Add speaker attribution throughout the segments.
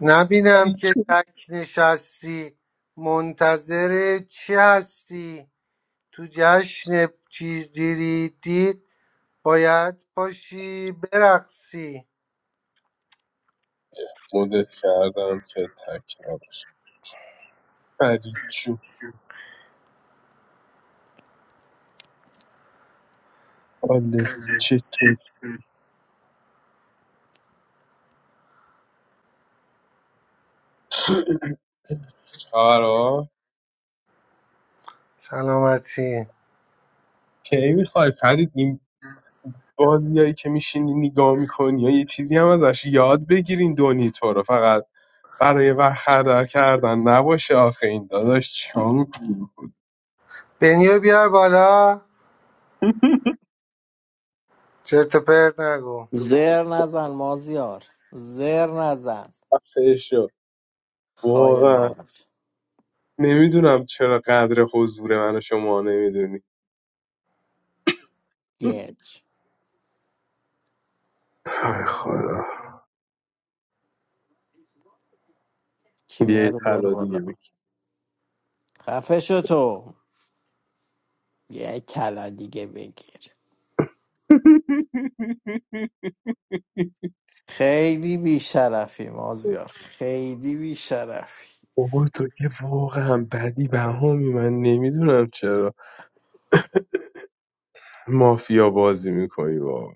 Speaker 1: نبینم
Speaker 2: فرید
Speaker 1: که
Speaker 2: جون
Speaker 1: تک نشستی منتظر چی هستی تو جشن چیز دیری دید باید باشی برقصی
Speaker 2: مدت کردم که تک نباش فرید جون حالت چطور چرا
Speaker 1: سلامتی
Speaker 2: کی میخوای فرید این بازیایی که میشینی نگاه میکنی یا یه چیزی هم ازش یاد بگیرین دونی تو رو فقط برای وقت هدر کردن نباشه آخه این داداش چیکار می‌کنی؟
Speaker 1: بنیو بیار بالا چرت و پرت نگو
Speaker 3: زر نزن مازیار زر نزن
Speaker 2: فشو
Speaker 3: خای
Speaker 2: واقعا
Speaker 3: مار
Speaker 2: نمیدونم چرا قدر حضور من و شما نمیدونی
Speaker 3: گج
Speaker 2: ای خدا بیا
Speaker 3: کیمیا
Speaker 2: یه
Speaker 3: رو بر
Speaker 2: طلا
Speaker 3: بالا
Speaker 2: دیگه بگیر
Speaker 3: خفه شو تو یه کلا دیگه بگیر خیلی بیشرفی مازیار خیلی بیشرفی
Speaker 2: بابا تو که واقعا بدی بهامی من نمیدونم چرا مافیا بازی میکنی واقعا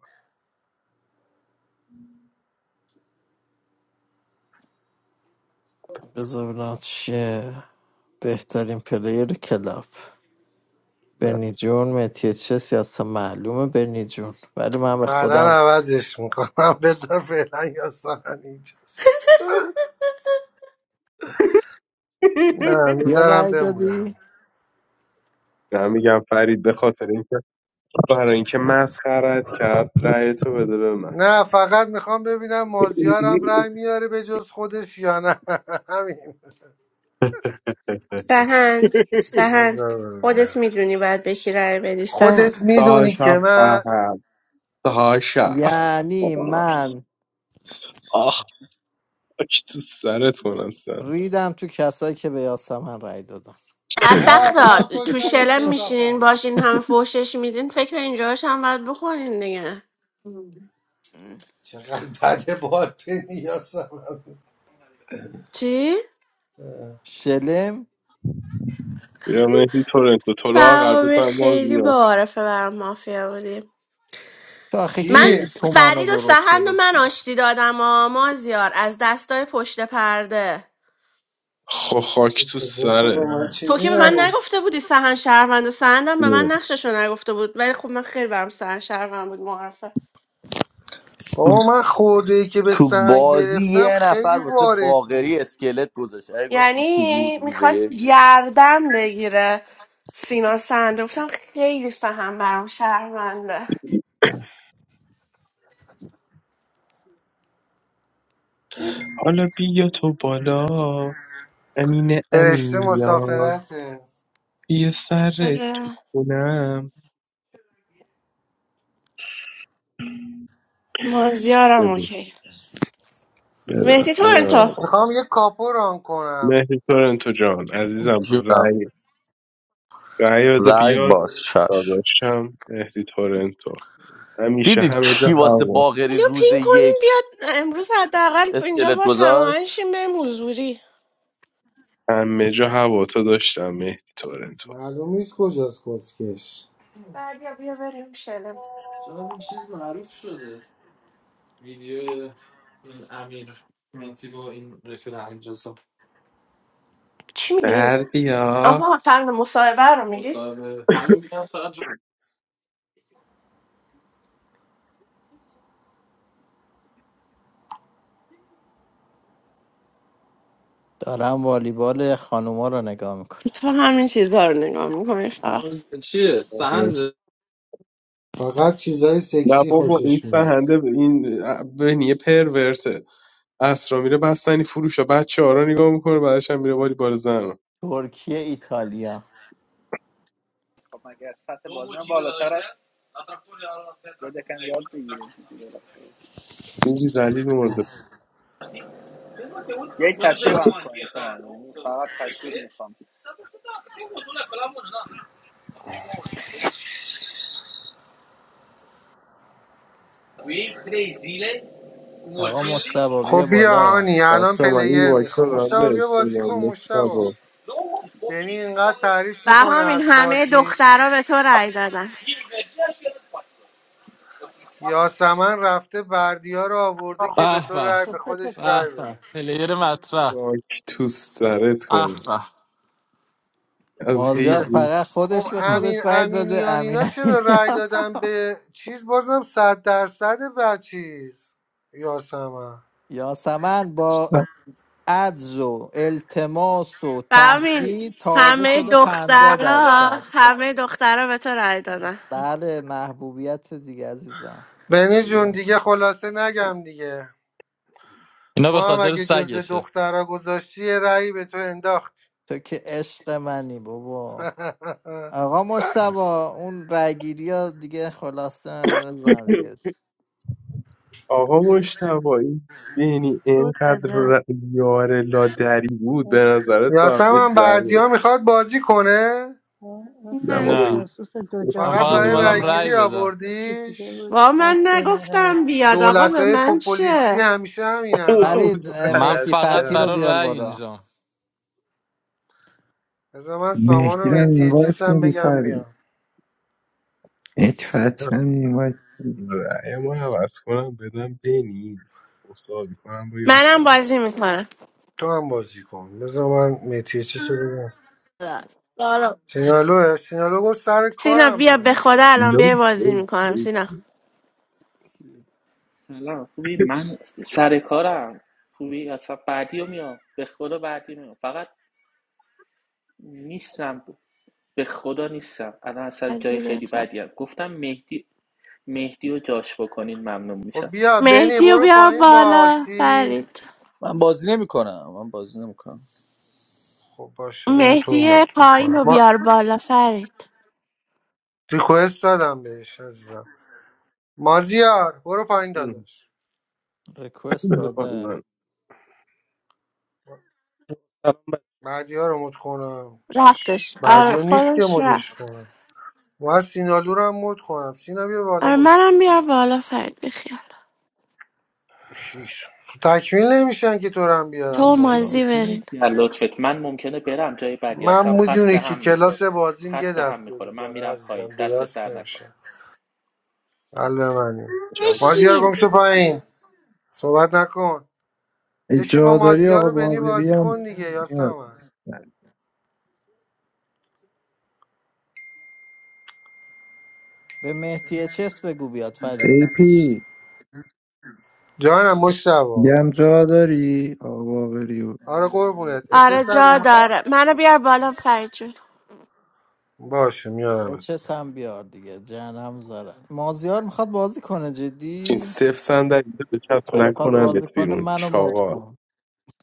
Speaker 3: بذار ببینم چیه بهترین پلیر کلاب
Speaker 2: نه
Speaker 3: برنی جون متیه چه سیاسه معلومه برنی جون ولی من به
Speaker 1: بعدا
Speaker 3: خودم
Speaker 1: عوضش میکنم بذار فعلا یاسمن اینجاست نه
Speaker 3: یه
Speaker 1: میذارم
Speaker 3: رأی
Speaker 1: بمونم
Speaker 3: دادی
Speaker 2: نه میگم فرید به خاطر اینکه برای اینکه مسخرت کرد رأی تو بده به من
Speaker 1: نه فقط میخوام ببینم مازیارم رنگ میاره به جز خودش یا نه همین
Speaker 4: سهند سهند
Speaker 1: بذار ببینم
Speaker 4: خودت میدونی باید به کی رأی بدی
Speaker 1: خودت
Speaker 4: سهند
Speaker 1: میدونی که
Speaker 2: ساشا
Speaker 1: من
Speaker 2: فهم ساشا
Speaker 3: یعنی من
Speaker 2: آخ خاک تو سرت کنم سرم
Speaker 3: ریدم تو کسایی که به یاسمن رأی دادن
Speaker 1: بعد
Speaker 4: بدبختا
Speaker 1: آه، فش
Speaker 4: تو
Speaker 1: نده
Speaker 4: شلم میشینین
Speaker 1: کسافت
Speaker 4: باشین هم فوشش میدین فکر اینجاش هم باید بخورین دیگه
Speaker 1: چقدر بده باد به نیاسم
Speaker 4: چی؟
Speaker 3: شلم
Speaker 2: یا مهدی تورنکو تو لاغر
Speaker 4: برنامه
Speaker 2: بزن ما
Speaker 4: خیلی
Speaker 2: بیا
Speaker 4: بعارفه برام مافیا بودیم
Speaker 3: تو آخه
Speaker 4: من
Speaker 1: کی؟
Speaker 3: کی
Speaker 4: س-
Speaker 3: تو منو
Speaker 4: فرید و
Speaker 3: درست
Speaker 4: سهند و من
Speaker 3: گرفتی
Speaker 4: آشتی دادم آ مازیار از دستای پشت پرده
Speaker 2: خو خاک تو
Speaker 1: تو به
Speaker 2: سرت
Speaker 1: من
Speaker 4: تو
Speaker 1: چیزی
Speaker 4: که به من
Speaker 1: نگفت
Speaker 4: نگفته بودی سهن شهروند سهندم به من نقششو نگفته بود ولی خب من خیلی برام سهن شهروند بود معرفه
Speaker 5: تو
Speaker 1: بابا من خورده ای که به
Speaker 5: تو
Speaker 1: سهن
Speaker 5: بازی
Speaker 1: گرفتم
Speaker 5: یه
Speaker 1: خیلی
Speaker 5: نفر واسه
Speaker 1: وارد
Speaker 5: باقری
Speaker 1: بود
Speaker 5: اسکلت گذاشت اگه گفتی کی بود
Speaker 4: یعنی
Speaker 5: روز
Speaker 4: میخواست
Speaker 5: یک
Speaker 4: گردم بگیره سینا سنده گفتم خیلی فهم برام شهرونده
Speaker 2: حالا بیا تو بالا امین
Speaker 1: فرشته
Speaker 2: امینیان
Speaker 1: مسافرته
Speaker 2: یه سر تو
Speaker 4: آره
Speaker 2: کنم
Speaker 4: مازیارم
Speaker 2: بده
Speaker 4: اوکی
Speaker 2: بده
Speaker 4: مهدی
Speaker 2: بده
Speaker 4: تورنتو
Speaker 2: آقا.
Speaker 1: میخوام یه کاپو ران کنم
Speaker 2: مهدی تورنتو جان عزیزم
Speaker 5: جونم
Speaker 2: رأی رأی بده
Speaker 5: رای
Speaker 2: بیاد
Speaker 5: باز چش
Speaker 2: داداشم مهدی تورنتو همیشه
Speaker 5: دیدید
Speaker 2: همه جا
Speaker 5: کی واسه
Speaker 2: هوا
Speaker 5: باقری
Speaker 4: علیو
Speaker 5: روز
Speaker 4: پین کنین
Speaker 5: یک
Speaker 4: بیاد امروز حداقل اینجا
Speaker 5: اسکلت
Speaker 4: باش
Speaker 5: گذاشت
Speaker 4: هماهنگشیم بریم حضوری
Speaker 2: همه جا هوا تو داشتم مهدی تورنتو
Speaker 1: معلوم نیست کجاست کسکش
Speaker 4: بعد یا بیا بریم شلم چی میگی
Speaker 2: دردی ها
Speaker 4: آها فرق مصاحبه رو میگی مصاحبه همون میگم فقط جو-
Speaker 3: دارم والیبال خانوما رو نگاه میکنم
Speaker 4: تو همین چیزا رو نگاه میکنی فقط چیه سهند
Speaker 1: فقط چیزای
Speaker 2: نه
Speaker 1: سکسی
Speaker 2: بابا این
Speaker 1: خوشش میاد
Speaker 2: فهنده به این بهنیه پرورته اسرا میره بستنی فروش بچه ها رو نگاه میکنه بعدش هم میره باری بار زن
Speaker 3: ترکیه ایتالیا
Speaker 6: خب مگه از سطح بازی هم بالاتر است یا یکم یاد بگیریم که دیگه رفته.
Speaker 2: این بیزلی مرده
Speaker 6: یک تشویق هم کنید یعنی فقط تشویق میخوام
Speaker 3: آقا مشتبه
Speaker 1: خب
Speaker 3: بیا
Speaker 1: بیا
Speaker 3: بالا
Speaker 1: هانی
Speaker 2: بچه
Speaker 1: الان
Speaker 2: ها من این
Speaker 1: پلیر
Speaker 2: واکتا
Speaker 1: میخوام
Speaker 2: رو هم
Speaker 1: مشتبه
Speaker 2: به
Speaker 1: بیا بازی
Speaker 2: استنام
Speaker 1: کن مشتبه
Speaker 2: مشتبا
Speaker 1: بنی اینقدر تعریف
Speaker 4: و
Speaker 1: میکنه
Speaker 4: همین
Speaker 1: از
Speaker 4: همه
Speaker 1: بازی
Speaker 4: دخترها به تو رأی دادن
Speaker 1: یاسمن رفته بردیا رو آورده که به
Speaker 7: به
Speaker 1: تو رای به
Speaker 7: به
Speaker 1: خودش
Speaker 7: به
Speaker 1: رای
Speaker 7: به.
Speaker 1: بده
Speaker 7: پلیر مطرح
Speaker 2: واک تو سرت
Speaker 7: اه
Speaker 2: کن
Speaker 7: به
Speaker 2: از
Speaker 7: این
Speaker 3: مازیار
Speaker 7: که-
Speaker 2: حیوان
Speaker 3: فقط
Speaker 1: خب
Speaker 3: خودش به
Speaker 1: امین
Speaker 3: خودش رای داده
Speaker 1: امینیان
Speaker 3: امین
Speaker 1: اینا
Speaker 3: امینی
Speaker 1: چرا رای دادن به چیز بازم صد درصد به چیز یاسمن
Speaker 3: یاسمن با
Speaker 8: سا-
Speaker 3: عجز و التماس و
Speaker 4: فهمیدی
Speaker 3: تهدید تازه
Speaker 4: همه
Speaker 3: شده پنجاه
Speaker 4: دخترها
Speaker 3: درصد
Speaker 4: همه دخترها به تو رای دادن
Speaker 3: بله محبوبیت دیگه عزیزم
Speaker 1: بنی جون
Speaker 3: دیگه.
Speaker 1: دیگه خلاصه نگم دیگه
Speaker 7: اینا به
Speaker 1: ما هم
Speaker 7: خاطر
Speaker 1: اگه جز
Speaker 7: سگشه
Speaker 1: دخترا گذاشتی یه رأی به تو انداخت
Speaker 3: تو که عشق منی بابا
Speaker 1: اه.
Speaker 3: آقا مشتبا اون رأیگیری ها دیگه خلاصه بزن دیگه
Speaker 2: آقا مشتبا این بینی
Speaker 9: کد
Speaker 2: اینقدر
Speaker 9: بده
Speaker 2: ر... یار لادری بود به نظرت باید بهش
Speaker 10: I'm
Speaker 1: یاسمن
Speaker 2: زن بدی.
Speaker 1: بردیا میخواد بازی کنه
Speaker 2: نه
Speaker 10: afraid,
Speaker 2: بابا
Speaker 4: نه
Speaker 7: نه
Speaker 2: این
Speaker 10: Joseph, that
Speaker 7: من
Speaker 10: Dojana
Speaker 1: فقط
Speaker 2: کسکش
Speaker 7: فقط
Speaker 10: was
Speaker 2: اومده
Speaker 1: برای
Speaker 10: a
Speaker 7: اومدم
Speaker 2: بود
Speaker 10: very
Speaker 7: رأی
Speaker 1: رأیگیری
Speaker 7: بدم
Speaker 10: lucky
Speaker 1: آوردیش
Speaker 10: devil,
Speaker 4: وا
Speaker 10: and
Speaker 4: من
Speaker 10: Bennera.
Speaker 4: نگفتم بیاد آقا
Speaker 1: دولت
Speaker 4: به
Speaker 1: های
Speaker 4: من چه
Speaker 1: پوپولیستی همیشه همینن ها
Speaker 3: فرید
Speaker 2: تو
Speaker 3: اه،
Speaker 7: من
Speaker 2: غلط
Speaker 3: مهدی
Speaker 7: فقط
Speaker 3: فتحی رو
Speaker 2: کردی
Speaker 7: برای
Speaker 3: بیار
Speaker 7: رأی
Speaker 3: بالا
Speaker 7: اینجام
Speaker 1: بذار من سامان
Speaker 8: مهدی
Speaker 1: و
Speaker 8: رو اینوایت
Speaker 1: متیچس هم
Speaker 8: میدی
Speaker 1: بگم
Speaker 8: فرید
Speaker 1: بیام
Speaker 8: مهدی فتحی رو اینوایت میدی
Speaker 2: رأیمو عوض کنم بدم بینی مساوی کنم با
Speaker 4: منم
Speaker 2: یاسم
Speaker 4: بازی میکنم
Speaker 1: تو هم بازی کن بذار من متیچس رو بگم سینالوه سینالو گفت سر
Speaker 4: سینا
Speaker 1: کارم
Speaker 4: بیا
Speaker 1: من
Speaker 4: به خدا
Speaker 1: آخه.
Speaker 4: الان
Speaker 2: لو
Speaker 4: بیا بازی
Speaker 2: لو
Speaker 4: میکنم
Speaker 2: لو
Speaker 4: سینا
Speaker 11: سلام خوبی من سر کارم خوبی اصلا بعدی رو میام به خدا بعدی میام فقط نیستم به خدا نیستم الان اصلا
Speaker 4: از
Speaker 11: جای
Speaker 4: زیر
Speaker 11: خیلی
Speaker 4: تو.
Speaker 11: بدی هم. گفتم مهدی مهدی رو جاش بکنین ممنون
Speaker 1: خب
Speaker 11: میشم
Speaker 1: بیا بنی
Speaker 4: مهدی رو
Speaker 1: برو
Speaker 4: بیار
Speaker 1: پایین با
Speaker 4: بالا فرید
Speaker 1: چیز
Speaker 5: من بازی نمیکنم من بازی نمیکنم
Speaker 1: خب باشه بیام تو رو
Speaker 4: مهدی
Speaker 1: مات
Speaker 4: پایین
Speaker 1: میکنم
Speaker 4: رو
Speaker 1: ما
Speaker 4: بیار بالا فرید
Speaker 1: ریکوست دادم بهش عزیزم مازیار برو پایین
Speaker 2: لو.
Speaker 1: داداش
Speaker 3: ریکوست
Speaker 2: بده
Speaker 3: داده
Speaker 2: پایین
Speaker 12: سلام
Speaker 1: بعدی ها رو مد کنم چش
Speaker 4: رفتش
Speaker 1: بعدی
Speaker 4: آره
Speaker 1: ها نیست که
Speaker 4: خودش
Speaker 1: مدش
Speaker 4: رفت
Speaker 1: کنم و سینالو رو هم مد کنم سینا بیا بالا
Speaker 4: آره
Speaker 1: مدت
Speaker 4: منم بیار بالا فرید بخیال
Speaker 1: شیش تکمیل نمیشن که تو رو هم
Speaker 4: تو
Speaker 1: بیارم
Speaker 4: و
Speaker 11: فرید
Speaker 1: بالا
Speaker 4: مازی
Speaker 11: داداش
Speaker 4: برین
Speaker 11: مرسی از از لطفت من ممکنه برم جای بعدی
Speaker 1: من
Speaker 11: هستم خط
Speaker 1: میدونی
Speaker 11: به
Speaker 1: که
Speaker 11: هم
Speaker 1: کلاس
Speaker 11: میخوره
Speaker 1: بازیم یه
Speaker 11: خط به هم
Speaker 1: دسته
Speaker 11: میخوره من
Speaker 1: روزانه
Speaker 11: میرم
Speaker 1: عزیزم
Speaker 11: پایین
Speaker 1: دو
Speaker 11: دستت
Speaker 1: دست
Speaker 11: در نکنه
Speaker 1: نمیشه قلب منی
Speaker 2: جمع
Speaker 1: مازیار
Speaker 4: بشین
Speaker 1: گم شو پایین صحبت نکن بشین با
Speaker 8: جا داری
Speaker 1: مازیار
Speaker 8: آقا
Speaker 1: رو بنی
Speaker 8: باقری
Speaker 1: بازی
Speaker 8: هم
Speaker 1: کن دیگه یا
Speaker 8: میاد
Speaker 1: سمن
Speaker 3: به مهدی اچس بگو بیاد
Speaker 8: ای
Speaker 3: فرید
Speaker 8: پی
Speaker 1: جانم مشتبا
Speaker 8: میگم جا داری آقا باقری و
Speaker 1: آره قربونت
Speaker 4: آره
Speaker 1: اچس هم
Speaker 4: جا
Speaker 1: اومد
Speaker 4: داره منو بیار بالا فرید جون
Speaker 1: باشه میارمت
Speaker 3: اچس هم بیار دیگه جهنم زارن مازیار میخواد بازی کنه
Speaker 2: چین
Speaker 3: جدی
Speaker 2: صفر صندلی تو به چسب
Speaker 3: اگه میخواد
Speaker 2: نکنم
Speaker 3: بازی
Speaker 2: بهت
Speaker 3: کنه
Speaker 2: بیرون
Speaker 3: منو مد
Speaker 2: چاقال
Speaker 3: کن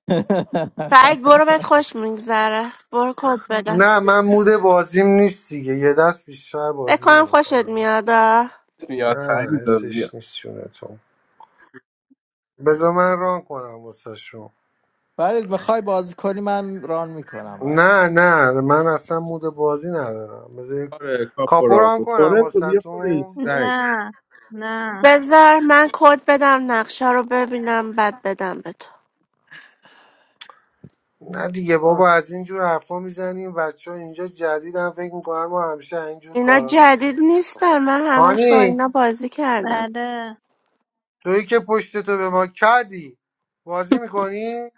Speaker 4: فرید برو بهت خوش میگذره برو کد بدم
Speaker 1: نه من مود بازیم نیست دیگه یه دست بیشتر بازی
Speaker 4: بکنم خوشت
Speaker 1: نمیکنم
Speaker 4: میاد آه.
Speaker 2: میاد
Speaker 1: نه
Speaker 2: فریدا بیا
Speaker 1: حسش نیست چونه تو بذار من ران کنم واسه شون
Speaker 3: فرید میخوای بازی کنی من ران میکنم برات
Speaker 1: نه نه من اصلا مود بازی ندارم بذارید
Speaker 2: آره کاپو
Speaker 1: کاپو ران
Speaker 2: رانکو
Speaker 1: کنم
Speaker 2: تورنتو بیا پایین
Speaker 1: واسهتون
Speaker 2: سگ
Speaker 9: نه نه
Speaker 4: بذار من کد بدم نقشه رو ببینم بعد بدم به تو
Speaker 1: نه دیگه
Speaker 3: آه،
Speaker 1: بابا از اینجور حرفا میزنیم بچه ها اینجا جدیدم فکر میکنن ما همیشه اینجور
Speaker 4: اینا
Speaker 1: کارا میکنیم
Speaker 4: جدید نیستن من همش با
Speaker 1: هانی
Speaker 4: اینا بازی کردم
Speaker 9: بله
Speaker 1: تویی که پشت تو به ما کردی بازی میکنی؟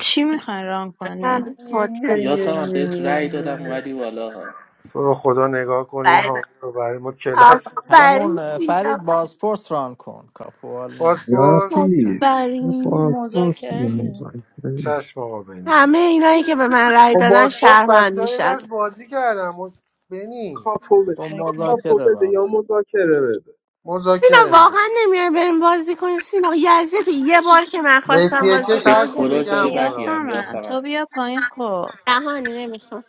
Speaker 9: چی میخوای ران کنین
Speaker 4: من کد بدم
Speaker 11: یاسم بهت رأی دادم اومدی بالا
Speaker 1: تو رو خدا نگاه کنین ها
Speaker 4: آفرین
Speaker 1: رو برای ما کلاس میذاره
Speaker 4: آفرین
Speaker 3: همون اه،
Speaker 4: سینا.
Speaker 3: فرید بازپرس ران کن کاپوال نمیده
Speaker 1: پاسپورت
Speaker 8: یاسی یه
Speaker 4: آفرین.
Speaker 8: بازپرسی
Speaker 13: مذاکره نه.
Speaker 8: مذاکره
Speaker 1: چشم آقا بنی
Speaker 4: همه اینایی که به من رأی
Speaker 1: خب
Speaker 4: دادن
Speaker 1: پاسپورت
Speaker 4: شهروند
Speaker 1: بچه های
Speaker 4: میشن
Speaker 1: دست بازی کردم بنی
Speaker 2: کاپو بده
Speaker 3: با
Speaker 2: یا
Speaker 13: مذاکره
Speaker 2: کاپو
Speaker 3: مذاکره
Speaker 2: بده
Speaker 3: ران کن.
Speaker 2: یا مذاکره بده
Speaker 4: سینا
Speaker 1: مذاکره میدم
Speaker 4: واقعا نمیای بریم بازی کنیم سینا یزید یه بار که من خواستم
Speaker 1: مسی
Speaker 4: بازی
Speaker 1: چه
Speaker 11: به
Speaker 4: کنم
Speaker 1: هرچی
Speaker 11: خدا
Speaker 1: بگه
Speaker 11: جای
Speaker 4: نمی‌خوام.
Speaker 1: همون
Speaker 11: بدی
Speaker 1: رو هم
Speaker 11: هم
Speaker 9: یاسمن
Speaker 1: میکنم
Speaker 11: یاسمن.
Speaker 9: تو بیا پایین خب
Speaker 4: دهانی نمیخوام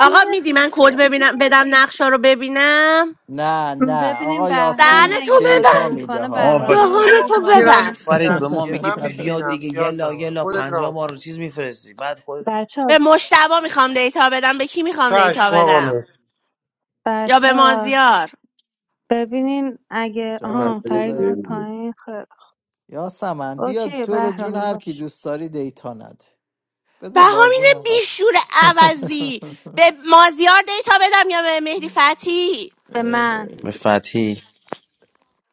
Speaker 4: آقا
Speaker 9: بیا
Speaker 4: میدی من کد
Speaker 9: دیگه
Speaker 4: ببینم بدم نقشه رو ببینم
Speaker 3: نه نه
Speaker 9: ببینیم
Speaker 3: آقا
Speaker 9: بهرامی
Speaker 3: یاسی
Speaker 4: دهنتو
Speaker 9: اگه بازی
Speaker 3: دیتا
Speaker 4: ببند
Speaker 3: میده
Speaker 9: میکنه
Speaker 3: ها
Speaker 14: آه و
Speaker 9: بهرامی رو
Speaker 3: فریدا
Speaker 9: بیاریم
Speaker 4: دهانتو
Speaker 1: من
Speaker 9: بالا
Speaker 1: میرم
Speaker 14: تو
Speaker 4: ببند
Speaker 14: فرید
Speaker 1: میشینم
Speaker 14: به ما
Speaker 1: دیگه
Speaker 14: میگی
Speaker 1: من
Speaker 14: پا بیا دیگه
Speaker 1: میشینم
Speaker 14: یلا
Speaker 1: بیاسم
Speaker 14: یلا
Speaker 1: خودت
Speaker 14: پنجا
Speaker 1: راه
Speaker 14: بار
Speaker 1: کن
Speaker 14: چیز میفرستی بعد خود
Speaker 9: بچه ها
Speaker 4: به مشتبا میخوام دیتا بدم به کی میخوام دیتا
Speaker 1: چشم آقا
Speaker 4: بدم
Speaker 1: مسی
Speaker 4: یا
Speaker 9: بچه
Speaker 4: به
Speaker 9: ها
Speaker 4: مازیار
Speaker 9: ببینین اگه
Speaker 2: به من
Speaker 3: جان
Speaker 9: ها
Speaker 3: خود
Speaker 9: فرید اومد
Speaker 2: بده.
Speaker 9: پایین خیلی
Speaker 3: یاسمن
Speaker 9: خوب.
Speaker 3: بیا
Speaker 9: اوکی
Speaker 3: تو رو جون
Speaker 9: بهرامی
Speaker 3: هر کی
Speaker 9: باش
Speaker 3: دوست داری دیتا نده بذار بازی
Speaker 4: بهامین
Speaker 3: ما قبل.
Speaker 4: بیشور عوضی به مازیار دیتا بدم یا به مهدی فتی
Speaker 9: به من
Speaker 14: به فتحی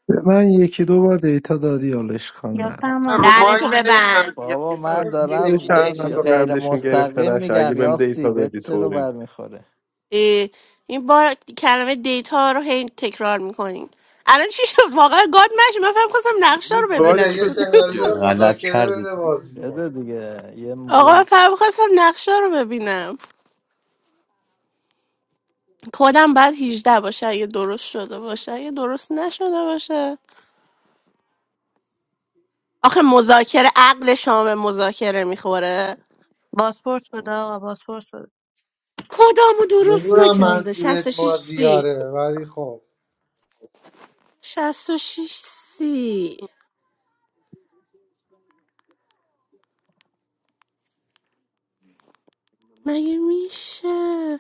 Speaker 8: به من یکی دو بار دیتا دادی حالا اشکال نداره
Speaker 1: من رو
Speaker 9: یاسمن به
Speaker 4: دهنتو
Speaker 1: مایک
Speaker 9: من
Speaker 1: نمیگم
Speaker 4: ببند
Speaker 1: دیگه
Speaker 3: بابا
Speaker 1: خودت
Speaker 2: آره
Speaker 3: من
Speaker 1: میدونی به
Speaker 2: میشه
Speaker 1: کی
Speaker 3: دارم
Speaker 2: چند
Speaker 3: چی-
Speaker 1: دیتا
Speaker 2: تا
Speaker 1: بدی
Speaker 3: غیر
Speaker 2: قندشون گرفته
Speaker 3: مستقیم
Speaker 2: نشه اگه
Speaker 3: میگم
Speaker 2: بهم
Speaker 3: یاسی
Speaker 2: دیتا
Speaker 3: به
Speaker 2: بدی
Speaker 3: چه رو
Speaker 2: تورن
Speaker 3: برمیخوره
Speaker 4: اه، این بار کلمه دیتا رو هی تکرار میکنیم الان چی شد واقعا گاد مش من فهم خواستم نقشه
Speaker 2: اون
Speaker 4: رو
Speaker 2: گاد
Speaker 1: بده
Speaker 4: ببینم
Speaker 1: یه
Speaker 2: شد دیگه
Speaker 1: سناریو
Speaker 14: غلط
Speaker 1: مذاکره
Speaker 14: کردی
Speaker 1: بده
Speaker 14: تو
Speaker 1: بازی کن
Speaker 3: بده دیگه یه,
Speaker 4: آقا من
Speaker 3: یه...
Speaker 4: فهم خواستم نقشه رو ببینم کدم بعد 18 باشه اگه درست شده باشه اگه درست نشده باشه آخه مذاکره عقل شام مذاکره میخوره
Speaker 9: باسپورت بده آقا باسپورت بده
Speaker 4: کدامو درست
Speaker 1: میدونم
Speaker 4: نکرده
Speaker 1: منظورت
Speaker 4: 66 سی
Speaker 1: مازیاره ولی خب
Speaker 4: 66 سی مگه میشه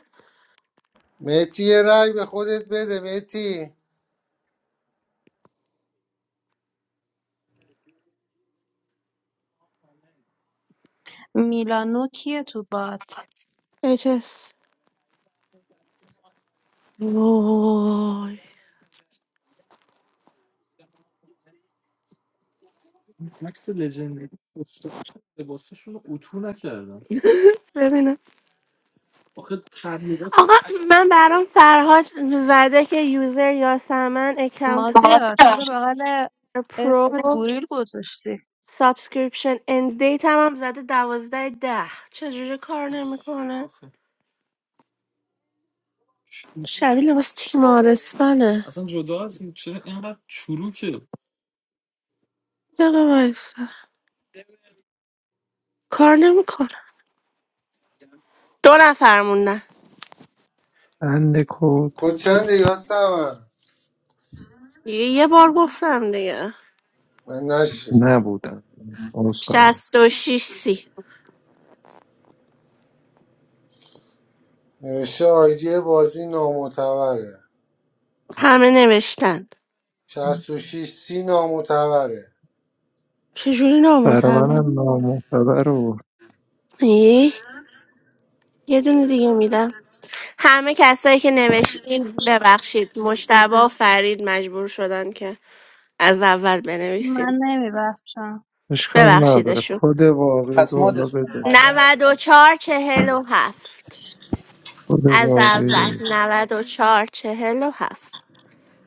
Speaker 1: مهتی یه رای به خودت بده مهتی
Speaker 9: میلانو کیه تو بات
Speaker 4: اجس وای ببینم آقا من برام فرهاد زده که یوزر یاسمن اکانت
Speaker 9: مازیار چرا بغل
Speaker 4: هولدر پرو
Speaker 9: اسمت گوریل گذاشتی
Speaker 4: سابسکریپشن اند دیت هم, هم زده دوازده ده چجوری کار نمیکنه شبیه لباس تیمارستانه دقیقه وایسا کار نمیکنه دو نفر موندن
Speaker 8: اند کد
Speaker 1: کچنده یا سمن
Speaker 4: دیگه یه بار گفتم دیگه
Speaker 1: من نشیدم
Speaker 8: نبودم عذرخواهی
Speaker 4: شست و شیش سی
Speaker 1: نوشته آیدی بازی نامعتبره
Speaker 4: همه نوشتن
Speaker 1: 66 سی نامعتبره
Speaker 4: چجوری
Speaker 8: برای
Speaker 4: نامتبر
Speaker 8: منم نامعتبر و
Speaker 4: ای یه دونه دیگه میدم همه کسایی که نوشتین ببخشید مشتبه و فرید مجبور شدن که از اول بنویسین
Speaker 9: من نمیبخشم
Speaker 8: اشکال نداره
Speaker 4: ببخشیدشون
Speaker 8: کد واقعی
Speaker 6: پس
Speaker 8: رو حالا
Speaker 6: مدش کن
Speaker 8: بده
Speaker 6: هانی مد کن
Speaker 4: 94 چهل و هفت
Speaker 8: کد
Speaker 4: از
Speaker 8: واقعی
Speaker 4: اول
Speaker 8: رو
Speaker 4: 94 چهل و هفت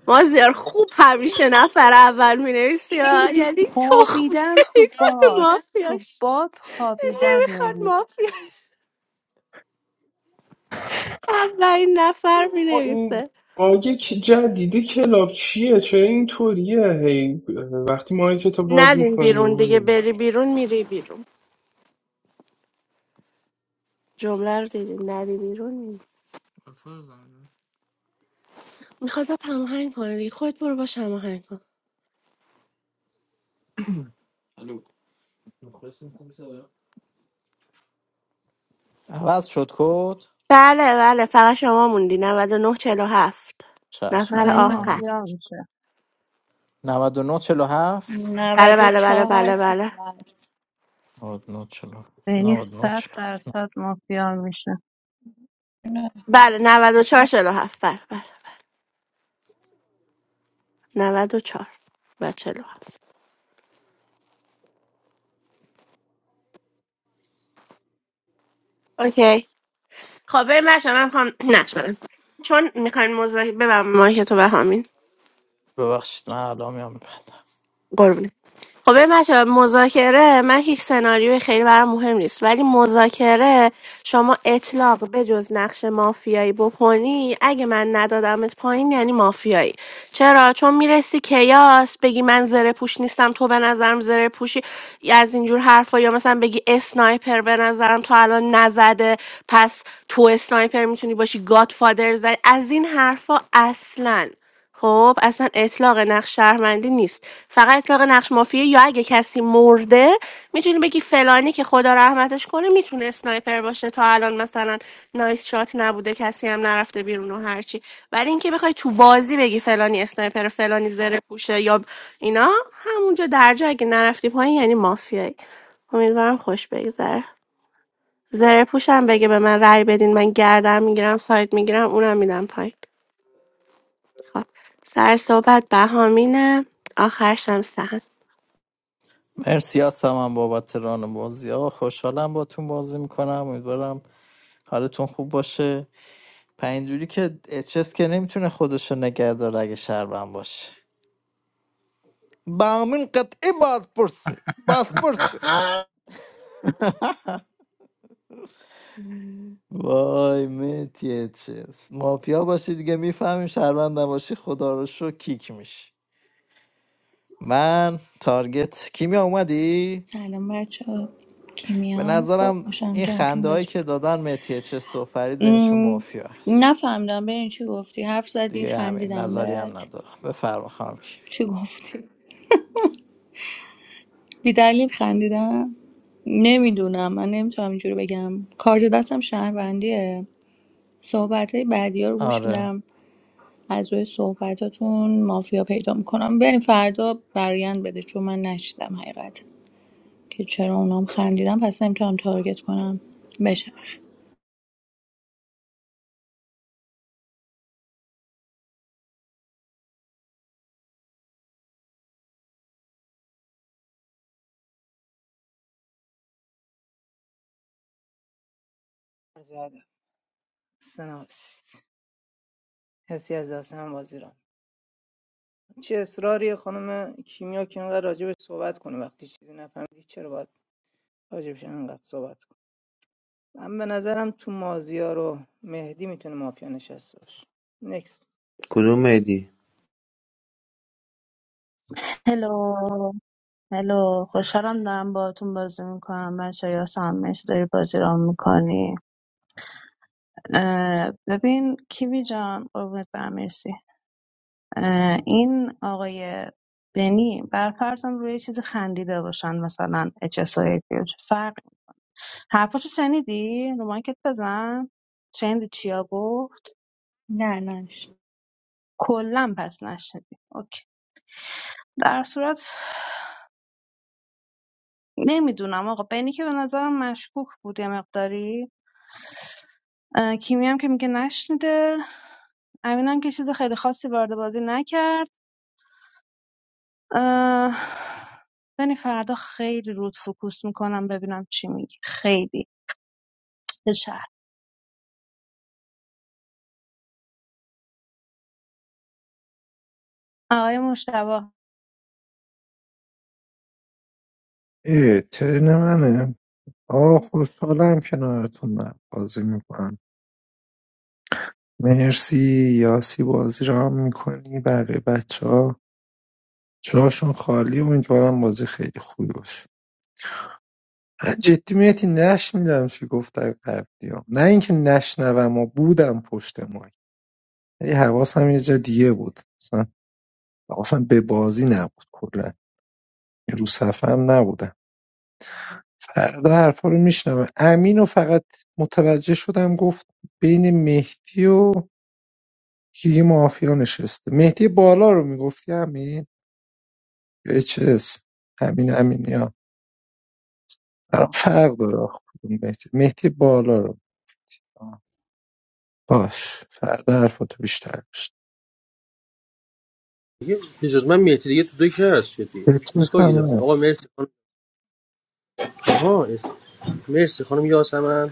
Speaker 4: ما زیار خوب همیشه نفر اول می نویسی یعنی تخم
Speaker 9: خوابیدن تو
Speaker 4: نمیکنه
Speaker 9: باد تو
Speaker 4: مافیاش
Speaker 9: باد خوابیدن
Speaker 4: نمیخواد
Speaker 9: یعنی
Speaker 4: مافیا اولین نفر می
Speaker 2: آه، این
Speaker 4: نویسه
Speaker 2: باگ که جدید کلاب چیه چرا اینطوریه هی وقتی ما این کتاب باز
Speaker 4: ندین بیرون دیگه
Speaker 2: میکنیم
Speaker 4: بری بیرون میری بیرون جمله رو دیدین نری بیرون میخواد با هماهنگ کنه دیگه خودت برو باش هماهنگ کن
Speaker 3: عوض شد کد
Speaker 4: بله بله فقط شما موندی 99 هفت
Speaker 3: چشم
Speaker 4: نفر
Speaker 9: بینی
Speaker 3: الان
Speaker 4: آخر
Speaker 3: نیست
Speaker 9: مافیا میشه
Speaker 3: 99 47
Speaker 4: بله
Speaker 13: نود و
Speaker 4: بله بله
Speaker 13: چهار
Speaker 4: بله بله
Speaker 13: شده
Speaker 3: 99 47
Speaker 9: بینی
Speaker 3: 99
Speaker 9: صد
Speaker 3: 47
Speaker 9: درصد مافیا میشه
Speaker 4: بله 94 47 بله بله بله 94 و چهار و چهل و هفت. اوکی خب بریم بچه من میخوام نشدم چون میخواین موضوع ببرم مایک تو به همین
Speaker 3: ببخشید من الان میام بندم
Speaker 4: قربونه خب ببین بچه‌ها، مذاکره من هیچ سناریوی خیلی برام مهم نیست ولی مذاکره شما اطلاق به جز نقش مافیایی بکنی اگه من ندادمت پایین یعنی مافیایی چرا چون میرسی کیاس بگی من زره پوش نیستم تو به نظرم زره پوشی از اینجور حرفا یا مثلا بگی اسنایپر به نظرم تو الان نزده پس تو اسنایپر میتونی باشی گاد فادر زد از این حرفا اصلا خب، اصلا اطلاق نقش شهروندی نیست. فقط اطلاق نقش مافیایی یا اگه کسی مرده میتونی بگی فلانی که خدا رحمتش کنه میتونه اسنایپر باشه تا الان مثلا نایس شات نبوده کسی هم نرفته بیرون و هرچی ولی اینکه بخوای تو بازی بگی فلانی اسنایپر فلانی زره پوشه یا اینا همونجا درجا اگه نرفتی پایین یعنی مافیایی امیدوارم خوش بگذره زره پوشم بگه به من رأی بدین من گردم میگیرم سایت میگیرم اونم میدم پایین خب سر صحبت بهامینه آخرشم سهند
Speaker 3: مرسی هستم هم بابت ران بازی ها خوشحالم باتون بازی میکنم امیدوارم حالتون خوب باشه پنجوری که اچس که نمیتونه خودشو نگه داره اگه شهروند باشه با بامین قطعی بازپرسه
Speaker 1: نه،
Speaker 3: بازپرسه وای مهدی چیز مافیا باشی دیگه میفهمیم شهروند نباشی خدا رو شو کیک میشی من تارگت کیمیا اومدی؟
Speaker 13: سلام بچه ها،
Speaker 3: به
Speaker 13: کیمیام
Speaker 3: نظرم
Speaker 13: باشم
Speaker 3: این
Speaker 13: که همتون
Speaker 3: خنده هایی
Speaker 13: بازی
Speaker 3: که دادن مهدی چیز و فرید بینشون
Speaker 13: می‌کنم. م،
Speaker 3: مافیا هست
Speaker 13: نفهمیدم به این چی گفتی حرف زدی
Speaker 3: دیگه همین
Speaker 13: خندیدم
Speaker 3: نظری هم
Speaker 13: بهت
Speaker 3: ندارم بفرما خانم کیم.
Speaker 13: چی گفتی بی دلیل خندیدم نمیدونم من نمیتونم اینجوری بگم کارت دستم شهروندیه صحبت های بعدی ها رو گوش
Speaker 3: آره
Speaker 13: میدم از روی صحبتاتون مافیا پیدا میکنم بریم فردا برایند بده چون من نشیدم حقیقت که چرا اونام خندیدم پس نمیتونم تارگت کنم بشه
Speaker 15: عرض ادب است حسی از دستم هم چه اصراری خانم کیمیا که اینقدر راجع بهش صحبت کنه وقتی چیزی نفهمیدی چرا باید راجبش اینقدر صحبت کنه من به نظرم تو مازیار و مهدی میتونه مافیا نشسته باشه نکس
Speaker 14: کدوم میدی
Speaker 9: هلو هلو خوشحالم دارم باهاتون بازی میکنم بچه یا مرسی داری بازی را میکنی ببین کیوی جان قربونت برم مرسی این آقای بنی بر فرضم روی یه چیزی خندیده باشن مثلا اچ اس آی فرق حرفاشو شنیدی رو مایکت بزن شنیدی چیا گفت
Speaker 13: نه نه
Speaker 9: کلا پس نشنیدی اوکی در صورت نمیدونم آقا بنی که به نظرم مشکوک بود یه مقداری اه، کیمی هم که میگه نشنیده امین هم که چیز خیلی خاصی وارد بازی نکرد اه، بنی فردا خیلی رود فوکوس میکنم ببینم چی میگی خیلی شهر آقای مشتبه
Speaker 8: ای ترن منه آه خوشحالم کنارتونم بازی میکنم مرسی یاسی بازی را هم میکنی بقیه بچه ها جاشون خالی امیدوارم بازی خیلی خوبی باشه من جدی میتی نشنیدم چی گفت در قبلی ها. نه اینکه نشنوم و بودم پشت مای ولی حواسم یه جا دیگه بود اصلا حواسم به بازی نبود کلا رو صفم نبودم فردا حرفا رو میشنوه امین و فقط متوجه شدم گفت بین مهدی و کی یه مافیا نشسته مهدی بالا رو میگفتی امین یا اچس امین امینی ها برام فرق داره آخ کدوم مهدی مهدی بالا رو آه، باش فردا حرفاتو بیشتر بشن
Speaker 12: بچگی به جز من مهدی دیگه تو دک هست شدی
Speaker 8: اچس
Speaker 12: ایستگاه
Speaker 8: هم
Speaker 12: گرفتی آقا
Speaker 8: هست
Speaker 12: مرسی خانم آها اس- مرسی خانم یاسمن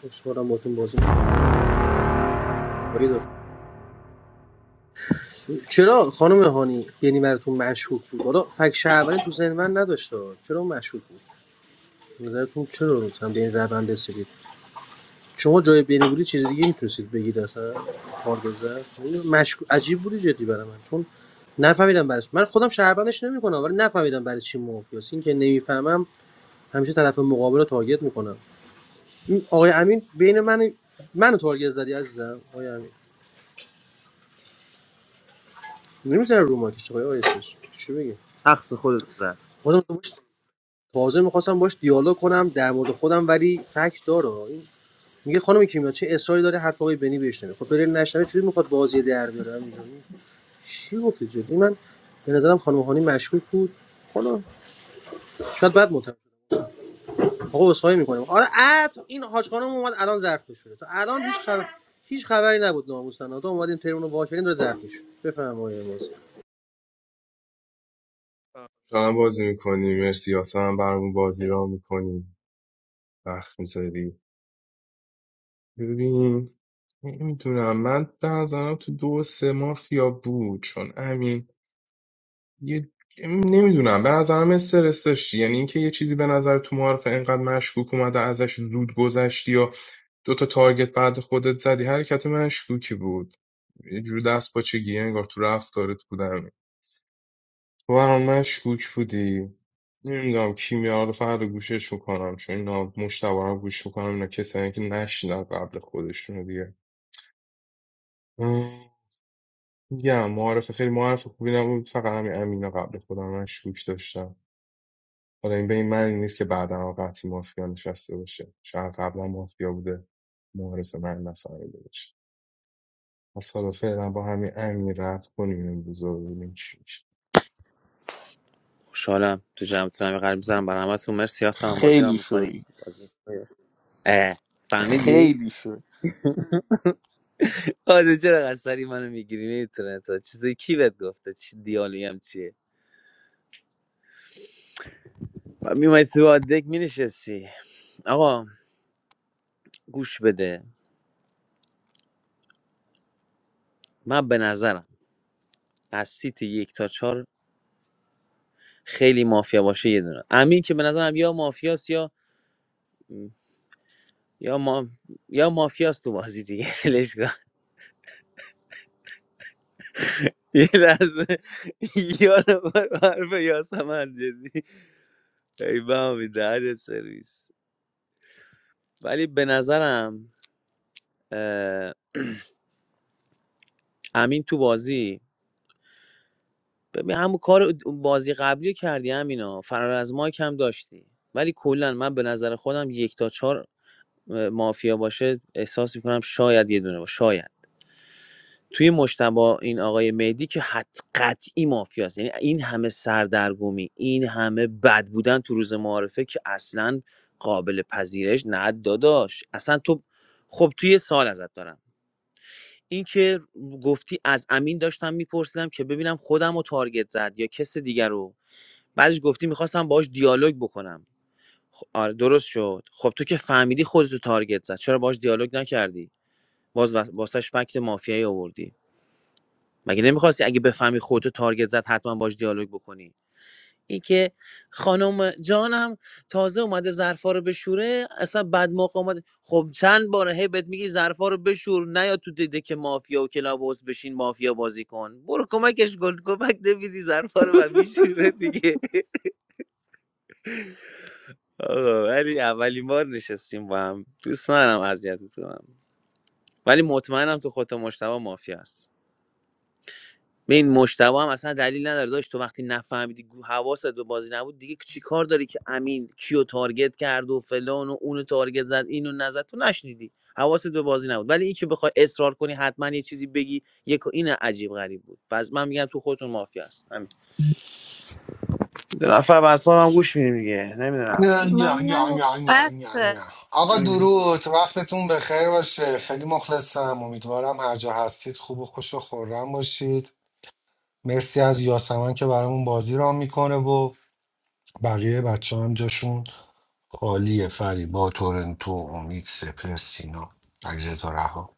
Speaker 12: خوشحالم باتون بازی می‌کنم. چرا خانم هانی یعنی براتون مشهود بود حالا فک شهروندی تو ذهن من نداشته چرا مشهود بود به نظرتون چرا مثلا به این روند رسیدید شما جای بینوری چیز دیگه میتونستید بگید اصلا تارگت زد مشکو... عجیب بودی جدی برای من چون نفهمیدم برش من خودم شهروندش نمیکنم ولی نفهمیدم برای چی مافیاس این که نمیفهمم همیشه طرف مقابل رو تارگت میکنم این آقای امین بین من منو تارگت زدی عزیزم آقای امین نمیذاره رو ماکش آقای آیسش چی بگه
Speaker 14: حقص خودت زد
Speaker 12: خودم تو باش تازه میخواستم باش دیالوگ کنم در مورد خودم ولی فکت داره این میگه خانم کیمیا چه اصراری داره حرف آقای بنی بهش نمیخواد خب بره نشنوه چجوری میخواد بازی در بیاره همینجوری؟ چی گفتی جدی من به نظرم خانم هانی مشکوک بود حالا شاید بعد متوجه آقا اسخای میکنیم آره اه، این حاج خانم اومد الان ظرف شده تا الان هیچ خبر هیچ خبری نبود ناموسن تو اومدیم تریمون رو وا کردیم داره ظرف میشه بفهم مازیار
Speaker 2: هم بازی میکنیم مرسی یاسم هم برامون بازی را میکنیم وقت میذاری ببین نمیدونم من به نظرم تو دو و سه مافیا بود چون امین. یه نمیدونم به نظرم استرس داشتی یعنی اینکه یه چیزی به نظر تو معارفه اینقدر مشکوک اومده ازش زود گذشتی یا دوتا تارگت بعد خودت زدی حرکت مشکوکی بود یه جور دست با چگی انگار تو رفتارت بودم تو برام مشکوک بودی نمیدونم کیمیا رو فردا گوشش میکنم چون اینا مشتبه هم گوش میکنم اینا کسایی که نشنن قبل خودشونو دیگه اه، میگم معارفه خیلی معارفه خوبی نبود فقط همین امینه قبل خودم مشکوک داشتم حالا این به این معنی نیست که بعدا قطعی مافیا نشسته باشه شاید قبلا مافیا بوده معرف من نفهمیده باشه پس حالا فعلا با همین امنی رد کنیم امروز رو ببینیم چی میشه
Speaker 14: خوشحالم تو جمعتون هم قلب میزنم برای همتون مرسی هم بازی رو
Speaker 5: خیلی
Speaker 14: میکنیم
Speaker 5: شوی
Speaker 14: بازی اه، فهمیدی؟
Speaker 5: خیلی شوی
Speaker 14: آره چرا قصری منو میگیری اینترنت ها چیزی کی بهت گفته چی دیالوگی هم چیه میومدی تو آدک مینشستی آقا گوش بده من به نظرم از سیت یک تا چهار خیلی مافیا باشه یه دونه امین که به نظرم یا مافیاست یا یا ما یا مافیاست تو بازی دیگه ولش کن. یه لحظه یادم اومد حرف یاسمن جدی ای بابا دهنت سرویس ولی به نظرم اه، امین تو بازی ببین همون کار بازی قبلی رو کردی همینا فرار از مایک هم داشتی ولی کلا من به نظر خودم یک تا چهار اه، مافیا باشه احساس میکنم شاید یه دونه باشه. شاید توی مجتبی این آقای مهدی که حد قطعی مافیاست یعنی این همه سردرگمی این همه بد بودن تو روز معارفه که اصلا قابل پذیرش نه داداش اصلا تو خب توی سال ازت دارم این که گفتی از امین داشتم میپرسیدم که ببینم خودم رو تارگت زد یا کس دیگر رو بعدش گفتی میخواستم باهاش دیالوگ بکنم خب آره درست شد خب تو که فهمیدی خودتو تارگت زد چرا باهاش دیالوگ نکردی باز واسش فکت مافیایی آوردی مگه نمیخواستی اگه بفهمی خودتو تارگت زد حتما باش دیالوگ بکنی این که خانم جانم تازه اومده ظرفا رو بشوره اصلا بد موقع اومده خب چند باره هی بهت میگی ظرفا رو بشور نیا تو دیده که مافیا و کلابوس بشین مافیا بازی کن برو کمکش گل کمک نمیدی ظرفا رو و میشوره دیگه آقا ولی اولین بار نشستیم با هم دوست ندارم اذیتت کنم ولی مطمئنم تو خودت مشتبه مافیا هست این مشتبه هم اصلا دلیل نداره داشت تو وقتی نفهمیدی گو- حواست به بازی نبود دیگه چی کار داری که امین کیو تارگت کرد و فلان و اونو تارگت زد اینو نزد تو نشنیدی حواست به بازی نبود ولی این که بخوای اصرار کنی حتما یه چیزی بگی یک این عجیب غریب بود پس من میگم تو خودتون مافیا هست همین دو نفر به حرفام هم گوش میدیم دیگه نمیدونم
Speaker 1: نه،
Speaker 9: من
Speaker 1: نه،
Speaker 9: نگفت
Speaker 1: نه، نه، نه،
Speaker 9: بسه
Speaker 1: نه. آقا درود وقتتون بخیر باشه خیلی مخلصم امیدوارم هر جا هستید خوب و خوش و خورم باشید مرسی از یاسمن که برامون بازی رام میکنه و بقیه بچه هم جاشون خالیه فریبا تورنتو امید سپر سینا علیرضا رها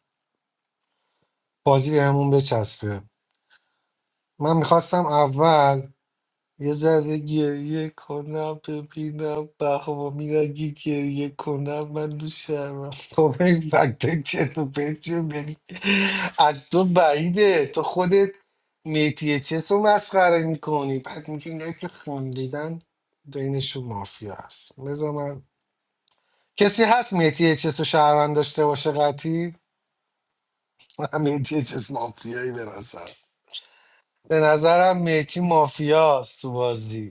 Speaker 1: بازی بهمون بچسبه من میخواستم اول یه ذره گریه کنم ببینم بهامی اگه گریه کنم من دو شهرم خب این فکت چرت و پرت چیه؟ یعنی از تو بعیده تو خودت میتی چس رو مسخره میکنی بعد میگی نه که خوندیدن بینشون مافیا هست بذار من کسی هست میتی چس رو شهروند داشته باشه قطعی من میتی چس مافیایی به نظر به نظرم میتی مافیاست تو بازی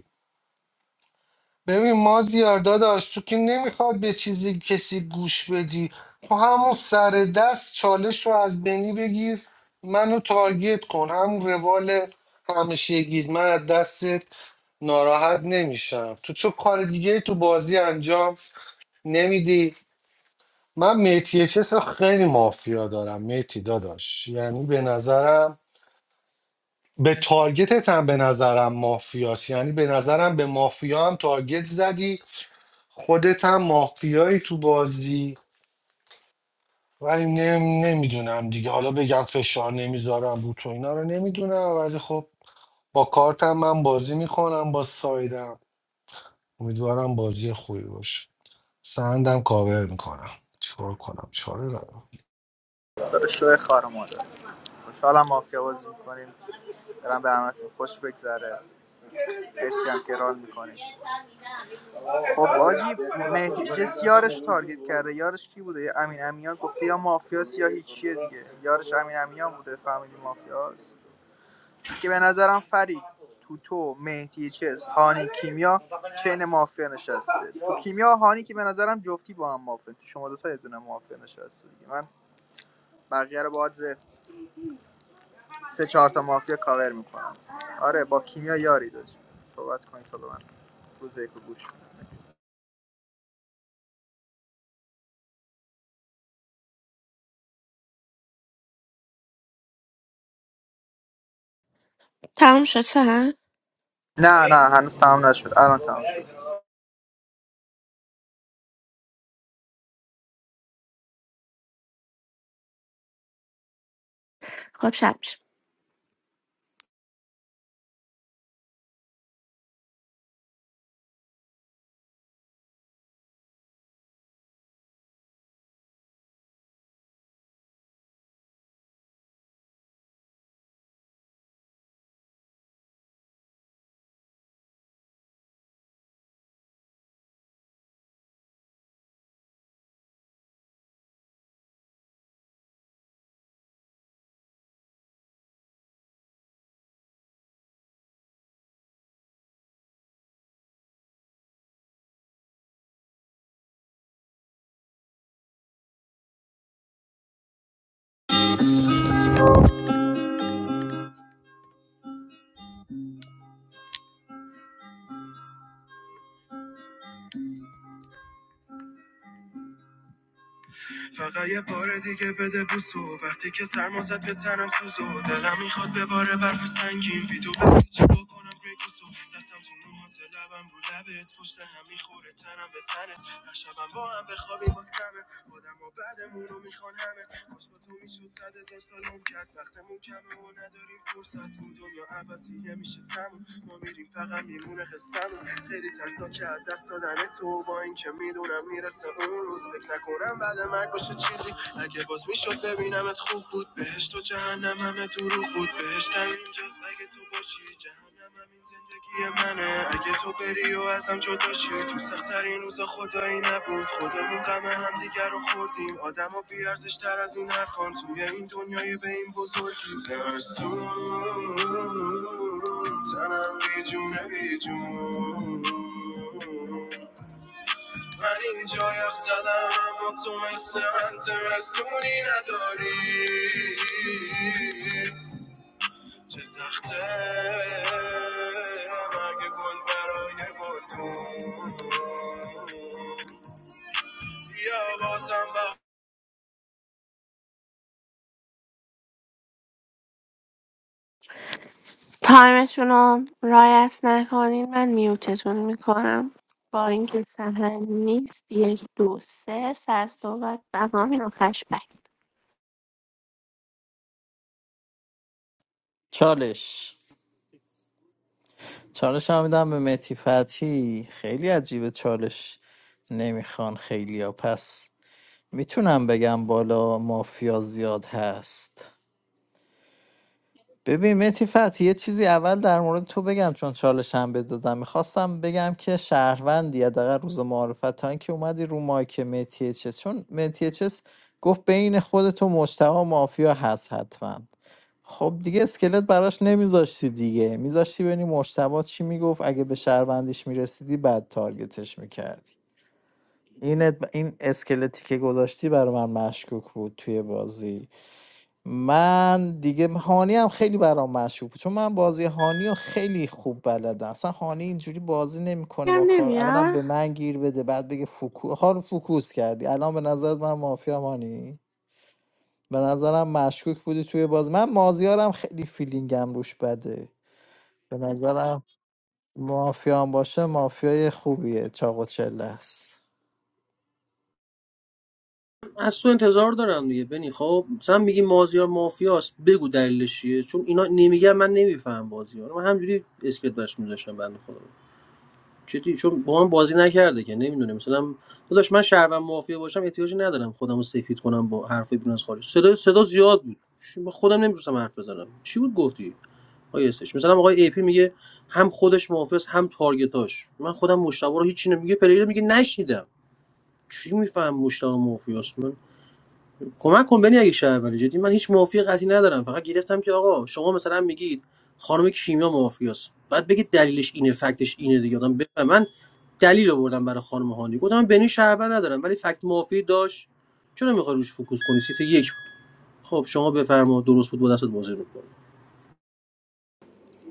Speaker 1: ببین مازیار داداش تو که نمیخواد به چیزی کسی گوش بدی تو همون سر دست چالش رو از بنی بگیر منو تارگت کن همون روال همیشگی من از دستت ناراحت نمیشم تو چه کار دیگه تو بازی انجام نمیدی من میتی چس رو خیلی مافیا دارم میتی داداش یعنی به نظرم به تارگتت هم به نظرم مافیاست یعنی به نظرم به مافیا هم تارگت زدی خودت هم مافیایی تو بازی ولی نمیدونم دیگه حالا بگم فشار نمیذارم رو تو اینا رو نمیدونم ولی خب با کارتم من بازی میکنم با سایدم امیدوارم بازی خوبی باشه سندم کاور میکنم چیکار کنم چاره ندارم
Speaker 6: داره شوی خار مادر خوشحالم مافیا بازی میکنیم دارم به همتون خوش بگذره مرسی هم که ران میکنیم خب حاجی مهدی کسی یارش تارگت کرده یارش کی بوده یه امین امیان گفته یا مافیاس یا هیچیه دیگه یارش امین امیان بوده فهمیدی مافیاس که به نظرم فرید توتو تو مهدی چس هانی کیمیا چین مافیا نشسته تو کیمیا هانی که به نظرم جفتی با هم مافیا تو شما دوتا یه دونه مافیا نشسته دیگه من بقیه رو باز سه چهار تا مافیا کاور میکنم آره با کیمیا یاری داشت صحبت کنید تا به من روز یک رو گوش کنید.
Speaker 4: تموم شد سهند
Speaker 6: نه نه هنوز تمام نشد الان تمام شد
Speaker 4: خب شب میشه فقط یه بار دیگه بده بوسو وقتی که سرما زد به تنم سوزو دلم میخواد به بار برف سنگین ویدیو بگی چی بکنم بریکوسو دستم تو موهات لبم رو لبت پشت هم میخوره تنم به تنت هر شبم با هم بخوابیم باز کمه آدم و بعدمون رو میخوان همه کاش با تو میشد صد هزار سال عمر کرد وقتمون کمه و نداریم فرصت این دنیا عوضیه میشه تموم ما میریم فقط میمونه قصه‌مون خیلی ترسناکه از دست دادن تو با اینکه میدونم میرسم مثل اون روز فکر نکنم بعد مرگ باشه چیزی اگه باز میشد ببینمت خوب بود بهشت و جهنم همه دروغ بود بهشتم اینجاست اگه تو باشی جهنم همین زندگی منه اگه تو بری و ازم جداشی تو سختترین روز خدایی نبود خودمون غم همدیگر رو خوردیم آدم و بیارزشتر از این حرفان توی این دنیای به این بزرگی ترسون تنم بی جونه بی جون. من اینجا یخ زدم اما تو مثل من زمستونی نداری چه سخته مرگ گل برای گلدون بیا بازم تایمتون رو رایت نکنین من میوتتون میکنم با اینکه سهن نیست یک دو سه سر صحبت بهمن آخرش بک
Speaker 3: چالش چالش هم میدم به مهدی فتحی خیلی عجیبه چالش نمیخوان خیلی ها پس میتونم بگم بالا مافیا زیاد هست ببین متی فتحی یه چیزی اول در مورد تو بگم چون چالش هم بهت دادم میخواستم بگم که شهروندی حداقل روز معارفت تا اینکه اومدی رو مایک متی چس چون متی چس گفت بین خودت و مجتبی مافیا هست حتما خب دیگه اسکلت براش نمیذاشتی دیگه میذاشتی ببینی مجتبی چی میگفت اگه به شهروندیش میرسیدی بعد تارگتش میکردی این ات- این اسکلتی که گذاشتی برای من مشکوک بود توی بازی من دیگه هانی هم خیلی برام مشهور بود چون من بازی هانی رو خیلی خوب بلدم اصلا هانی اینجوری بازی نمیکنه
Speaker 4: کم
Speaker 3: با کار اولا
Speaker 4: نمیاد
Speaker 3: به من گیر بده بعد بگه فوکو خار فوکوس کردی الان به نظر من مافیا هانی به نظرم مشکوک بودی توی باز من مازیارم خیلی فیلینگم روش بده به نظرم مافیا هم باشه مافیای خوبیه چاق و چله است
Speaker 12: از تو انتظار دارم دیگه بنی خب مثلا میگی مازیار مافیاست بگو دلیلش چیه چون اینا نمیگن من نمیفهم بازی رو من همجوری اسکلت برش میذاشتم بنده خدا چطوری چون با من بازی نکرده که نمیدونه مثلا داداش من شهروند مافیا باشم احتیاجی ندارم خودم رو سفید کنم با حرف بیرون از خارج صدا صدا زیاد بود خودم نمیتونستم حرف بزنم چی بود گفتی آقای استش مثلا آقای ای پی میگه هم خودش محافظ هم تارگتاش من خودم مشتبه رو هیچی نمیگه پلیر میگه نشنیدم چی میفهم مشتبه مافی است من کمک کن بنی اگه شهرولی جدی من هیچ مافی قطعی ندارم فقط گرفتم که آقا شما مثلا میگید خانم کیمیا مافی است بعد بگید دلیلش اینه فکتش اینه دیگه آدم بفهم من دلیل آوردم برای خانم هانی گفتم من بنی شهروند ندارم ولی فکت مافی داشت چرا میخوای روش فوکوس کنی سیت یک بود خب شما بفرما درست بود با دستت بازی می‌کنم.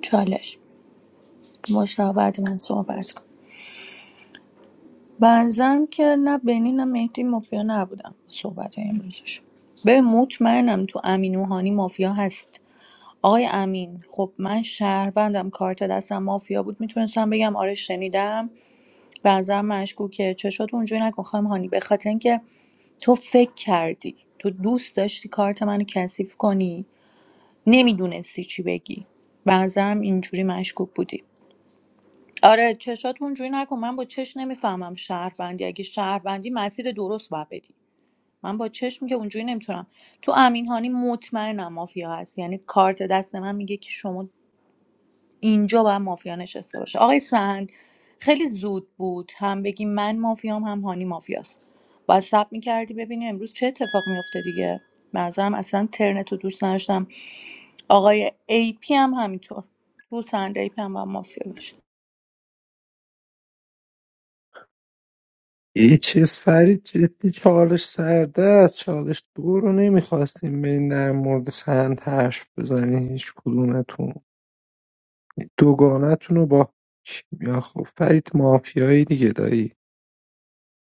Speaker 13: چالش مشتاق بعد من صحبت کن بنظرم که نه بنی نه مهدی مافیا نبودم صحبت امروزش به مطمئنم تو امین روحانی مافیا هست آقای امین خب من شهروندم کارت دستم مافیا بود میتونستم بگم آره شنیدم بنظرم مشکوکه چشات اونجوری نکن خانم هانی به خاطر اینکه تو فکر کردی تو دوست داشتی کارت منو کثیف کنی نمیدونستی چی بگی به اینجوری مشکوک بودی آره چشات اونجوری نکن من با چش نمیفهمم شهروندی اگه شهروندی مسیر درست باید بدی من با چشم که اونجوری نمیتونم تو امین هانی مطمئنم مافیا هست یعنی کارت دست من میگه که شما اینجا باید مافیا نشسته باشه آقای سند خیلی زود بود هم بگی من مافیام هم هانی مافیاست باید سب میکردی ببینی امروز چه اتفاق میافته دیگه به نظرم اصلا ترنت رو دوست نداشتم آقای ای پی هم همینطور تو سند ای پی هم باید مافیا باشه
Speaker 8: اچس فرید جدی چالش سرده است چالش دو رو نمیخواستیم به این در مورد سند حرف بزنی هیچ کدومتون دوگانتونو با کیمیا خب فرید مافیایی دیگه دایی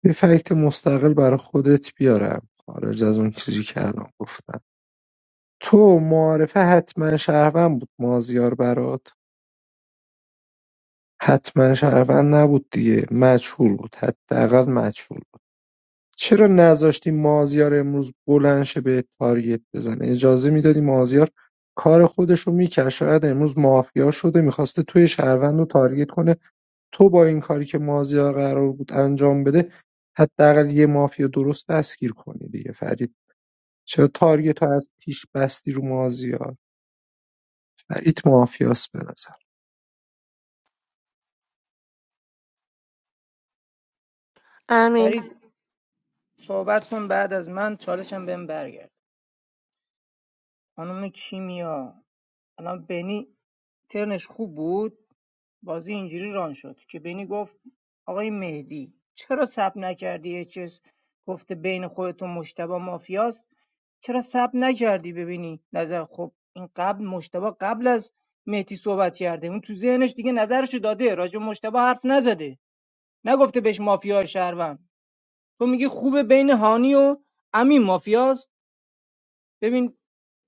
Speaker 8: یه فکت مستقل برا خودت بیارم خارج از اون چیزی که الان گفتم تو معارفه حتما شهروند بود مازیار برات حتما شهروند نبود دیگه مجهول بود حداقل مجهول بود چرا نذاشتی مازیار امروز بلند شه به تارگت بزنه اجازه میدادی مازیار کار خودش رو میکرد شاید امروز مافیا شده میخواسته توی شهروند رو تارگت کنه تو با این کاری که مازیار قرار بود انجام بده حداقل یه مافیا درست دستگیر کنی دیگه فرید چرا تارگت رو از پیش بستی رو مازیار فرید مافیاس به نظر
Speaker 4: امین
Speaker 15: فرید صحبت کن بعد از من چالشم بهم برگرد خانم کیمیا الان بنی ترنش خوب بود بازی اینجوری ران شد که بینی گفت آقای مهدی چرا سب نکردی یه چیز گفته بین خودت و مشتبه مافیاست چرا سب نکردی ببینی نظر خب این قبل مشتبه قبل از مهدی صحبت کرده اون تو ذهنش دیگه نظرشو داده راجع به مشتبه حرف نزده نگفته بهش مافیا شهروند تو میگی خوبه بین هانی و امین مافیاست ببین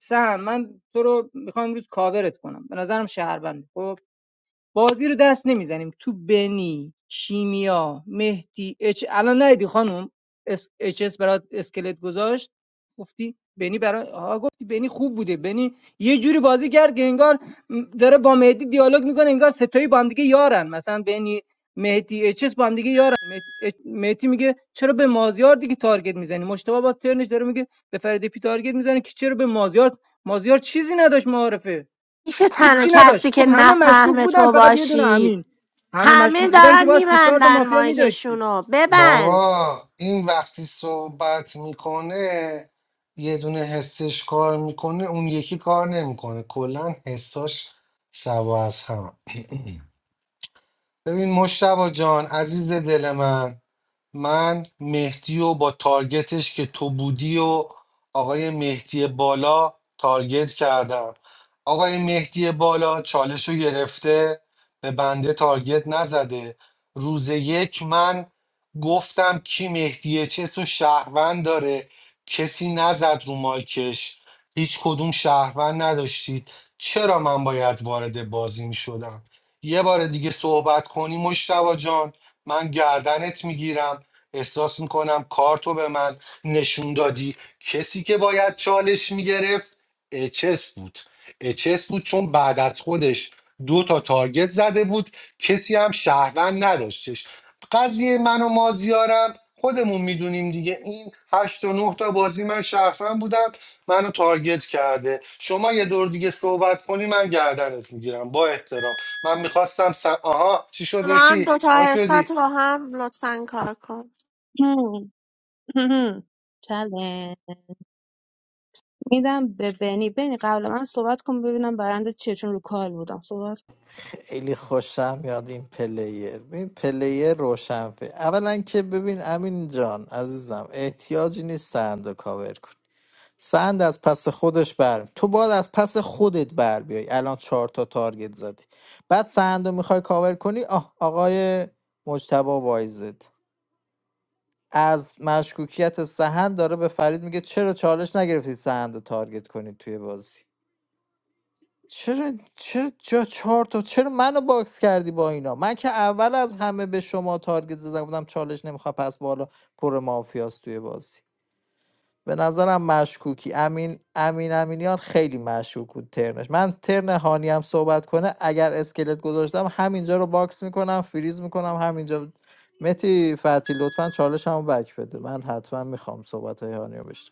Speaker 15: سهن من تو رو میخوام امروز کاورت کنم به نظرم شهروند خب بازی رو دست نمیزنیم تو بنی شیمیا مهدی اچ الان ندیدی خانم اس اچ اس برات اسکلت گذاشت گفتی بنی برای آها گفتی بنی خوب بوده بنی یه جوری بازی کرد که انگار داره با مهدی دیالوگ میکنه انگار ستایی با هم دیگه یارن مثلا بنی مهدی اچ اس با هم دیگه یارن مه- اچ- مهدی میگه چرا به مازیار دیگه تارگت میزنی مشتبه با ترنش داره میگه به فرید پی تارگت میزنه که چرا به مازیار مازیار چیزی نداشت معارفه
Speaker 4: میشه تنها
Speaker 15: هیچی
Speaker 4: کسی
Speaker 15: نداشت
Speaker 4: که
Speaker 15: گفت همه مشکوک
Speaker 4: نفهمه
Speaker 15: بودن
Speaker 4: تو
Speaker 15: فقط یه دونه
Speaker 4: باشی
Speaker 15: امین همه
Speaker 4: همه
Speaker 15: مشکوک بودن که
Speaker 4: دارن
Speaker 15: باید سه چهار تا
Speaker 4: میبندن
Speaker 15: مافیا میداشتی
Speaker 4: مایکشونو ببند
Speaker 1: بابا این وقتی صحبت میکنه یه دونه حسش کار میکنه اون یکی کار نمیکنه کلا حساش سوا از هم ببین مشتبا جان عزیز دل من من مهدی و با تارگتش که تو بودی و آقای مهدی بالا تارگت کردم آقای مهدی بالا چالش رو گرفته به بنده تارگت نزده روز یک من گفتم کی مهدی چس و شهروند داره کسی نزد رو مایکش هیچ کدوم شهروند نداشتید چرا من باید وارد بازی می یه بار دیگه صحبت کنی مشتبا جان من گردنت میگیرم احساس میکنم کارتو به من نشون دادی کسی که باید چالش میگرفت اچس بود اچس بود چون بعد از خودش دو تا تارگت زده بود کسی هم شهروند نداشتش قضیه من و مازیارم خودمون میدونیم دیگه این هشت و نه تا بازی من شرفم بودم منو تارگت کرده شما یه دور دیگه صحبت کنی من گردنت میگیرم با احترام من میخواستم س... آها چی
Speaker 4: ما
Speaker 1: شده
Speaker 4: هم
Speaker 1: تی آن
Speaker 4: دوتا حسات
Speaker 1: شدی
Speaker 4: با هم لطفا کار کن
Speaker 9: چله میدم به بنی بنی قبل من صحبت کن ببینم برنده چیه چون رو کال بودم صحبت
Speaker 3: خیلی خوشم میاد این پلیر ببین پلیر روشنفه اولا که ببین امین جان عزیزم احتیاجی نیست سند رو کاور کن سند از پس خودش بر تو باید از پس خودت بر بیای الان چهار تا تارگت زدی بعد سند رو میخوای کاور کنی آه آقای مجتبی وایزد از مشکوکیت سهند داره به فرید میگه چرا چالش نگرفتید سهند رو تارگت کنید توی بازی چرا چرا چرا چهار تا چرا منو باکس کردی با اینا من که اول از همه به شما تارگت زدم بودم چالش نمیخواد پس بالا پر مافیاس توی بازی به نظرم مشکوکی امین امین امینیان خیلی مشکوک بود ترنش من ترن هانی هم صحبت کنه اگر اسکلت گذاشتم همینجا رو باکس میکنم فریز میکنم همینجا متی فتی لطفا چالش هم بک بده من حتما میخوام صحبت های هانی رو بشنوم.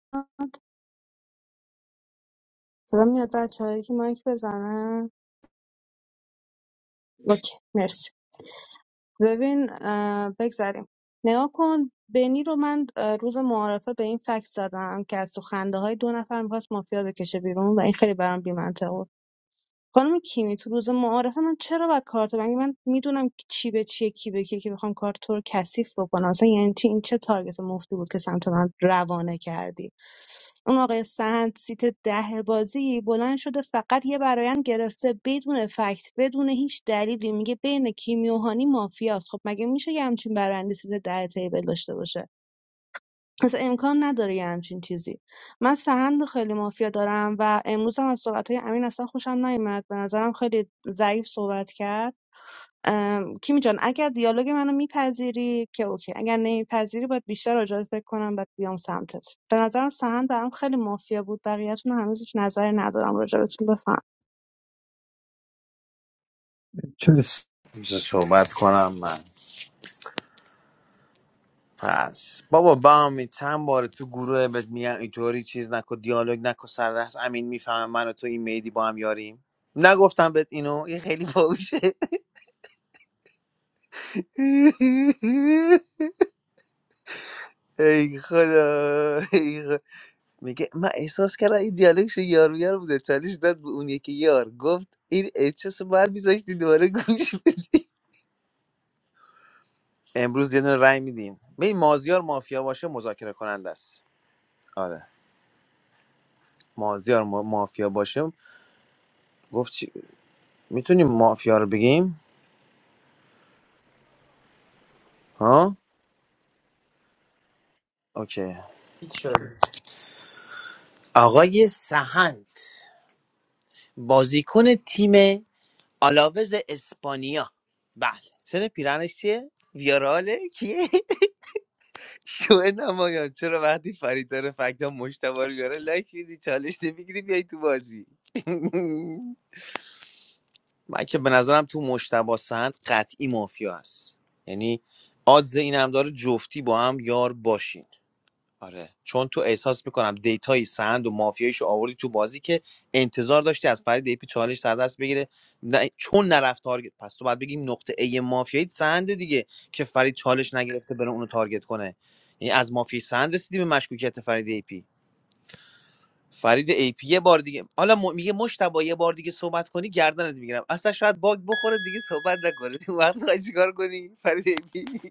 Speaker 9: کن صدا میاد بچه هایی که مایک بزنن اوکی مرسی ببین اه، بگذریم نگاه کن بنی رو من اه، روز معارفه به این فکت زدم که از تو خنده های دو نفر میخواست مافیا بکشه بیرون و این خیلی برام بی خانم کیمی تو روز معارفه من چرا باید کارت مگه من میدونم چی به چیه کی به کیه که بخوام کارت تو رو کثیف بکنم مثلا یعنی چی این چه تارگت مفتی بود که سمت من روانه کردی اون آقای سهند سیت ده بازی بلند شده فقط یه برایند گرفته بدون فکت بدون هیچ دلیلی میگه بین کیمی و هانی مافیاست خب مگه میشه یه همچین برایندی سیت ده تیبل داشته باشه اصلا امکان نداره یه همچین چیزی من سهند رو خیلی مافیا دارم و امروز هم از صحبت های امین اصلا خوشم نیومد به نظرم خیلی ضعیف صحبت کرد ام، کیمی جان اگر دیالوگ منو میپذیری که اوکی اگر نمیپذیری باید بیشتر راجعه فکر کنم بعد بیام سمتت به نظرم سهند برام خیلی مافیا بود بقیه‌تون رو هنوز هیچ نظری ندارم راجع بهتون بفهم
Speaker 8: چس.
Speaker 14: صحبت کنم من پس بابا بامی چند بار تو گروه بهت میگم اینطوری چیز نکن دیالوگ نکن سر دست امین میفهمه من و تو این میدی با هم یاریم نگفتم بهت اینو این خیلی باوشه ای خدا ای خدا. میگه من احساس کردم این دیالوگش یار یار بوده چالش داد به اون یکی یار گفت این احساس باید میذاشتی دوباره گوش بدی. امروز یه دونه رای میدیم به مازیار مافیا باشه مذاکره کننده است آره مازیار ما- مافیا باشه گفت چی؟ میتونیم مافیا رو بگیم ها اوکی
Speaker 6: هیچ شد
Speaker 14: آقای سهند بازیکن تیم آلاوز اسپانیا بله سن پیرنش چیه ویاراله کیه شو نمایان چرا وقتی فرید داره فکتا مشتبه رو بیاره لایک میدی چالش نمیگیری بیای تو بازی من که به نظرم تو مشتبه سهند قطعی مافیا هست یعنی آدز این هم داره جفتی با هم یار باشین آره چون تو احساس میکنم دیتای سند و مافیایشو آوردی تو بازی که انتظار داشتی از فرید ایپی چالش سر دست بگیره نه چون نرفت تارگت پس تو باید بگیم نقطه ای مافیایی سند دیگه که فرید چالش نگرفته بره اونو تارگت کنه یعنی از مافیای سند رسیدی به مشکوکیت فرید ایپی فرید ای پی یه بار دیگه حالا م... میگه مشتبا یه بار دیگه صحبت کنی گردنت میگیرم اصلا شاید باگ بخوره دیگه صحبت نکنه تو وقت خواهی چیکار کنی فرید ای پی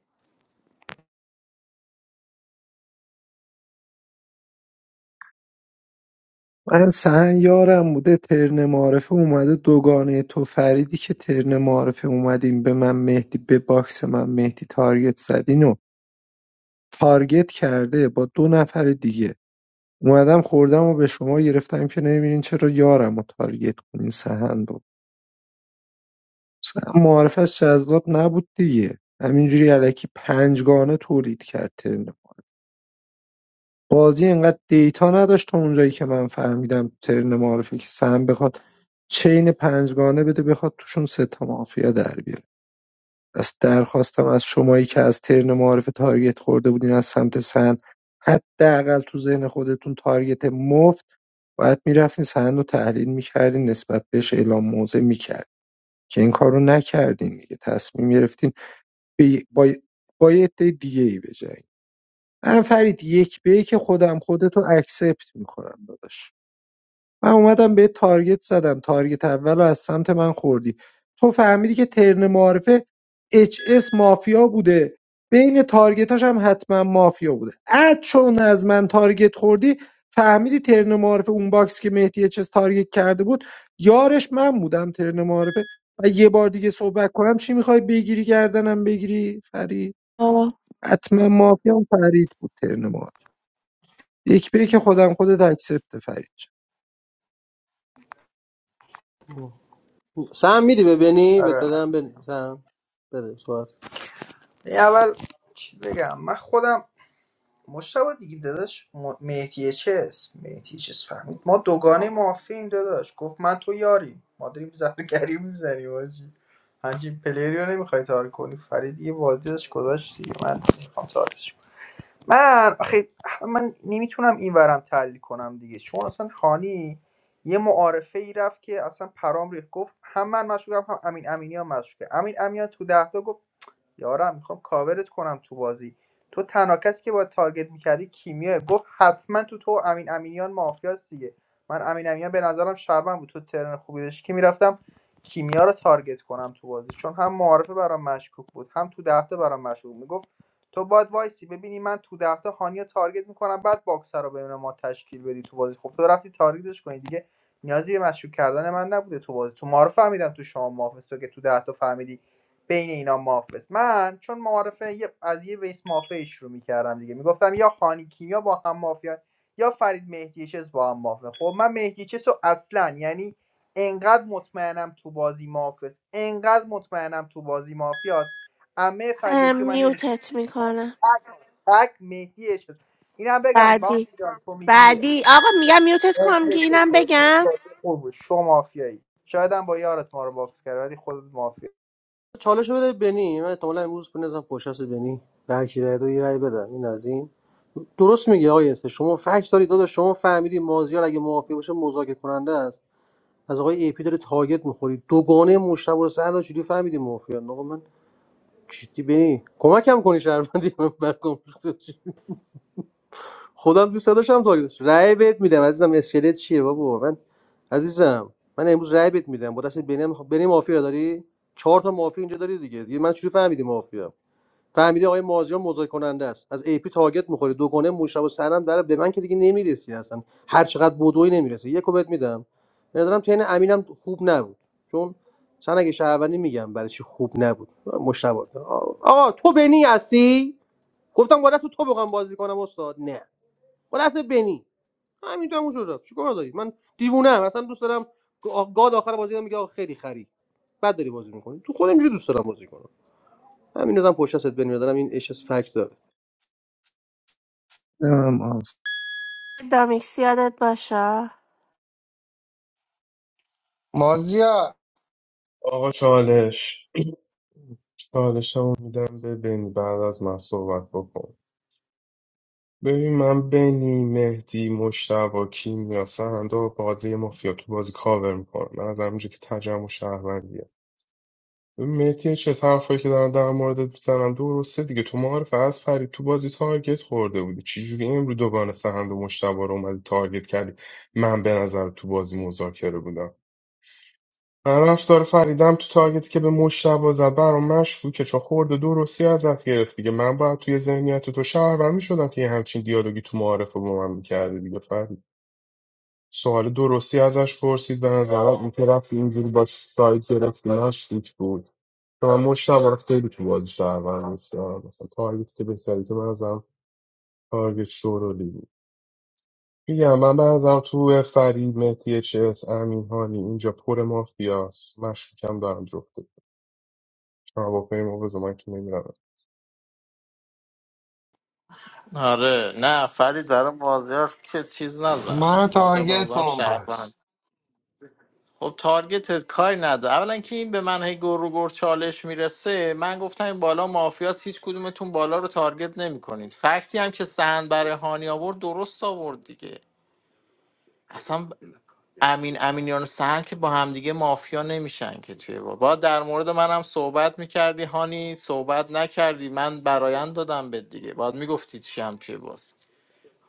Speaker 8: من سهن یارم بوده ترن معرفه اومده دوگانه تو فریدی که ترن معرفه اومدیم به من مهدی به باکس من مهدی تارگت زدین و تارگت کرده با دو نفر دیگه اومدم خوردم و به شما گرفتم که نمیبینین چرا یارم رو تارگت کنین سهند اصلا معارفش جذاب نبود دیگه همینجوری الکی پنجگانه تولید کرد ترن بازی انقدر دیتا نداشت تا اونجایی که من فهمیدم ترن معارفه که سم بخواد چین پنجگانه بده بخواد توشون سه تا مافیا در بیاره پس درخواستم از شمایی که از ترن معارفه تارگت خورده بودین از سمت سند حداقل تو ذهن خودتون تارگت مفت باید میرفتین سند رو تحلیل میکردین نسبت بهش اعلام موضع میکرد که این کار رو نکردین دیگه تصمیم گرفتین به- با با یه عده دیگه ای بجنگی من فرید یک به یک خودم خودتو اکسپت میکنم داداش من اومدم به تارگت زدم تارگت اول رو از سمت من خوردی تو فهمیدی که ترن معارفه اچ اس مافیا بوده بین تارگتاش هم حتما مافیا بوده اد چون از من تارگت خوردی فهمیدی ترن معارفه اون باکس که مهدی اچ اس تارگت کرده بود یارش من بودم ترن معارفه و یه بار دیگه صحبت کنم چی میخوای بگیری گردنم بگیری فرید
Speaker 4: آه.
Speaker 8: حتما مافیام فرید بود ترن ما یک به که خودم خودت اکسپت فرید شد
Speaker 12: سم میدی به بنی بهت
Speaker 6: آره
Speaker 12: بدم بنی سم بده صحبت
Speaker 6: این اول چی بگم من خودم مشتبه دیگه داداش م- مهدی چس مهدی چس فهمید ما دوگانه مافیم داداش گفت من تو یاریم ما داریم زرگری میزنیم آجی همچین پلیری رو نمیخوای تار کنی فرید یه بازی داشت گذاشت دیگه من نمیخوام تارش کنم. من آخه من نمیتونم این ورم تحلیل کنم دیگه چون اصلا خانی یه معارفه ای رفت که اصلا پرام ریخت گفت هم من مشغولم هم امین امینی هم مشغوله امین امینی هم تو ده تا گفت یارم میخوام کاورت کنم تو بازی تو تنها کسی که باید تارگت میکردی کیمیا گفت حتما تو تو و امین امینیان مافیاست دیگه من امین امینیان به نظرم شربن بود تو ترن خوبی داشتی که میرفتم کیمیا رو تارگت کنم تو بازی چون هم معارفه برام مشکوک بود هم تو دهته برام مشکوک میگفت تو باید وایسی ببینی من تو دهته هانیا تارگت میکنم بعد باکسر رو ببینم ما تشکیل بدی تو بازی خب تو رفتی تارگتش کنی دیگه نیازی به مشکوک کردن من نبوده تو بازی تو معارفه فهمیدم تو شام مافیاست تو که تو دهتا فهمیدی بین اینا مافست من چون معارفه یه- از یه بیس مافیا شروع میکردم دیگه میگفتم یا خانی کیمیا با هم مافیا یا فرید مهدیچس با هم مافیا خب من مهدیچس رو اصلا یعنی انقدر مطمئنم تو بازی مافست انقدر مطمئنم تو بازی مافیاست امه
Speaker 4: اه،
Speaker 6: فرید که من نمی‌دونم.
Speaker 4: میوتت میکنم
Speaker 6: تک مهدی چیز بگم با
Speaker 4: بعدی
Speaker 6: جان تو میگی
Speaker 4: بعدی آقا میگم میوتت
Speaker 6: مهدی
Speaker 4: کنم که اینم بگم
Speaker 6: خوب شو مافیایی شاید هم با یارت ما رو باکس کرد ولی خود
Speaker 12: چالش رو بده بنی من احتمالا امروز بنزم پشت دست بنی به هر کی رای دو یه رای بدم این از این درست میگه آقای است شما فکت دارید داداش شما فهمیدی مازیار اگه موافق باشه مذاکره کننده است از آقای ای پی داره تاگت میخوری دوگانه مشتبه رو سر چجوری فهمیدی موافقن آقا من چیتی بنی کمکم کنی شهروندی من برگم خودم دوست داشتم تاگیدش رأی بهت میدم عزیزم اسکلت چیه بابا من عزیزم من امروز رأی بهت میدم با دست بنیام بنی مافیا داری چهار تا مافیا اینجا داری دیگه دیگه من چجوری فهمیدی مافیا فهمیدی آقای مازیار مذاکره کننده است از ای پی تارگت میخوری دوگانه مشابه سرم در به من که دیگه نمیرسی اصلا هر چقدر بدوی نمیرسی یکو بهت میدم به نظرم تین امینم خوب نبود چون چون اگه شهروندی میگم برای چی خوب نبود مشابه آقا تو بنی هستی گفتم با دست تو بخوام بازی کنم استاد نه خلاصه بنی همین تموم شد رفت چیکار داری من دیوونه ام اصلا دوست دارم آ- گاد آخر بازی میگه آقا خیلی خری بعد داری بازی میکنی تو خودم اینجوری دوست دارم بازی کنم همین آدم پشت دست بنی دارم این اش اس فکت داره
Speaker 8: نمی‌دونم آقا.
Speaker 4: دامیکس یادت باشه
Speaker 1: مازیا
Speaker 2: آقا چالش چالش هم میدم به بنی بعد از من صحبت بکن ببین من بنی مهدی مشتبا کیمیا سهنده و بازی مافیا تو بازی کاور میکنم من از همونجا که تجمع شهروندیه مهدی چه حرفایی که دارن در موردت میزنن درسته دیگه تو معارف از فرید تو بازی تارگت خورده بودی چجوری امرو دوگان سهند و مشتبه رو اومدی تارگت کردی من به نظر تو بازی مذاکره بودم من رفتار فریدم تو تارگتی که به مشتبه زد برام مشکوکه چون خورده درستی ازت گرفت دیگه من باید توی ذهنیت تو شهروند میشدم که یه همچین دیالوگی تو معارفه با من میکرده دیگه فرید سوال درستی ازش پرسید به نظرم این طرف اینجوری با سایت گرفتنش گرفت بود چون من مشتبه رو خیلی تو بازی شهرور نیستم مثلا تارگت که بهتری که من ازم تارگت شورولی بود میگم من بنظرم تو فرید مهدی چس امین هانی اینجا پر مافیاست مشکوکم دارم جفته هواپیما ما بذار من که نمیرم
Speaker 3: آره نه فرید برای مازیار که چیز نزن
Speaker 1: منو
Speaker 3: مازیار به
Speaker 1: تارگت
Speaker 3: نظرم
Speaker 1: کن پس
Speaker 3: شهروند خب تارگتت کاری نداره اولا که این به من هی گر و گر چالش میرسه من گفتم این بالا مافیاس هیچ کدومتون بالا رو تارگت نمیکنید فکتی هم که سهند برای هانی آورد درست آورد دیگه اصلا امین امینیان و سهند که با همدیگه مافیا نمیشن که توی با با در مورد منم صحبت میکردی هانی صحبت نکردی من برایند دادم به دیگه باید میگفتی چی هم توی باز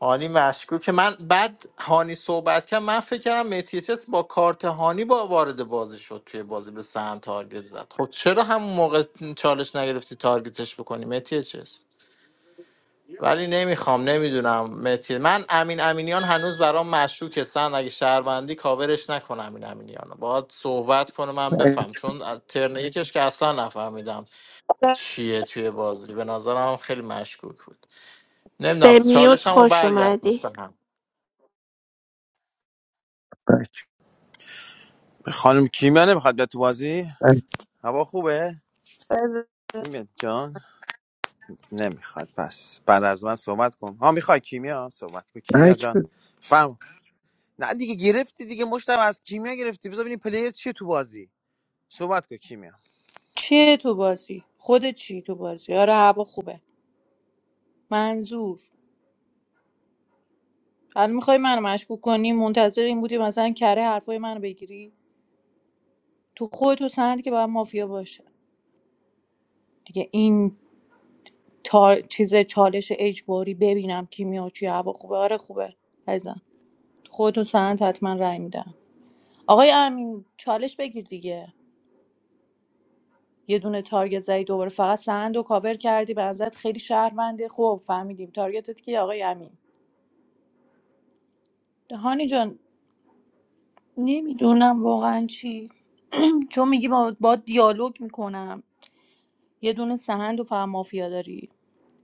Speaker 3: هانی مشکوک من بعد هانی صحبت کرد من فکر کردم متیسس با کارت هانی با وارد بازی شد توی بازی به سهم تارگت زد خب چرا همون موقع چالش نگرفتی تارگتش بکنی متیسس ولی نمیخوام نمیدونم متی من امین امینیان هنوز برام مشکوک هستن اگه شهروندی کاورش نکنم امین امینیان رو. باهات صحبت کنه من
Speaker 8: بک
Speaker 3: بفهم چون از ترن یکش که اصلا نفهمیدم چیه توی بازی به نظرم خیلی مشکوک بود نمیدونم
Speaker 4: به میوت
Speaker 3: چالش همو
Speaker 4: خوش اومدی
Speaker 3: برگرد
Speaker 8: بک
Speaker 14: خانم کیمیا نمیخواد بیاد تو بازی
Speaker 8: بک
Speaker 14: هوا خوبه کیمیا جان نمیخواد پس بعد از من صحبت کن ها میخوای کیمیا صحبت کن کیمیا
Speaker 8: بک
Speaker 14: جان
Speaker 8: بده.
Speaker 14: فرم نه دیگه گرفتی دیگه مشتم از کیمیا گرفتی بذار ببینیم پلیر چیه تو بازی صحبت کن کیمیا
Speaker 13: چیه تو بازی خود چی تو بازی آره هوا خوبه منظور الان میخوای منو مشکوک کنی منتظر این بودی مثلا کره حرفای منو بگیری تو خود تو سند که باید مافیا باشه دیگه این تا چیز چالش اجباری ببینم کی میاد چی هوا خوبه آره خوبه عزیزم خودتون سند حتما رای میدم آقای امین چالش بگیر دیگه یه دونه تارگت زدی دوباره فقط سند و کاور کردی به نظرت خیلی شهرونده خب فهمیدیم تارگتت کی آقای امین هانی جان نمیدونم واقعا چی چون میگی با, با دیالوگ میکنم یه دونه سهند و فقط مافیا داری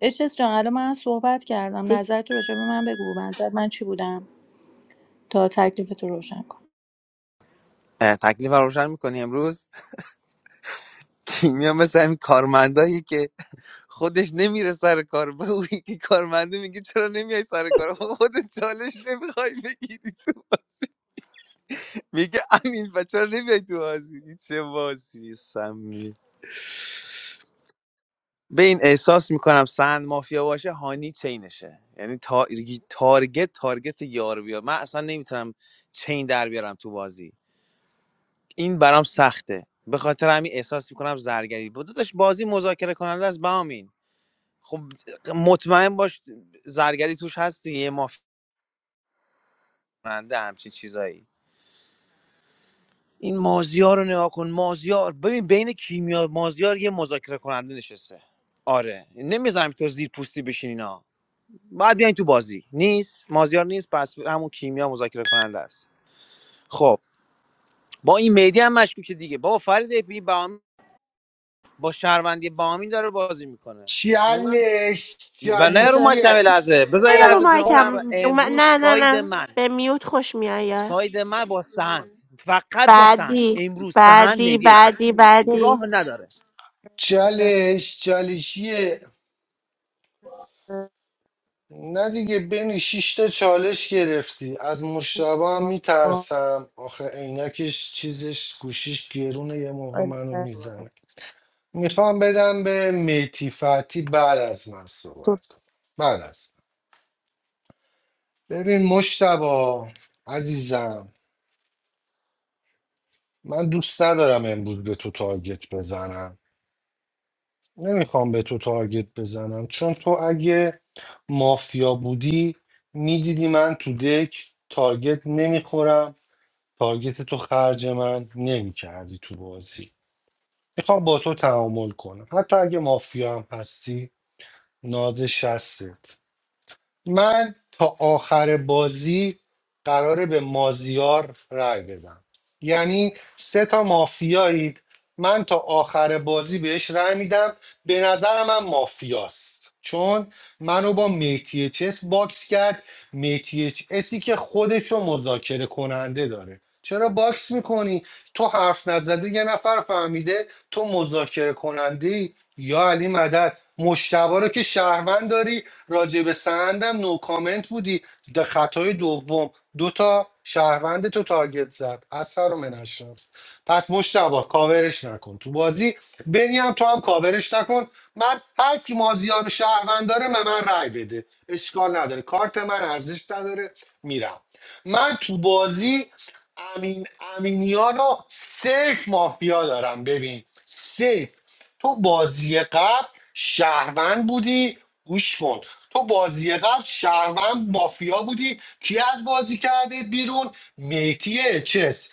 Speaker 13: اشس جان الان من صحبت کردم
Speaker 4: دی.
Speaker 13: نظر تو راجع به من بگو نظر من چی بودم تا تکلیف تو روشن کنم
Speaker 14: اه، تکلیف رو روشن میکنی امروز کیمیا مثل همین کارمندایی که خودش نمیره سر کار به اون یکی کارمنده میگه چرا نمیای سر کار آقا خودت چالش نمیخوای بگیری تو میگه امین و چرا نمیای تو بازی چه بازی سمی به این احساس میکنم سند مافیا باشه هانی چینشه یعنی تا... تارگت تارگت یار بیار من اصلا نمیتونم چین در بیارم تو بازی این برام سخته به خاطر همین احساس میکنم زرگری بود داشت بازی مذاکره کننده است بامین خب مطمئن باش زرگری توش هست دیگه یه مافیا کننده همچین چیزایی این مازیار رو نگاه کن مازیار ببین بین کیمیا مازیار یه مذاکره کننده نشسته آره نمیذارم تو زیر پوستی بشین اینا بعد بیاین تو بازی نیست مازیار نیست پس همون کیمیا مذاکره کننده است خب با این مهدی هم مشکوکه دیگه بابا فرید اپی بام با شهروندی بامی داره بازی میکنه چه من
Speaker 1: چالش
Speaker 14: و نه رو ما کمی
Speaker 1: چالشیه
Speaker 14: لحظه بذار
Speaker 4: نه
Speaker 14: یه
Speaker 4: یا رو
Speaker 14: لحظه جمله
Speaker 4: مایکم
Speaker 14: هم.
Speaker 4: اوم-
Speaker 14: امروز
Speaker 4: نه نه
Speaker 14: ساید
Speaker 4: نه
Speaker 14: من
Speaker 4: به میوت خوش میای آره.
Speaker 14: ساید من با سهند فقط با سهند
Speaker 4: بعدی
Speaker 14: امروز سهند
Speaker 4: بعدی
Speaker 14: مهدی چست
Speaker 4: بعدی
Speaker 14: راه
Speaker 4: بعدی
Speaker 14: نداره
Speaker 1: چالش چالشیه نه دیگه بینی شیش تا چالش گرفتی از مشتبه هم میترسم آخه عینکش چیزش گوشیش گرونه یه موقع منو میزنه میخوام بدم به میتی فتی بعد از من صحبت کن بعد از ببین مشتبه عزیزم من دوست ندارم امروز به تو تارگت بزنم نمیخوام به تو تارگت بزنم چون تو اگه مافیا بودی میدیدی من تو دک تارگت نمیخورم تارگت تو خرج من نمیکردی تو بازی میخوام با تو تعامل کنم حتی اگه مافیا هم هستی ناز شستت من تا آخر بازی قراره به مازیار رأی بدم یعنی سه تا مافیایید من تا آخر بازی بهش رأی میدم به نظر من مافیاست چون منو با میتی چس باکس کرد میتی اچ اسی که خودش رو مذاکره کننده داره چرا باکس میکنی تو حرف نزده یه نفر فهمیده تو مذاکره کننده یا علی مدد مشتبه رو که شهروند داری راجع به سندم نو کامنت بودی در خطای دوم دو تا شهروند تو تارگت زد از سر و منش رفت پس مشتبه کاورش نکن تو بازی بنی هم تو هم کاورش نکن من هر کی مازیار رو شهروند داره به من رأی بده اشکال نداره کارت من ارزش نداره میرم من تو بازی امین امینیان رو سیف مافیا دارم ببین سیف تو بازی قبل شهروند بودی گوش کن تو بازی قبل شهروند مافیا بودی کی از بازی کرده بیرون میتی چس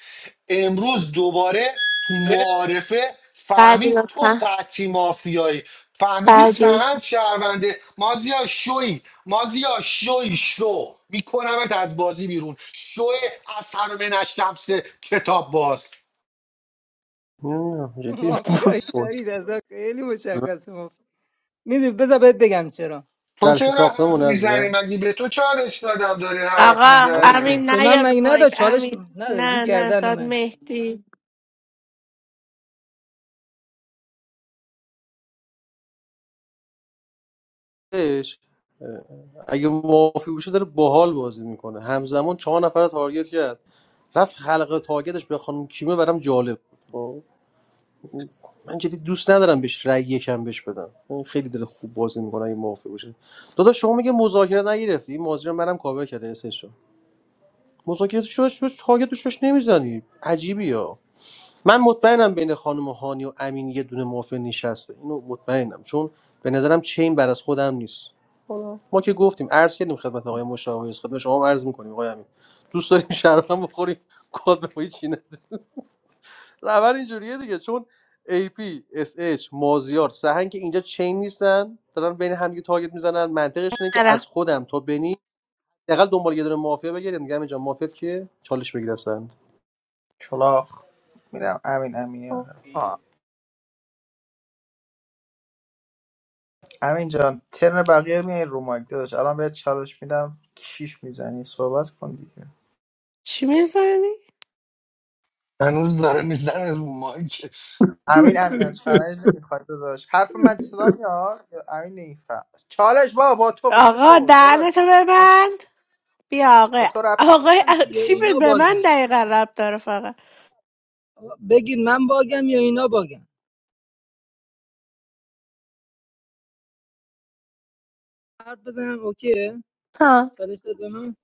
Speaker 1: امروز دوباره تو معارفه
Speaker 4: بعدی
Speaker 1: فهمید تو
Speaker 4: لطفا
Speaker 1: قطعی مافیایی فهمیدی
Speaker 4: بعدی
Speaker 1: سهند شهرونده مازیا شوی مازیا شوی شو میکنمت از بازی بیرون شو از سرمه نشتمس کتاب باز
Speaker 12: نه جدی
Speaker 15: مافیای فرید ازا خیلی مشخص مافیا میدونی بذار بهت بگم چرا
Speaker 1: تو
Speaker 12: جلسه
Speaker 1: چرا
Speaker 12: ساختمون
Speaker 1: حرف
Speaker 15: دیگه
Speaker 1: میزنی
Speaker 12: عزیزم
Speaker 1: مگه به تو چالش دادم داری حرف
Speaker 4: آقا
Speaker 12: من
Speaker 1: میزنی
Speaker 4: امین
Speaker 15: به
Speaker 4: نه یا
Speaker 15: من
Speaker 4: رو
Speaker 15: مگه نداد
Speaker 4: مایک
Speaker 15: چالش
Speaker 4: امین
Speaker 15: ندادی
Speaker 4: نه نه
Speaker 15: گردن
Speaker 4: داد
Speaker 15: من
Speaker 4: مهدی
Speaker 12: بهش، اه، اگه موافق بشه داره باحال بازی میکنه همزمان چهار نفر تارگت کرد رفت حلقه تارگتش به خانم کیمه برام جالب بود خب. من جدی دوست ندارم بهش رأی یکم بهش بدم اون خیلی دل خوب بازی میکنه اگه موافق باشه داداش شما میگه مذاکره نگرفتی این مازیار منم کاور کرده اسش رو، مذاکره شوش بهش تارگت بهش نمیزنی عجیبی ها من مطمئنم بین خانم هانی و امین یه دونه موافق نشسته اینو مطمئنم چون به نظرم چین بر از خودم نیست ما که گفتیم عرض کردیم خدمت آقای مشاور خدمت شما هم عرض میکنیم آقای امین دوست داریم شرفم بخوریم کد بخوری چی روند اینجوریه دیگه چون AP, SH, مازیار سهن که اینجا چین نیستن دارن بین هم دیگه تارگت میزنن منطقش اینه که
Speaker 4: برم
Speaker 12: از خودم تا بنی حداقل دنبال یه دونه مافیا بگیریم میگم اینجا مافیا کیه چالش بگیرسن
Speaker 6: چلاخ میدم امین امینی رو رفت امین جان ترن بقیه رو میای رو مایک داداش الان بهت چالش میدم کیش میزنی صحبت کن دیگه
Speaker 4: چی میزنی؟
Speaker 1: هنوز داره میزنه رو مایکش
Speaker 6: امین امین از چالش نمیخواد داداش حرف من صدا میاد یا امین نمیفهم چالش بابا با تو واسه
Speaker 4: آقا
Speaker 6: تو داداش
Speaker 4: دهنتو
Speaker 6: برو رو مایک.
Speaker 4: ببند بیا
Speaker 6: به
Speaker 4: آقا
Speaker 6: تو ربط
Speaker 4: آقا
Speaker 15: من چی؟ یا
Speaker 4: چی به
Speaker 15: اینا
Speaker 4: به من
Speaker 15: باگم
Speaker 4: دقیقا رب داره فقط
Speaker 15: بگید من باگم یا اینا باگم حرف بزنم اوکیه
Speaker 4: ها
Speaker 15: چالش داد به من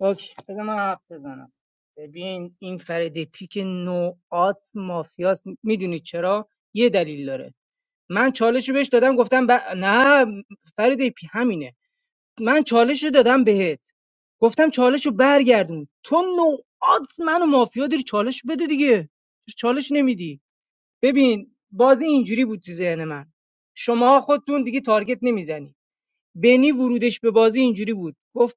Speaker 15: اوکی بذار من حرف بزنم ببین این فرید پیک نوعات مافیاست میدونی چرا یه دلیل داره من چالش رو بهش دادم گفتم ب... نه فرید پی همینه من چالش رو دادم بهت گفتم چالش رو برگردون تو نوعات منو مافیا داری چالش بده دیگه چالش نمیدی ببین بازی اینجوری بود تو ذهن من شما خودتون دیگه تارگت نمیزنی بنی ورودش به بازی اینجوری بود گفت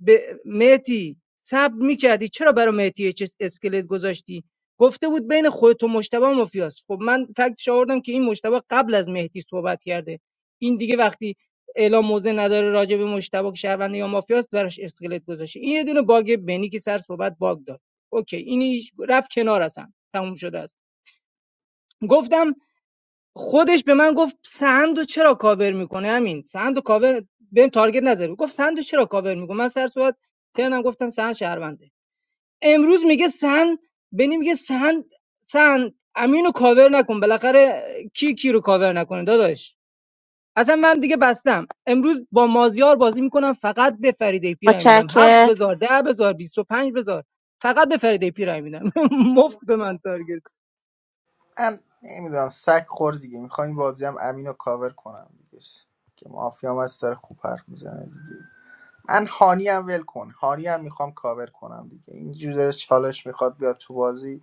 Speaker 15: به مهدی صبر میکردی چرا برای مهدی چه اسکلت گذاشتی گفته بود بین خودت و مشتبه مافیاست خب من فکت آوردم که این مشتبه قبل از مهدی صحبت کرده این دیگه وقتی اعلام موضع نداره راجع به مشتبه که شهرونده یا مافیاست براش اسکلت گذاشته این یه دونه باگ بنی که سر صحبت باگ داد اوکی این هیچ- رفت کنار اصلا تموم شده است گفتم خودش به من گفت سندو چرا کاور میکنه همین سندو کاور بهم تارگت نزد گفت سندو چرا کاور میکنه من سر صحبت ترنم گفتم سند شهرونده امروز میگه سند بنی میگه سند سند امینو کاور نکن بالاخره کی کی رو کاور نکنه داداش اصلا من دیگه بستم امروز با مازیار بازی میکنم فقط به فریده پیرای میدم هفت
Speaker 4: مچکر
Speaker 15: بزار ده بزار بیست و پنج بزار فقط به فریده پیرای میدم مفت به من تارگت
Speaker 6: من نمیدونم سگ خور دیگه میخوام این بازی هم امین رو کاور کنم دیگه که مافیا هم از سر خوب حرف میزنه دیگه من هانی هم ول کن هانی هم میخوام کاور کنم دیگه اینجور داره چالش میخواد بیاد تو بازی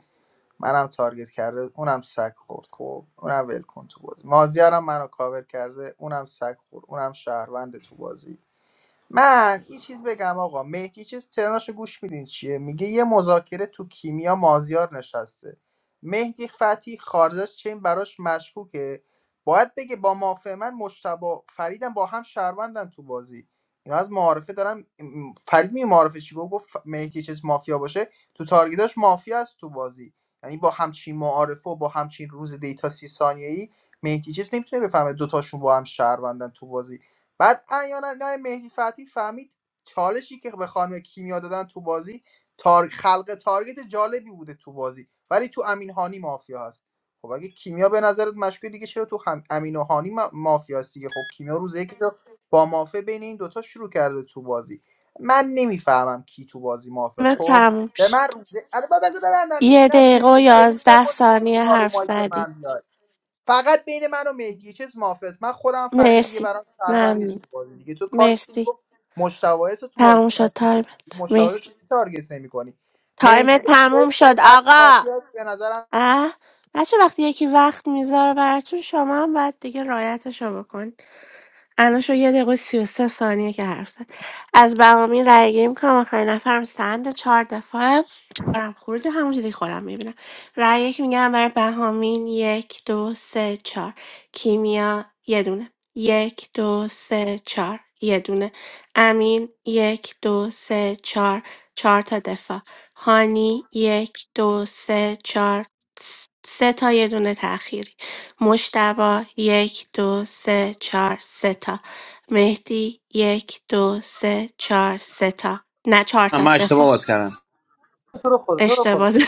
Speaker 6: منم تارگت کرده اونم سگ خورد خب اونم ول کن تو بازی مازیارم منو کاور کرده اونم سگ خورد اونم شهروند تو بازی من یه چیز بگم آقا مهدی چیز ترناشو گوش میدین چیه میگه یه مذاکره تو کیمیا مازیار نشسته مهدی فتی خارجش چین براش مشکوکه باید بگه با مافع من مشتبه. فریدم با هم شهروندن تو بازی اینا از معارفه دارم فرید می معارفه چی گفت گفت ف- مهدی چیز مافیا باشه تو تارگیداش مافیا است تو بازی یعنی با همچین معارفه و با همچین روز دیتا سی ثانیه‌ای مهدی چیز نمیتونه بفهمه دوتاشون با هم شهروندن تو بازی بعد احیانا نه مهدی فتحی فهمید چالشی که به خانم کیمیا دادن تو بازی تار... خلق تارگت جالبی بوده تو بازی ولی تو امین هانی مافیا هست خب اگه کیمیا به نظرت مشکلی دیگه چرا تو هم... امین و هانی ما... مافیا هست دیگه خب کیمیا روز یک رو با مافیا بین این دوتا شروع کرده تو بازی من نمیفهمم کی تو بازی مافیا است خب
Speaker 4: تموم
Speaker 6: به
Speaker 4: شد
Speaker 6: من روز الان بذار ببندم دیگه
Speaker 4: یه
Speaker 6: نه
Speaker 4: دقیقه
Speaker 6: س-
Speaker 4: و
Speaker 6: سرویس
Speaker 4: یازده
Speaker 6: نکن دیگه سی
Speaker 4: ثانیه
Speaker 6: بار رو
Speaker 4: حرف
Speaker 6: مایک
Speaker 4: زدی
Speaker 6: من بیای. فقط بین من و مهدی چیز محافظ من خودم فرید دیگه
Speaker 4: مرسی
Speaker 6: برام شهروند نیست
Speaker 4: ممنون
Speaker 6: تو بازی دیگه تو کارت تیم
Speaker 4: مرسی
Speaker 6: گفت مشتبه رو تو بازی
Speaker 4: تموم شد
Speaker 6: تارگت کنی
Speaker 4: تایمت
Speaker 6: مشتبه رو
Speaker 4: مرسی
Speaker 6: چه تارگت نمی‌کنی
Speaker 4: تایم
Speaker 6: مهدی چیز
Speaker 4: تموم شد
Speaker 6: تک
Speaker 4: آقا
Speaker 6: مافیا است به نظرم
Speaker 4: اه بچه وقتی یکی وقت میذاره براتون شما هم باید دیگه رایتشو بکنی الان شو یه دقیقه و سی و سه ثانیه که حرف زد از بهامین رأی گیری میکنم آخرین نفرم سند چهار دفعه برم خروج همون چیزی که خودم میبینم رأی یک میگم برای بهامین یک دو سه چهار کیمیا یه دونه یک دو سه چهار یه دونه امین یک دو سه چهار چهار تا دفاع هانی یک دو سه چهار سه تا یه دونه تأخیری مجتبی یک دو سه چهار سه تا مهدی یک دو سه چهار سه تا نه چهار تا
Speaker 14: من اشتباه
Speaker 4: دفاع
Speaker 14: باز کردم
Speaker 12: تو رو خدا تو
Speaker 4: اشتباه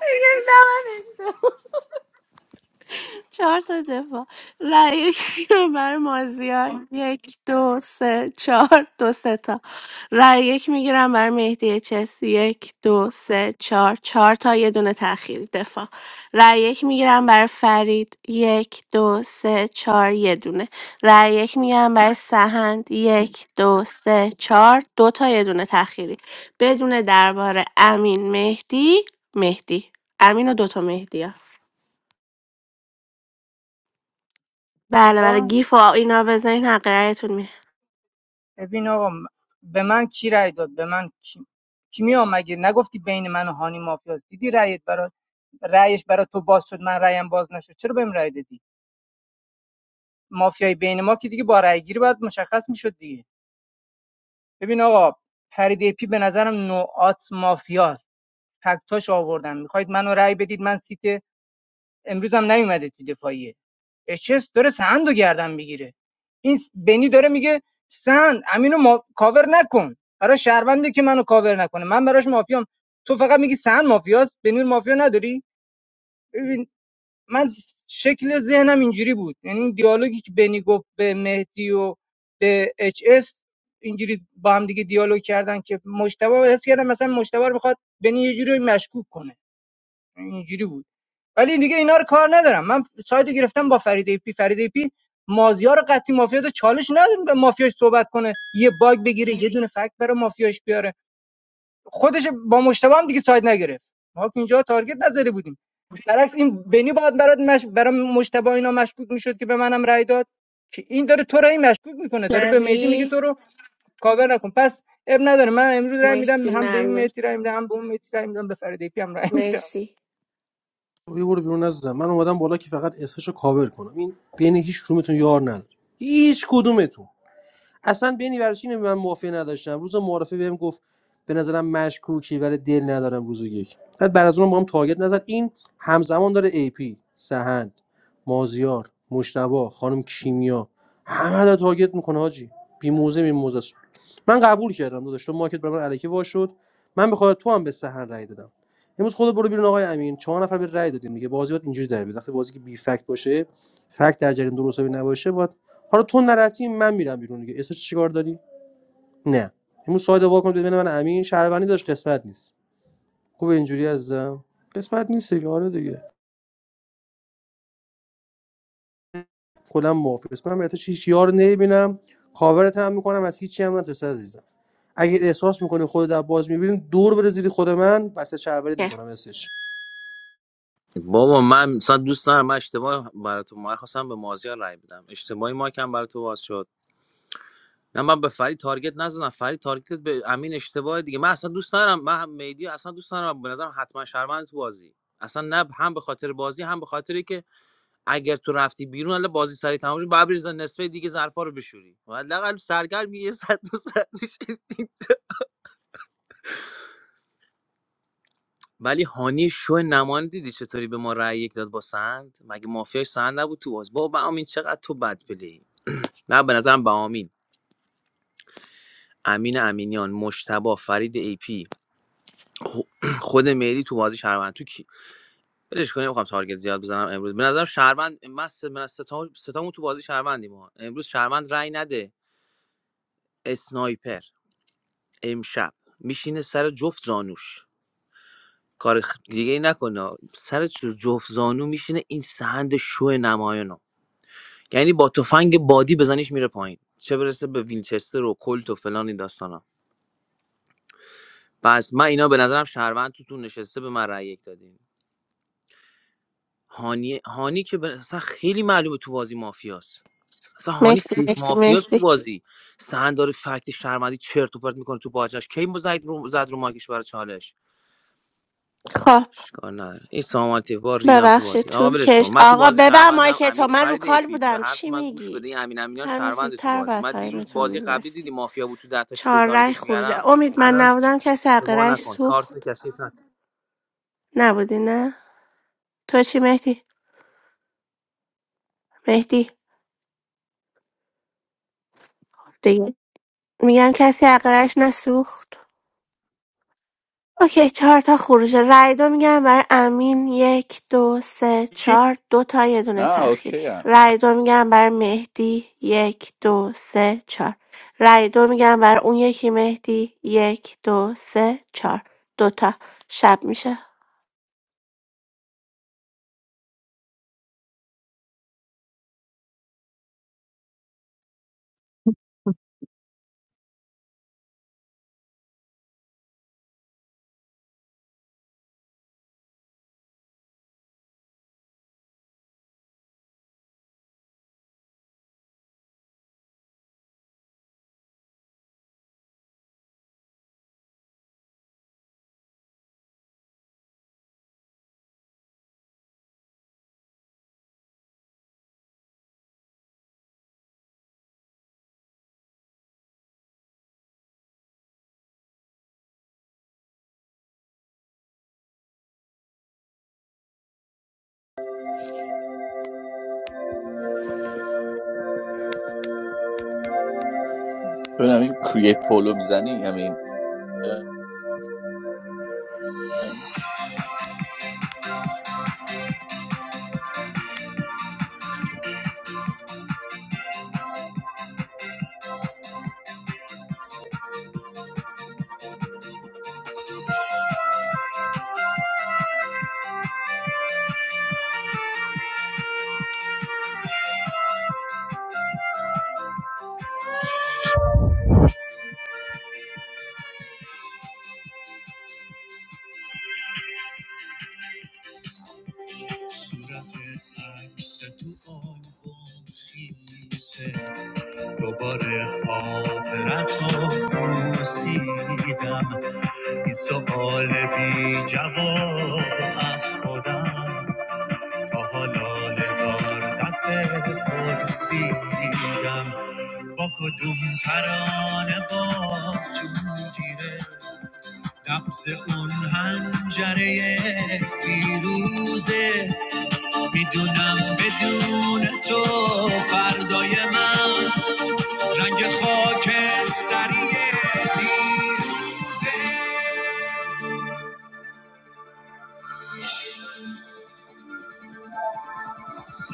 Speaker 4: میگم نه، من اشتباه. چهار تا دفاع رأی یک بر مازیار یک دو سه چهار دو سه تا رأی یک میگیرم بر مهدی چسی یک دو سه چهار چهار تا یه دونه تأخیری دفاع رأی یک میگیرم بر فرید یک دو سه چهار یه دونه رأی یک میگیرم بر سهند یک دو سه چهار دو تا یه دونه تأخیری بدون درباره امین مهدی مهدی امین و دوتا مهدی بله بله
Speaker 15: دفاع
Speaker 4: گیف و اینا بزنین حق رایتون میره
Speaker 15: ببین آقا م- به من کی رأی داد به من کی کیمیا مگه نگفتی بین من و هانی مافیاست دیدی رأیت برای رأیش برا تو باز شد من رأیم باز نشد چرا بهم رأی دادی مافیای بین ما که دیگه با رأی گیری باید مشخص میشد دیگه ببین آقا فرید ای پی به نظرم نوعات مافیاست فکتاش آوردم میخواید منو رأی بدید من سیت امروزم هم نیومده تو دفاعیه اچس داره سهند رو گردن بگیره این بنی داره میگه سهند امینو ما... کاور نکن برای شهرونده که منو کاور نکنه من براش مافیام تو فقط میگی سهند مافیاست بنی رو مافیا نداری ببین من شکل ذهنم اینجوری بود یعنی این دیالوگی که بنی گفت به مهدی و به اچ اس اینجوری با هم دیگه دیالوگ کردن که مشتبه حس کردم مثلا مشتبه رو میخواد بنی یه جوری مشکوک کنه یعنی اینجوری بود ولی دیگه اینا رو کار ندارم من سایت گرفتم با فریده پی فریده پی مازیار قطعی مافیا داره چالش نداره به مافیاش صحبت کنه یه باگ بگیره یه دونه فکت برای مافیاش بیاره خودش با مشتبه هم دیگه سایت نگرفت ما که اینجا تارگت نزده بودیم برعکس این بنی باید برات مش... برای مشتبه اینا مشکوک میشد که به منم رأی داد که این داره تو رو این مشکوک میکنه داره به مهدی میگه
Speaker 4: نوی
Speaker 15: تو رو کاور نکن پس اب نداره من امروز رأی میدم
Speaker 4: مرسی
Speaker 15: هم به این
Speaker 4: ممنون
Speaker 15: مهدی رأی میدم هم به اون مهدی رأی میدم به فریده پی هم رأی میدم
Speaker 4: مرسی
Speaker 12: یه برو بیرون نزدم من اومدم بالا که فقط اسش رو کاور کنم این بین هیچ کدومتون یار نداره هیچ کدومتون اصلا بینی برای من موافقه نداشتم روز معارفه بهم گفت به نظرم مشکوکی ولی دل ندارم روز یک بعد بعد از اون با هم تارگت نزد این همزمان داره ای پی سهند مازیار مشتبه، خانم کیمیا همه داره تارگت میکنه حاجی بی موزه بی موزه است. من قبول کردم داداش تو مارکت برای من الکی وا شد من بخواد تو هم به سهند رای دادم امروز خود برو بیرون آقای امین چهار نفر به رای دادیم دیگه بازی باید اینجوری در بیاد وقتی بازی که بی فکت باشه فکت در جریان درست حسابی نباشه باید حالا تو نرفتی من میرم بیرون دیگه اسمش چیکار داری نه امروز ساید وا کن بین من و امین شهروندی داشت قسمت نیست خوب اینجوری عزیزم قسمت نیست دیگه آره دیگه کلا موافق اسم من بهتاش هیچ یار نمیبینم کاورت هم میکنم از هیچی هم نترس عزیزم اگه احساس میکنی خودت در باز میبینی دور بره زیر خود من واسه شهروندیت
Speaker 4: که.
Speaker 12: میکنم اسش
Speaker 14: بابا من مثلا دوست دارم من اشتباه برای تو ما خواستم به مازیار رای بدم اشتباهی ما کم برای تو باز شد نه من به فرید تارگت نزدم فرید تارگت به امین اشتباه دیگه من اصلا دوست ندارم من مهدی اصلا دوست ندارم به نظرم حتما شرمند تو بازی اصلا نه هم به خاطر بازی هم به خاطری که اگر تو رفتی بیرون الا بازی سری تمام شد بعد بریزن نصفه دیگه ظرفا رو بشوری و حداقل سرگرم یه صد دو صد بشی. ولی هانی شو نمان دیدی چطوری به ما رأی یک داد با سند مگه مافیاش سند نبود تو باز بابا امین چقدر تو بد پلی نه به نظرم به امین امین امینیان مشتبا فرید ای پی خود مهدی تو بازی شهروند تو کی؟ ولش کنیم نمیخوام تارگت زیاد بزنم امروز به نظرم شهروند من ست... من ستا... ستامون تو بازی شهروندیم ما امروز شهروند رای نده اسنایپر امشب میشینه سر جفت زانوش کار خ... دیگه ای نکنه سر چ- جفت زانو میشینه این سهند شو نمایانو یعنی با تفنگ بادی بزنیش میره پایین چه برسه به وینچستر و کلت و فلان این داستانا پس من اینا به نظرم شهروند توتون نشسته به من رأی یک دادین هانی هانی که به... اصلا خیلی معلومه تو بازی مافیاست اصلا هانی
Speaker 4: مرسی
Speaker 14: سیف
Speaker 4: مرسی
Speaker 14: مافیاس تو
Speaker 4: مرسی
Speaker 14: بازی سن داره فکت شرمندی چرت و پرت میکنه تو باجش کی مو زد رو زد رو ماکش برای چالش
Speaker 4: خب
Speaker 14: اشکال نداره این سامانتی بار ریدم تو
Speaker 4: ببخشید
Speaker 14: بازی آقا
Speaker 4: تو
Speaker 14: ولش کن
Speaker 4: کش
Speaker 14: من تو
Speaker 4: آقا
Speaker 14: بازی
Speaker 4: ببر
Speaker 14: شهروندم
Speaker 4: مایک تو
Speaker 14: امین
Speaker 4: من رو
Speaker 14: فرید ای
Speaker 4: کال
Speaker 14: پی به
Speaker 4: بودم
Speaker 14: حرف
Speaker 4: چی
Speaker 14: من گوش
Speaker 4: میگی
Speaker 14: بده این امین امینیان
Speaker 4: همین
Speaker 14: شهروند تو
Speaker 4: زودتر
Speaker 14: بازی
Speaker 4: باید
Speaker 14: من دیروز
Speaker 4: تایمتون
Speaker 14: بازی قبلی
Speaker 4: میبستی
Speaker 14: دیدی مافیا بود تو ده تا چطوری
Speaker 4: چهار رای
Speaker 14: تارگتش
Speaker 4: خروج
Speaker 14: میکردم
Speaker 4: امید من
Speaker 14: الان
Speaker 4: نبودم کسی حق
Speaker 14: شما
Speaker 4: رایش
Speaker 14: نکن کارت
Speaker 4: سوخت
Speaker 14: کثیف نکن
Speaker 4: نبودی نه تو چی مهدی مهدی دیگه میگم کسی حق رایش نسوخت اوکی چهار تا خروجه رای دو میگم برای امین یک دو سه
Speaker 5: چی
Speaker 4: چهار دو تا یه دونه
Speaker 5: نه
Speaker 4: تأخیری
Speaker 5: اوکی هم
Speaker 4: رای دو میگم برای مهدی یک دو سه چهار رای دو میگم برای اون یکی مهدی یک دو سه چهار دو تا شب میشه
Speaker 5: ببینم این کریه پولو میزنی همین
Speaker 4: دوباره خاطرت رو پرسیدم این سوال بی جواب از خودم تا حالا هزار دفعه پرسیدم با کدوم ترانه باز جون گیره نبض اون هنجره پیروزه میدونم بدون تو فردای من رنگ خاکستری دیروزه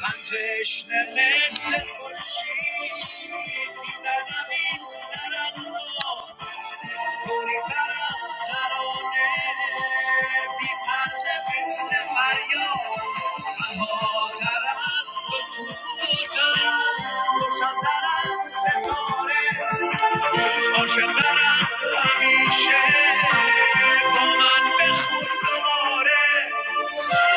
Speaker 4: من تشنه مثل خورشید میزنم این هنرم رو کنی طرف ترانه بی پرده مثل فریاد من مادر از تو کوتاه‌ترم، روشن‌ترم، ستاره. عاشق‌ترم همیشه با من بخون دوباره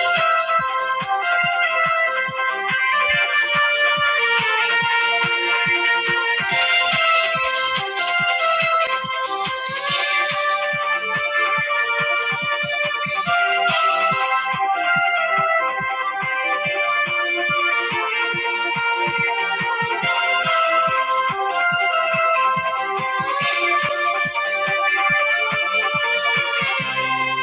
Speaker 4: Thank you.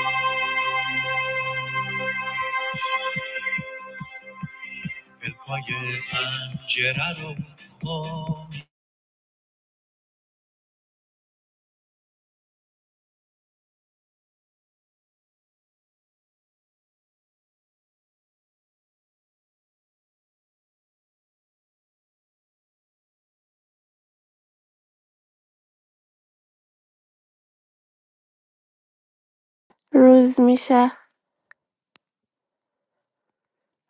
Speaker 4: روز میشه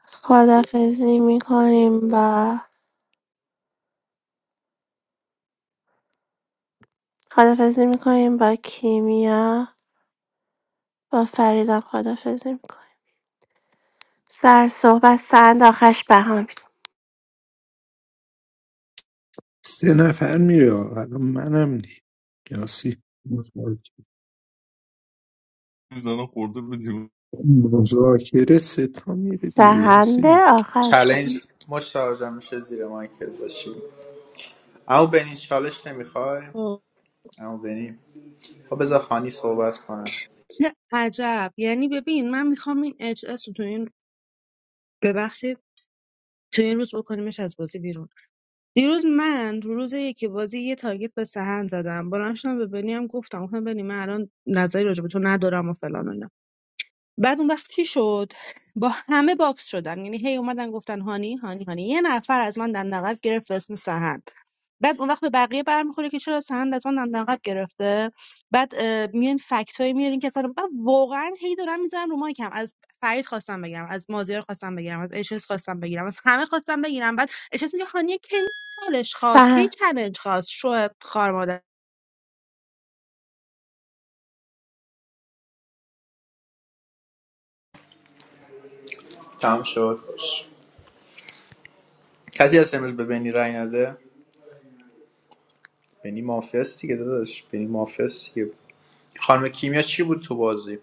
Speaker 4: خدافزی میکنیم با خدافزی میکنیم با کیمیا با فریدم خدافزی میکنیم سر صحبت سند آخرش بهان
Speaker 8: سه نفر میره آقا. الان منم دی یاسی
Speaker 9: میزنه خورده به دیوار
Speaker 8: مذاکره سه تا میره دیگه
Speaker 4: سهند
Speaker 8: یاسی
Speaker 4: آخرش بهان
Speaker 6: چلنج مشتاق جان میشه زیر مایکل باشی اما بنی چالش نمیخوای
Speaker 9: اوه،
Speaker 6: اما بنی خب بذار خانی صحبت کنه
Speaker 9: چه عجب یعنی ببین من میخوام این اچ اس رو تو این ببخشید تو این روز بکنیمش از بازی بیرون دیروز من رو روز یکی بازی یه تارگت به سهن زدم بلند شدم به بنیام گفتم گفتم بنی من الان نظری راجع به تو ندارم و فلان و اینا بعد اون وقت چی شد با همه باکس شدم یعنی هی اومدن گفتن هانی هانی هانی یه نفر از من دندانقب گرفت به اسم سهند بعد اون وقت به بقیه برمیخوره که چرا سهند از من دندانقب گرفته بعد اه، میان فکتایی میارین که اصلا- بعد واقعا هی دارم میزنم رو مایکم از فرید خواستم بگیرم از مازیار خواستم بگیرم از اشس خواستم بگیرم از همه خواستم بگیرم بعد اشس میگه هانی کی چالش خواست کی
Speaker 4: سهند
Speaker 9: چالش خواست شو خار
Speaker 6: تمام شد کسی هست امروز به بنی رای نده بنی مافیاست دیگه داداش بنی مافیاست دیگه خانم کیمیا چی بود تو بازی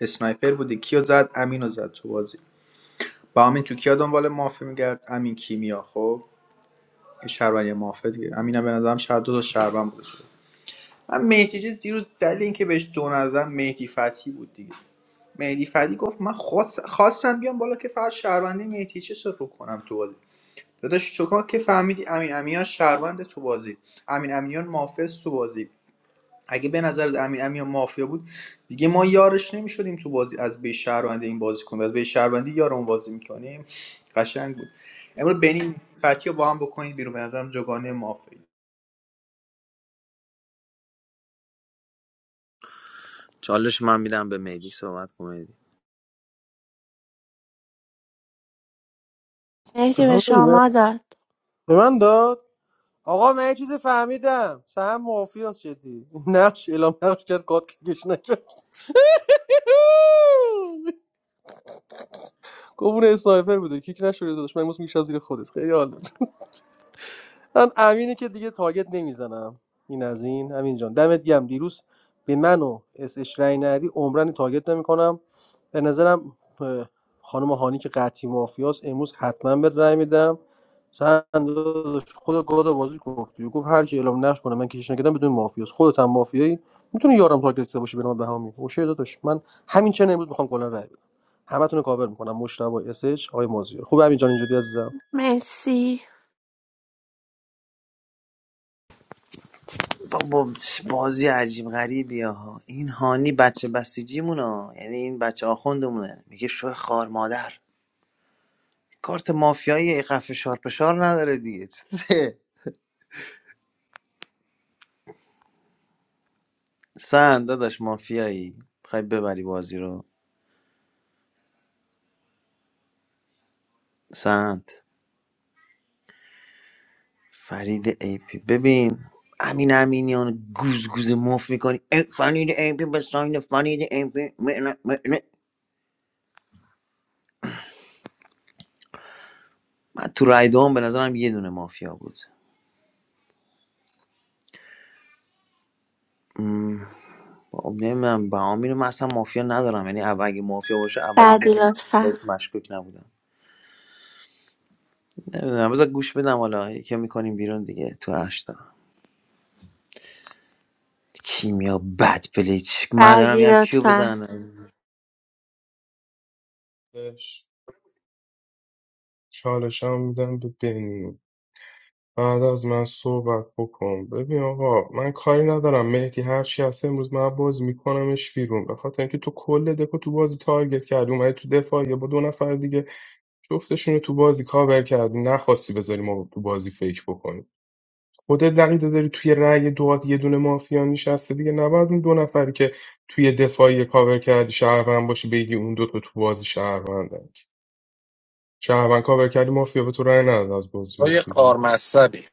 Speaker 6: اسنایپر بودی کیو زد امینو زد تو بازی با امین تو کیا دنبال مافیا میگرد امین کیمیا خب یه شهروند یه مافیا دیگه امینم به نظرم شاید دو تا شهروند بوده شده من مهدی چیز دیروز دلیل اینکه بهش دو ندادم مهدی فتی بود دیگه مهدی فتی گفت من خواست- خواستم بیام بالا که فقط شهروندی مهدی چیز رو کنم تو بازی داداش چوکا که فهمیدی امین امینیان شهروند تو بازی امین امینیان مافز تو بازی اگه به نظر امین امین مافیا بود دیگه ما یارش نمیشدیم تو بازی از به شهروندی این بازی کنیم از به شهروندی یارمون بازی میکنیم قشنگ بود امروز بنین فتی رو با هم بکنید بیرون به نظرم جگانه مافیا
Speaker 14: چالش من میدم به مهدی صحبت کن مهدی.
Speaker 4: مهدی به
Speaker 12: سلام نمی‌دونم.
Speaker 4: شما داد
Speaker 12: به من داد آقا من یه چیزی فهمیدم سهم موافی هست جدی نقش اعلام نقش کرد کات کش نکرد گفت اون اسنایپر بوده کیک نشده داداش من امروز میکشم زیر خودت خیلی حال من امینه که دیگه تارگت نمیزنم این از این امین جان دمت گرم دیروز به من و اس اچ رای ندی عمرن تارگت نمیکنم به نظرم اه، خانم هانی که قطعی مافیاس امروز حتما به رای میدم سند خود گاد بازی گفت گفت هر کی اعلام نقش کنه من کشش نکردم بدون مافیاس خودت هم مافیایی میتونی یارم تارگت کرده باشی به نام بهامی اوشه داداش من همین چه امروز میخوام کلا رای بدم همتون رو کاور میکنم مشتبه اس اچ آقای مازیار خوب همین جان اینجوری عزیزم
Speaker 4: مرسی
Speaker 14: بابا بازی عجیب غریبی ها این هانی بچه بسیجیمونه ها. یعنی این بچه آخوندمونه میگه شو خار مادر کارت مافیایی قفه شارپشار نداره دیگه سند داداش مافیایی خواهی ببری بازی رو سند فرید ای پی ببین امین امینیان گوز گوز مف میکنی ای فرید ای پی به ساین فرید ای پی معنی- معنی. من تو رای دوم به نظرم یه دونه مافیا بود نمیدونم بهام اینو من اصلا مافیا ندارم یعنی اول اگه مافیا باشه اولین
Speaker 4: بعدی
Speaker 14: بار
Speaker 4: لطفا
Speaker 14: بهش مشکوک نبودم نمیدونم بذار گوش بدم حالا یکی میکنیم بیرون دیگه تو هشتا کیمیا بد پلیچ من دارم
Speaker 4: بعدی
Speaker 14: میگم کیو
Speaker 4: لطفا
Speaker 14: بزنم
Speaker 2: چالش هم میدم به بنی بعد از من صحبت بکن ببین آقا من کاری ندارم مهدی هرچی هست امروز من باز میکنمش بیرون به خاطر اینکه تو کل دکو تو بازی تارگت کردی اومدی تو دفاع با دو نفر دیگه جفتشونو تو بازی کاور کردی نخواستی بذاری ما تو بازی فیک بکنیم خودت دقیقه داری توی رأی دوات یه دونه مافیا نشسته دیگه نباید اون دو نفری که توی دفاعی کاور کردی شهروند باشی بگی اون دو تا تو بازی شهروندن شهروند کاور کردی مافیا به تو رأی نداد از بازی
Speaker 16: تو
Speaker 2: بری
Speaker 16: یه قار
Speaker 2: بیرون
Speaker 16: مصبی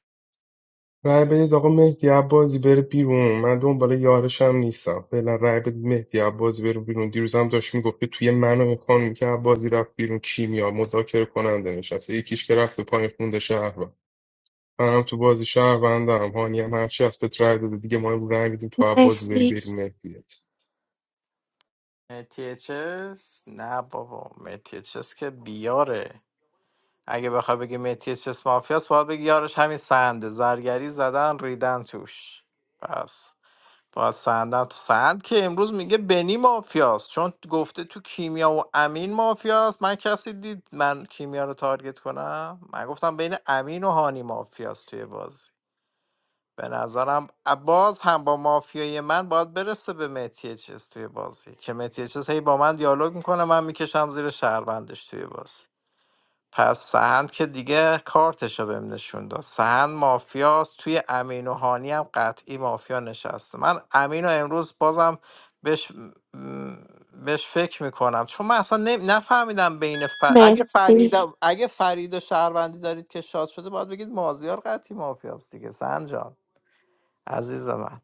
Speaker 2: رأی بدید آقا مهدی عبازی بره بیرون من دنبال یارشم نیستم فعلا رأی بدید مهدی عبازی بره بیرون دیروزم داشت میگفت که توی من و این خانم که عبازی رفت بیرون کیمیا مذاکره کننده نشسته یکیش که رفته پایین خونده شهر منم تو بازی شهروندم هانی هم هرچی از پت رای داده دیگه ما رو رای میدیم تو بازی بری
Speaker 4: مرسی
Speaker 2: بریم مهدیت
Speaker 3: متیچس نه بابا متیچس که بیاره اگه بخوای بگی متیچس مافیاس باید بگی یارش همین سنده زرگری زدن ریدن توش پس باید سندم تو سند که امروز میگه بنی مافیاست چون گفته تو کیمیا و امین مافیاست من کسی دید من کیمیا رو تارگت کنم من گفتم بین امین و هانی مافیاست توی بازی به نظرم باز هم با مافیای من باید برسه به مهدی چیز توی بازی که مهدی چیز هی با من دیالوگ میکنه من میکشم زیر شهروندش توی بازی پس سهند که دیگه کارتشو بهم نشون داد سهند مافیاست توی امین و هانی هم قطعی مافیا نشسته من امین و امروز بازم بهش م، بهش فکر میکنم چون من اصلا نم- نفهمیدم بین ف- اگه فرید
Speaker 4: مرسی
Speaker 3: اگه فرید و شهروندی دارید که شاد شده باید بگید مازیار قطعی مافیاست دیگه سهند سنجان عزیز من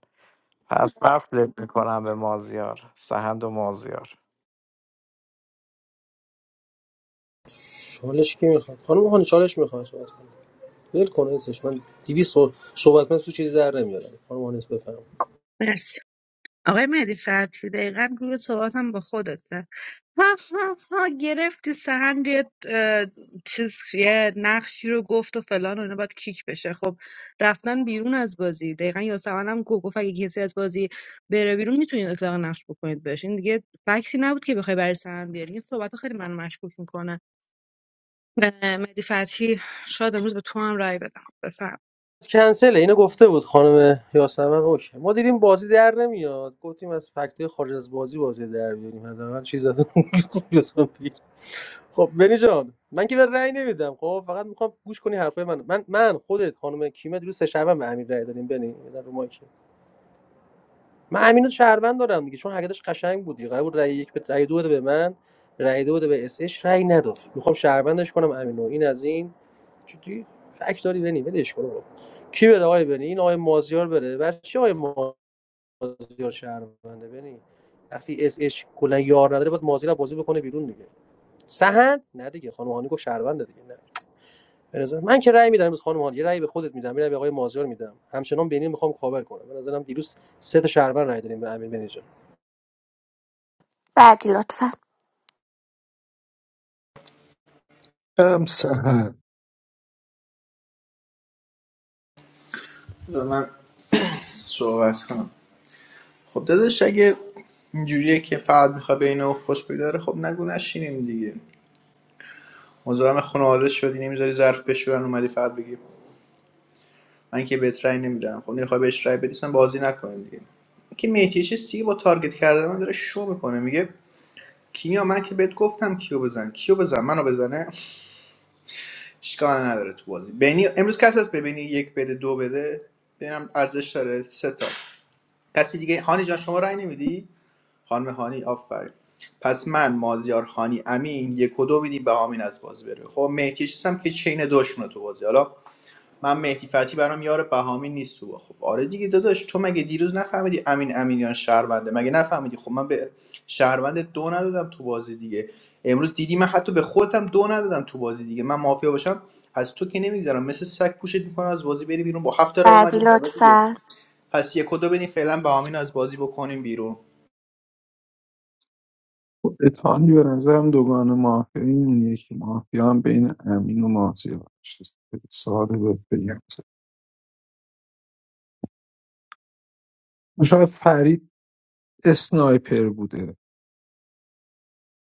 Speaker 3: پس وصلت میکنم به مازیار سهند و مازیار
Speaker 12: چالش کی میخواد خانم هانی چالش میخواد صحبت کنه ول کن عزیزش. من 200 صح- صحبت من تو چیزی در نمیارم خانم هانی بفهم
Speaker 9: مادر آقای مهدی فتحی دقیقا گروه صحبتم با خودته ها ها ها گرفتی سهند یه اه، چیز یه نقشی رو گفت و فلان و اینا باید کیک بشه خب رفتن بیرون از بازی دقیقا یاسمن هم گفت گفت اگه کسی از بازی بره بیرون میتونید اطلاق نقش بکنید بهش این دیگه فکتی نبود که بخوای برای سهند بیاری این صحبت خیلی منو مشکوک میکنه مهدی فتحی شاید امروز به تو هم رای بدم بفهم
Speaker 12: کنسله اینو گفته بود خانم یاسمن اوکی ما دیدیم بازی در نمیاد گفتیم از فکتای خارج از بازی بازی در بیاریم حداقل چیز از اون یاسمن بگیر. خب بنی جان من که به رأی نمیدم خب فقط میخوام گوش کنی حرفای من من من خودت خانم کیمه دیروز سه شبم به امیر رأی دادیم بنی بزن رو مایک من امین رو شهروند دارم دیگه چون حرکتش قشنگ بود دیگه قرار بود رأی یک به رأی دو بده به من رأی دو بده به اس اچ رأی نداد میخوام شهروندش کنم امینو این از این چطوری فک داری بنی ولش کن آقا. کی بره آقای بنی این آقای مازیار بره بر چی آقای مازیار شهرونده بنی وقتی اس اچ کلا یار نداره باید مازیار بازی بکنه بیرون دیگه سهند نه دیگه خانم هانی گفت شهرونده دیگه نه به نظر من که رأی میدم امروز خانم هانی یه رأی به خودت میدم یه رأی به آقای مازیار میدم همچنان بنی میخوام کاور کنم به نظرم دیروز سه تا شهروند رأی دادیم به امین بنی
Speaker 4: بعدی لطفا
Speaker 8: هم سهر
Speaker 6: و من صحبت کنم خب داداش اگه اینجوریه که فقط میخواد به اینو خوش بگذره خب نگو نشینیم دیگه مزاحم خانواده شدی نمیذاری ظرف بشورن اومدی فقط بگی من که بهت رأی نمیدم خب نمیخوای بهش رأی بدی اصلا بازی نکنیم دیگه که میتیش سی با تارگت کردن من داره شو میکنه میگه کیا من که بهت گفتم کیو بزن کیو بزن منو بزنه اشکال نداره تو بازی بینی امروز کسی هست ببینی یک بده دو بده ببینم ارزش داره سه تا کسی دیگه هانی جان شما رأی نمیدی خانم هانی آفرین پس من مازیار هانی امین یک و دو میدیم به امین از بازی بره خب مهدی چیزم که چین دوشونه تو بازی حالا من مهدی فتحی برام یار بهامی نیست تو خب آره دیگه داداش تو مگه دیروز نفهمیدی امین امینیان شهرونده مگه نفهمیدی خب من به شهرونده دو ندادم تو بازی دیگه امروز دیدی من حتی به خودم دو ندادم تو بازی دیگه من مافیا باشم از تو که نمیگذرم مثل سگ پوشت میکنم از بازی بری بیرون با هفت تا رای
Speaker 4: بعدی
Speaker 6: اومدی بالا دیگه
Speaker 4: لطفا
Speaker 6: پس یک و دو بدین فعلا بهامین رو از بازی بکنیم بیرون
Speaker 8: اتحانی به نظرم دوگان مافیا این یکی مافیا هم بین امین و مازیار نشسته. ساده بهت بگم شاید فرید اسنایپر بوده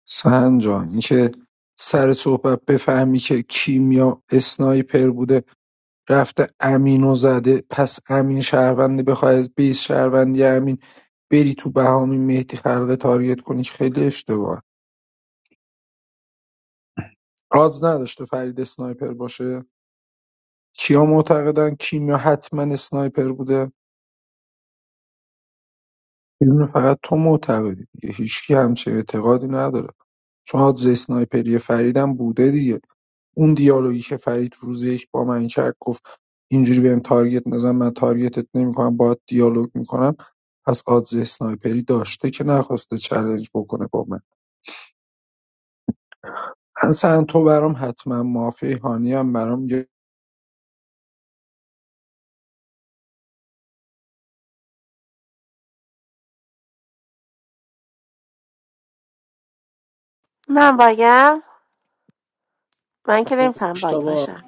Speaker 8: سهند جان اینکه سر صحبت بفهمی که کیمیا اسنایپر بوده رفته امینو زده پس امین شهروندی بخوای از بیس شهروندی امین بری تو بهامی مهدی خلقه تارگت کنی که خیلی اشتباه آز نداشته فرید اسنایپر باشه کیا معتقدن کیمیا حتما اسنایپر بوده یه فقط تو معتقدی دیگه هیچکی همچه اعتقادی نداره چون آدز اسنایپری فریدم بوده دیگه اون دیالوگی که فرید روز یک با من کرد گفت اینجوری بهم تارگت نزن من تارگتت نمیکنم باید دیالوگ میکنم پس آدز اسنایپری داشته که نخواسته چالش بکنه با من اصلا تو برام حتما مافی هانی هم برام یه-
Speaker 4: من باگم من که نمیتونم باگ باشم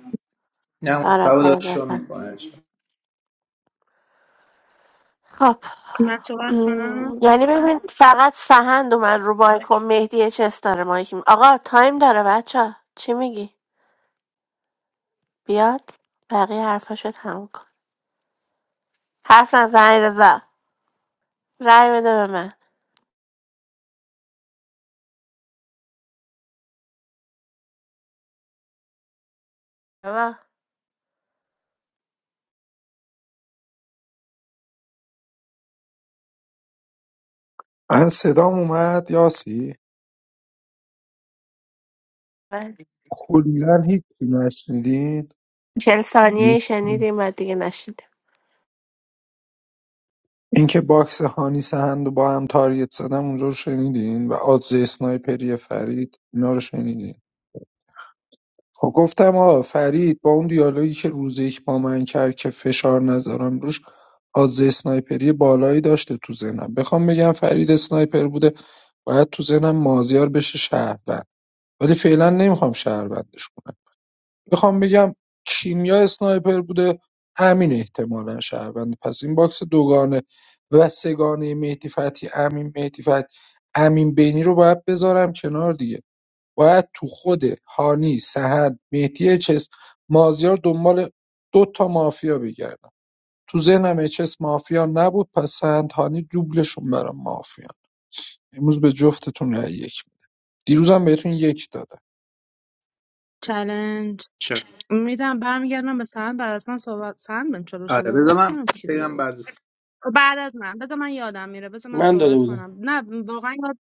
Speaker 6: نه مصطفی داره
Speaker 4: ورقه
Speaker 6: شو
Speaker 4: دستم
Speaker 6: میکنه
Speaker 4: خب
Speaker 9: من صحبت
Speaker 4: م،
Speaker 9: کنم
Speaker 4: یعنی ببین فقط سهند اومد رو بایکو مهدی چست داره مایک می- آقا تایم داره بچه چی میگی بیاد بقیه حرفاشو تموم کن حرف نزن رضا رای بده به من آقا،
Speaker 8: من صدام اومد یاسی
Speaker 4: من
Speaker 8: کلا هیچی نشنیدید
Speaker 4: چل ثانیه
Speaker 8: یه-
Speaker 4: ای شنیدیم و دیگه نشنیدیم
Speaker 8: اینکه باکس هانی سهند و با هم تارگت زدم اونجا رو شنیدین و آدز اسنایپری فرید اینا رو شنیدین خب گفتم آقا فرید با اون دیالوگی که روز یک با من کرد که فشار نذارم روش آز اسنایپری بالایی داشته تو ذهنم بخوام بگم فرید اسنایپر بوده باید تو ذهنم مازیار بشه شهروند ولی فعلا نمیخوام شهروندش کنم بخوام بگم کیمیا اسنایپر بوده امین احتمالا شهروند پس این باکس دوگانه و سگانه مهدی فتحی امین مهدی فتحی امین بینی رو باید بذارم کنار دیگه باید تو خود هانی، سحر، مهدی چس، مازیار دنبال دو تا مافیا بگردم تو ذهنم اچس مافیا نبود پس سند هانی دوبلشون برام مافیا امروز به جفتتون رأی یک می‌دم. دیروزم بهتون یک دادم
Speaker 9: چالش
Speaker 6: چه
Speaker 9: میدم برمیگردم به سند بعد از من صحبت سند من چلو
Speaker 6: آره
Speaker 9: شده
Speaker 6: بذار
Speaker 9: بود
Speaker 6: من
Speaker 9: نمیدونم کی داده
Speaker 6: بگم
Speaker 9: بود
Speaker 6: بعد
Speaker 9: بعد از من بذار من یادم میره بذار من
Speaker 12: من داده
Speaker 9: صحبت
Speaker 12: بودم
Speaker 9: کنم نه واقعا یاد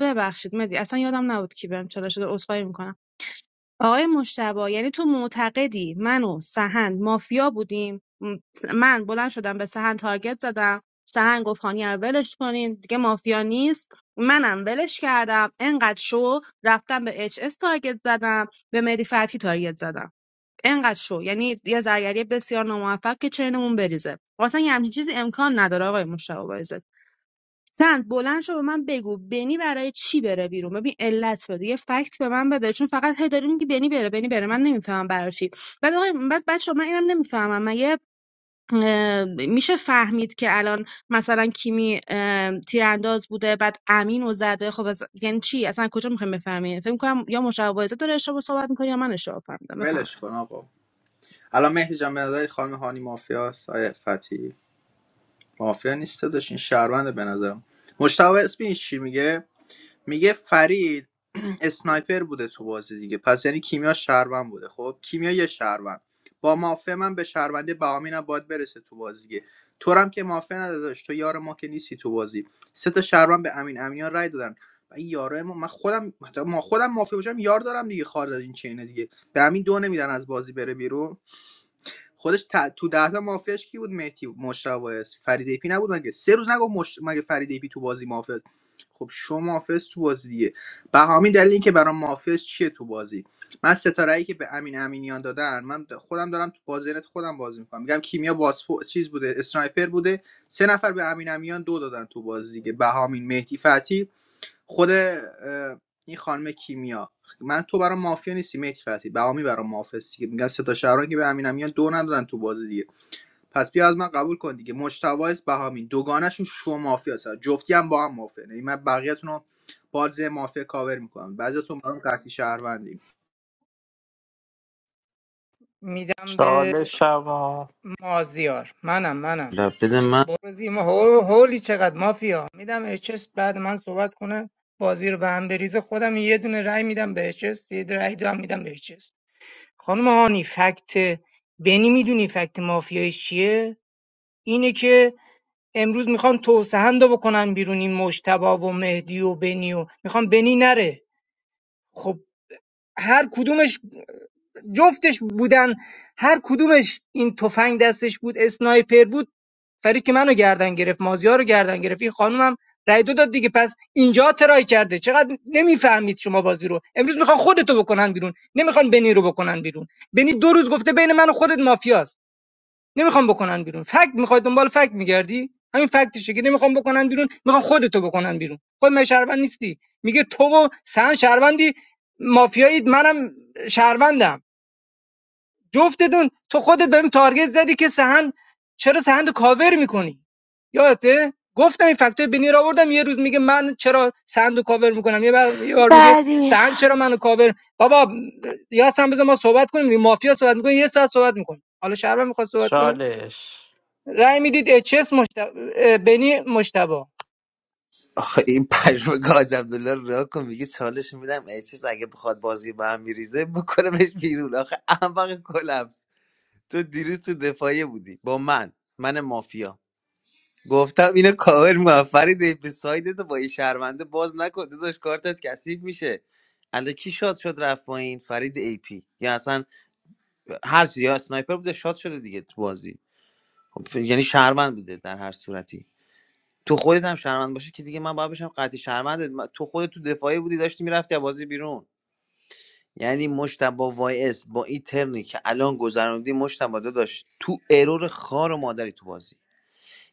Speaker 9: ببخشید مدی اصلا یادم نبود کی بهم چلو شده عذرخواهی میکنم آقای مشتبا یعنی تو معتقدی من و سهند مافیا بودیم م- من بلند شدم به سهند تارگت زدم سهند گفت خانی رو ولش کنین دیگه مافیا نیست منم ولش کردم انقدر شو رفتم به اچ اس تارگت زدم به مدی فتحی تارگت زدم انقدر شو یعنی یه زرگری بسیار ناموفق که چینمون بریزه اصلا یه همچین چیزی امکان نداره آقای مشتاق بایزد سند بلند شو به من بگو بنی برای چی بره بیرون ببین علت بده یه فکت به من بده چون فقط هی داری میگی بنی بره بنی بره من نمیفهمم برای چی بعد آقای بعد بچه من اینم نمیفهمم مگه میشه فهمید که الان مثلا کیمی تیرانداز بوده بعد امین و زده خب از- یعنی چی اصلا کجا میخوایم بفهمیم فکر کنم یا مشابه بایزه داره اشتباه صحبت میکنه یا من اشتباه فهمیدم بفهم
Speaker 6: ولش کن آقا الان مهدی جان به نظر خانم هانی مافیاست آیه فتی مافیا نیست داداش این شهرونده به نظرم مشتاق اسمی چی میگه میگه فرید اسنایپر بوده تو بازی دیگه پس یعنی کیمیا شهروند بوده خب کیمیا یه شهروند با مافیا من به شهرونده بهامین هم باید برسه تو بازی دیگه تو رو هم که مافیا نداداش تو یار ما که نیستی تو بازی سه تا شهروند به امین امینیان رای دادن و این یارای ما من خودم حتی ما خودم مافیا باشم یار دارم دیگه خارج از این چینه دیگه به امین دو نمیدن از بازی بره بیرون خودش ت... تو ده تا مافیاش کی بود مهدی مشتاق فرید ایپی نبود مگه سه روز نگفت مش... مگه فرید ایپی تو بازی مافیا خب شو مافیاس تو بازی دیگه به همین دلیل اینکه برام مافیاس چیه تو بازی من ستاره که به امین امینیان دادن من خودم دارم تو بازینت خودم بازی میکنم میگم کیمیا باسپو چیز بوده اسنایپر بوده سه نفر به امین امینیان دو دادن تو بازی دیگه بهامین مهدی فتی خود این خانم کیمیا من تو برام مافیا نیستی مهدی فتحی بهامی برام مافیا هستی که میگن سه تا شهران که به امین امیان دو ندادن تو بازی دیگه پس بیا از من قبول کن دیگه مجتبی است بهامی دوگانشون شو مافیا هست جفتی هم با هم مافیا یعنی من بقیه‌تون رو باز مافیا کاور میکنم بعضیتون برام قطعی شهروندی
Speaker 15: میدم به
Speaker 3: چالشمو
Speaker 15: مازیار منم منم
Speaker 14: لا بده من
Speaker 15: برو زیر ما هو- هولی چقدر مافیا میدم اچس بعد من صحبت کنه بازی رو به هم بریزه خودم یه دونه رای میدم به اچس یه دونه رای دو هم میدم به اچس خانم هانی فکت بنی میدونی فکت مافیایی چیه اینه که امروز میخوان توسهند رو بکنن بیرون این مجتبی و مهدی و بنی و میخوان بنی نره خب هر کدومش جفتش بودن هر کدومش این تفنگ دستش بود اسنایپر بود فرید که منو گردن گرفت مازیار رو گردن گرفت این خانومم رای دو داد دیگه پس اینجا ترای کرده چقدر نمیفهمید شما بازی رو امروز میخوان خودتو بکنن بیرون نمیخوان بنی رو بکنن بیرون بنی دو روز گفته بین من و خودت مافیاست نمیخوان بکنن بیرون فکت میخوای دنبال فکت میگردی همین فکتشه که نمیخوام بکنن بیرون میخوام خودتو بکنن بیرون خود من شهروند نیستی میگه تو و سن شهروندی مافیایید منم شهروندم جفتتون تو خودت داریم تارگت زدی که سهند چرا سهند کاور میکنی یادته گفتم این فکتور بنی رو آوردم یه روز میگه من چرا سهند کاور میکنم یه بار, یه بار میگه
Speaker 4: بعدی
Speaker 15: سهند چرا منو کاور بابا یا سم بذار ما صحبت کنیم دیگه. مافیا صحبت میکنه یه ساعت صحبت میکنه حالا شهربان میخواد صحبت کنه
Speaker 3: چالش
Speaker 15: رأی میدید اچ اس مشتبه بنی مشتبا
Speaker 14: آخه این پژوه حاج عبدالله رو راه کن میگه چالش میدم ای چیز اگه بخواد بازی به هم میریزه بکنمش بیرون آخه احمق کلبس تو دیروز تو دفاعیه بودی با من من مافیا گفتم اینو کاور میکنم فرید به سایدت با این شهرونده باز نکن داشت کارتت کثیف میشه الا کی شاد شد رفت پایین فرید ای پی یا اصلا هر چیزی یا اسنایپر بوده شاد شده دیگه تو بازی خب، ف- یعنی شهروند بوده در هر صورتی تو خودت هم شهروند باشه که دیگه من باید بشم قطعی شهروند من- تو خودت تو دفاعی بودی داشتی میرفتی از بازی بیرون یعنی مشتبا وای اس با این ترنی که الان گذروندی مشتبا داشت تو ارور خار و مادری تو بازی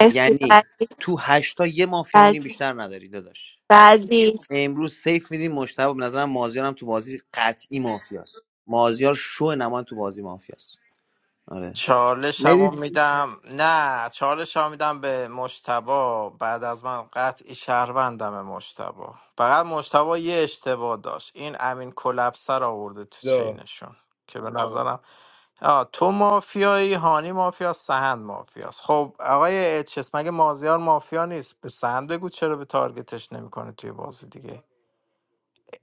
Speaker 4: مرسی،
Speaker 14: یعنی
Speaker 4: بعدی
Speaker 14: تو هشتا یه مافیاونی
Speaker 4: بعدی
Speaker 14: بیشتر نداری داداش
Speaker 4: بعدی
Speaker 14: امروز سیف میدیم مشتبه به نظرم مازیار هم تو بازی قطعی مافیاست مازیار شو نمان تو بازی مافیاست آره
Speaker 3: چالشمو
Speaker 14: مدی
Speaker 3: میدم نه چالشمو میدم به مشتبا بعد از من قطعی شهروندم مشتبا فقط مشتبا یه اشتباه داشت این امین کلپسر آورده تو
Speaker 2: دا
Speaker 3: چینشون که به نظرم آه تو مافیایی هانی مافیا سهند مافیاست خب آقای اچس مگه مازیار مافیا نیست به سهند بگو چرا به تارگتش نمیکنه توی بازی دیگه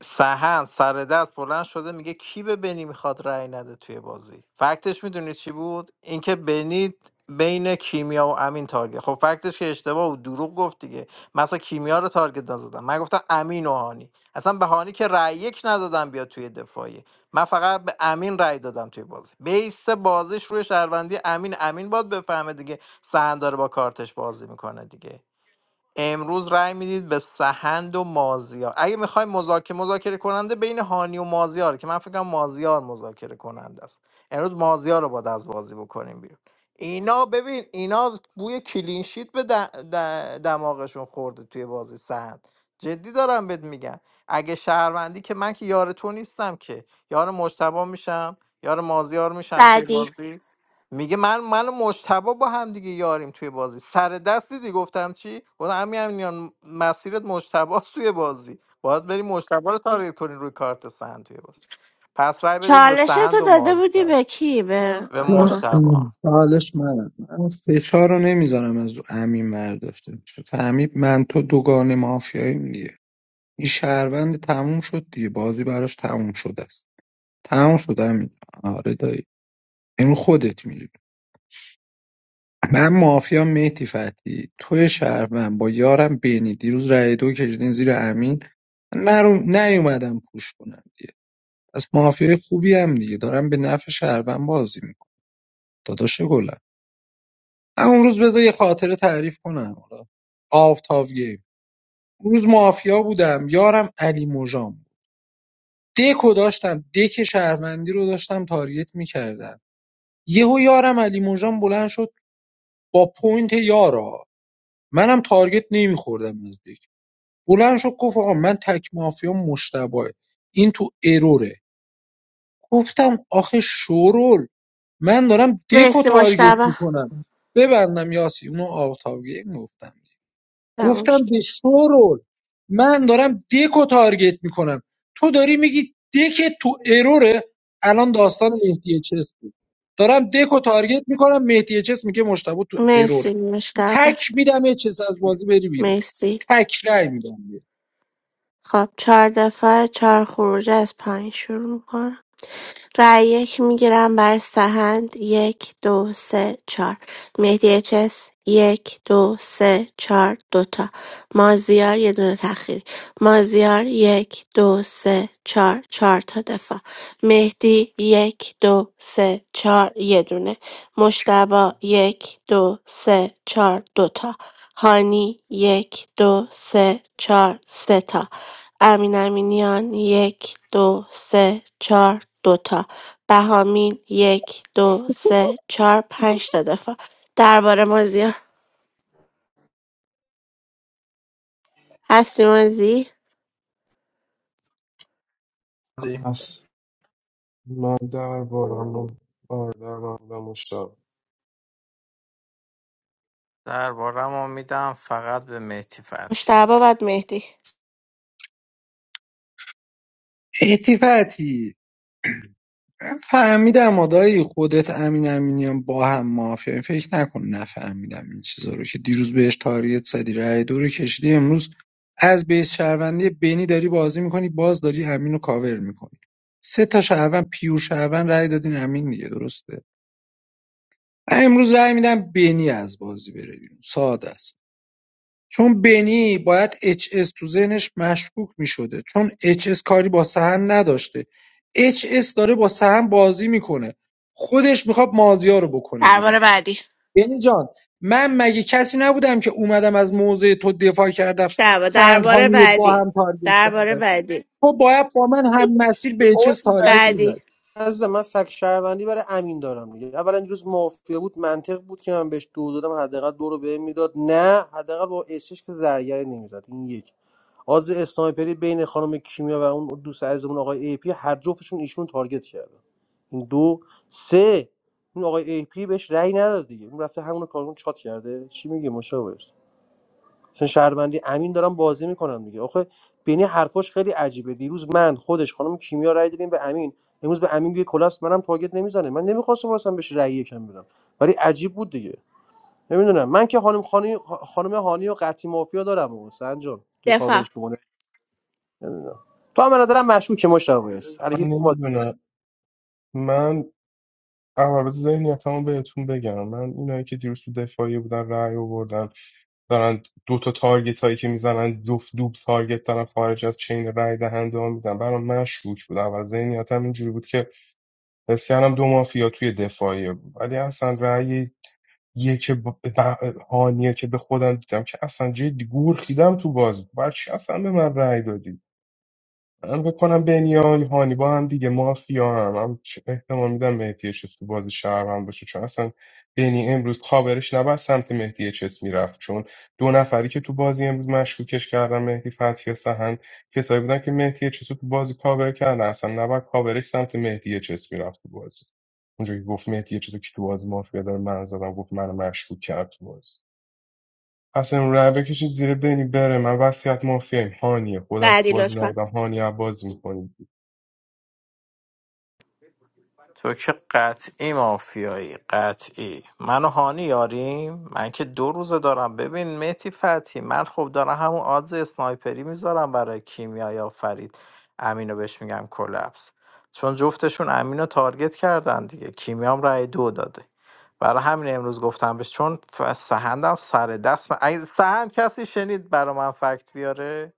Speaker 3: سهند سر دست بلند شده میگه کی به بنی میخواد رأی نده توی بازی فکتش میدونی چی بود اینکه بنی بین کیمیا و امین تارگت خب فکتش که اشتباه بود دروغ گفت دیگه مثلا کیمیا رو تارگت نزدم من گفتم امین و هانی اصلا به هانی که رأی یک ندادم بیا توی دفاعی من فقط به امین رأی دادم توی بازی بیس بازیش روی شهروندی امین امین باید بفهمه دیگه سهند داره با کارتش بازی میکنه دیگه امروز رأی میدید به سهند و مازیار اگه میخوایم مذاکره مذاکره کننده بین هانی و مازیار که من فکر کنم مازیار مذاکره کننده است امروز مازیار رو باید از بازی بکنیم بیرون اینا ببین اینا بوی کلینشیت به د- د- دماغشون خورده توی بازی سهند جدی دارم بهت میگم اگه شهروندی که من که یار تو نیستم که یار مجتبی میشم یار مازیار میشم توی
Speaker 4: بعدی
Speaker 3: بازی میگه من من و مجتبا با هم دیگه یاریم توی بازی سر دست دیدی گفتم چی گفتم همین امینیان مسیرت مجتبا توی بازی باید بری مجتبا رو تارگت کنی روی کارت سهند توی بازی پس رای بدید به
Speaker 4: چالش
Speaker 3: سهند
Speaker 4: تو
Speaker 3: و
Speaker 4: داده بودی
Speaker 3: مازدار
Speaker 4: به کی به
Speaker 3: به
Speaker 4: آها.
Speaker 3: مجتبا
Speaker 8: حالش منم من فشار رو نمیذارم از رو امین برداشته بشه فهمید من تو دوگان مافیاییم دیگه این شهروند تموم شد دیگه بازی براش تموم شده است تموم شد امین آره دایی این خودت می‌دونی. من معافیم مهدی فتحی توی شهروند با یارم بینی دیروز رای دو کشیدین زیر امین من نرو- نیومدم پوش کنم دیگه پس مافیای خوبی هم دیگه دارم به نفع شهروند بازی میکنم داداش گلم من اون روز بذار یه خاطره تعریف کنم حالا آفتاب گیم اون روز مافیا بودم یارم علی مژان بود دکو داشتم دک شهروندی رو داشتم تاریت میکردم یهو یارم علی مژان بلند شد با پوینت یارا منم تارگت نمیخوردم از دک بلند شد گفت آقا من تک مافیا مشتبهه این تو اروره گفتم آخه شورول من دارم دکو
Speaker 4: مرسی
Speaker 8: تارگت
Speaker 4: مشتبه
Speaker 8: میکنم ببندم یاسی اونو آفتاب گیم گفتم گفتم به شورول من دارم دکو تارگت میکنم تو داری میگی دک تو اروره الان داستان مهدی چس بود دارم دکو تارگت میکنم مهدی چس میگه مشتبه تو اروره
Speaker 4: مرسی مشتبه
Speaker 8: تک میدم چس از بازی بری بیرون
Speaker 4: مرسی
Speaker 8: تک رای میدم
Speaker 4: خب چهار دفعه چهار خروجه از پایین شروع میکنم رای یک میگیرم برای سهند یک دو سه چهار مهدی چس یک دو سه چهار دوتا مازیار یه دونه تخیری مازیار یک دو سه چهار چهار تا دفاع مهدی یک دو سه چهار یه دونه مشتبا یک دو سه چهار دوتا هانی یک دو سه چهار سه تا امین امینیان یک دو سه چهار دوتا بهامین یک دو سه چهار پنج تا دفاع درباره مازیار هستی مازی
Speaker 2: اص من در بارم آره در بارم مشتاق
Speaker 3: دربارم میدم فقط به مهدی فتحی
Speaker 4: مشتبه بعد مهدی
Speaker 8: اتفاقی من فهمیدم آدایی خودت امین امینیان با هم مافیاییم فکر نکن نفهمیدم این چیزا رو که دیروز بهش تاریت زدی رای دو رو کشیدی امروز از بیس شهروندی بینی داری بازی میکنی باز داری امینو کاور میکنی سه تا شهروند پیور شهروند رای دادین امین دیگه درسته من امروز رأی میدم بینی از بازی بره بیرون ساده است چون بنی باید اچ اس تو ذهنش مشکوک میشده چون اچ اس کاری با سهند نداشته اچ اس داره با سهند بازی میکنه خودش میخواد مازیار رو بکنه بیرون
Speaker 4: درباره بعدی
Speaker 8: بنی جان من مگه کسی نبودم که اومدم از موضع تو دفاع کردم
Speaker 4: مشتبه
Speaker 8: سهند
Speaker 4: درباره
Speaker 8: هانی رو با
Speaker 4: بعدی
Speaker 8: هم تارگت
Speaker 4: درباره
Speaker 8: کردم
Speaker 4: بعدی
Speaker 8: تو باید با من هم مسیر به اچ اس
Speaker 5: اوت
Speaker 8: تارگت
Speaker 5: نگی
Speaker 8: میزد
Speaker 4: بعدی
Speaker 12: از من فکر شهروندی برای امین دارم دیگه اولا دیروز مافیا بود منطق بود که من بهش دو دادم حداقل دو رو بهم میداد نه حداقل با اسش که زرگری نمیزد این یک آز اسنایپری بین خانم کیمیا و اون دوست عزیزمون آقای ای پی هر جفتشون ایشون رو تارگت کردن این دو سه اون آقای ای پی بهش رأی نداد دیگه اون رفته همون کارون چات کرده چی میگی مشاور چون شهروندی امین دارم بازی میکنم دیگه آخه بینی حرفاش خیلی عجیبه دیروز من خودش خانم کیمیا رای دادیم به امین امروز به امین بی کلاس منم تاگت نمیزنه من نمیخواستم اصلا بهش رأی یکم بدم ولی عجیب بود دیگه نمیدونم من که خانم خانی خانم هانی و قطی مافیا دارم و سنجان توی
Speaker 4: دفاع
Speaker 12: کاورش میمونه نمیدونم تو هم به نظرم مشکوکه مشتاق است
Speaker 2: من
Speaker 12: علیکی ما.
Speaker 2: نمیدونم من عوارض ذهنیتمو بهتون بگم من اینایی که دیروز تو دفاعی بودن رأی آوردن دارن دو تا تارگت هایی که میزنن جفت دوب تارگت دارن خارج از چین رأی دهنده ها میدن برام مشکوک بود اول ذهنیتم اینجوری بود که حس کردم دو مافیا توی دفاعیه بود ولی اصلا رأی یه که ب- ب- هانیه که به خودم دیدم که اصلا جدی گور خیدم تو بازی بر چی اصلا به من رأی دادی من بکنم بنیام هانیبا هم دیگه مافیا هم من چ- احتمال میدم مهدی چس تو بازی شهر هم باشه چون اصلا بنی امروز کاورش نباید سمت مهدی چس میرفت چون دو نفری که تو بازی امروز مشکوکش کردن مهدی فتحی و سهند کسایی بودن که مهدی چس رو تو بازی کاور کردن اصلا نباید کاورش سمت مهدی چس میرفت تو بازی اونجا که گفت مهدی چس رو که تو بازی مافیا داره من زدم گفت منو مشکوک کرد تو بازی پس امروز رای بکشید زیر بنی بره من وصیت مافیایم هانیه خودم تو
Speaker 4: بعدی
Speaker 2: بازی
Speaker 4: لطفا
Speaker 2: نبودم هانی بازی
Speaker 3: تو که قطعی مافیایی قطعی من و هانی یاریم من که دو روزه دارم ببین مهتی فتی من خب دارم همون آدز اسنایپری میذارم برای کیمیا یا فرید امینو بهش میگم کلپس چون جفتشون امینو تارگت کردن دیگه کیمیا هم رأی دو داده برای همین امروز گفتم بهش چون ف- سهندم سر دست من... اگه- سهند کسی شنید برا من فکت بیاره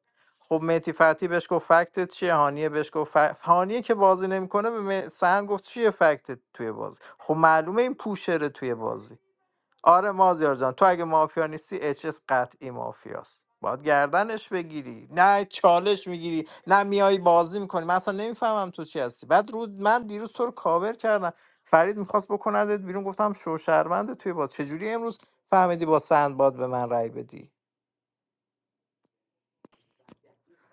Speaker 3: خب مهدی فتحی بهش گفت فکتت چیه هانیه بهش گفت ف... هانیه که بازی نمیکنه به مه- سهند گفت چیه فکتت توی بازی خب معلومه این پوشره توی بازی آره مازیار جان تو اگه مافیا نیستی اچ اس قطعی مافیاست باید گردنش بگیری نه چالش میگیری نه میای بازی میکنی من اصلا نمیفهمم تو چی هستی بعد رود من دیروز تو رو کاور کردم فرید میخواست بکندت بیرون گفتم شوشرونده توی باز چجوری امروز فهمیدی با سند باد به من رای بدی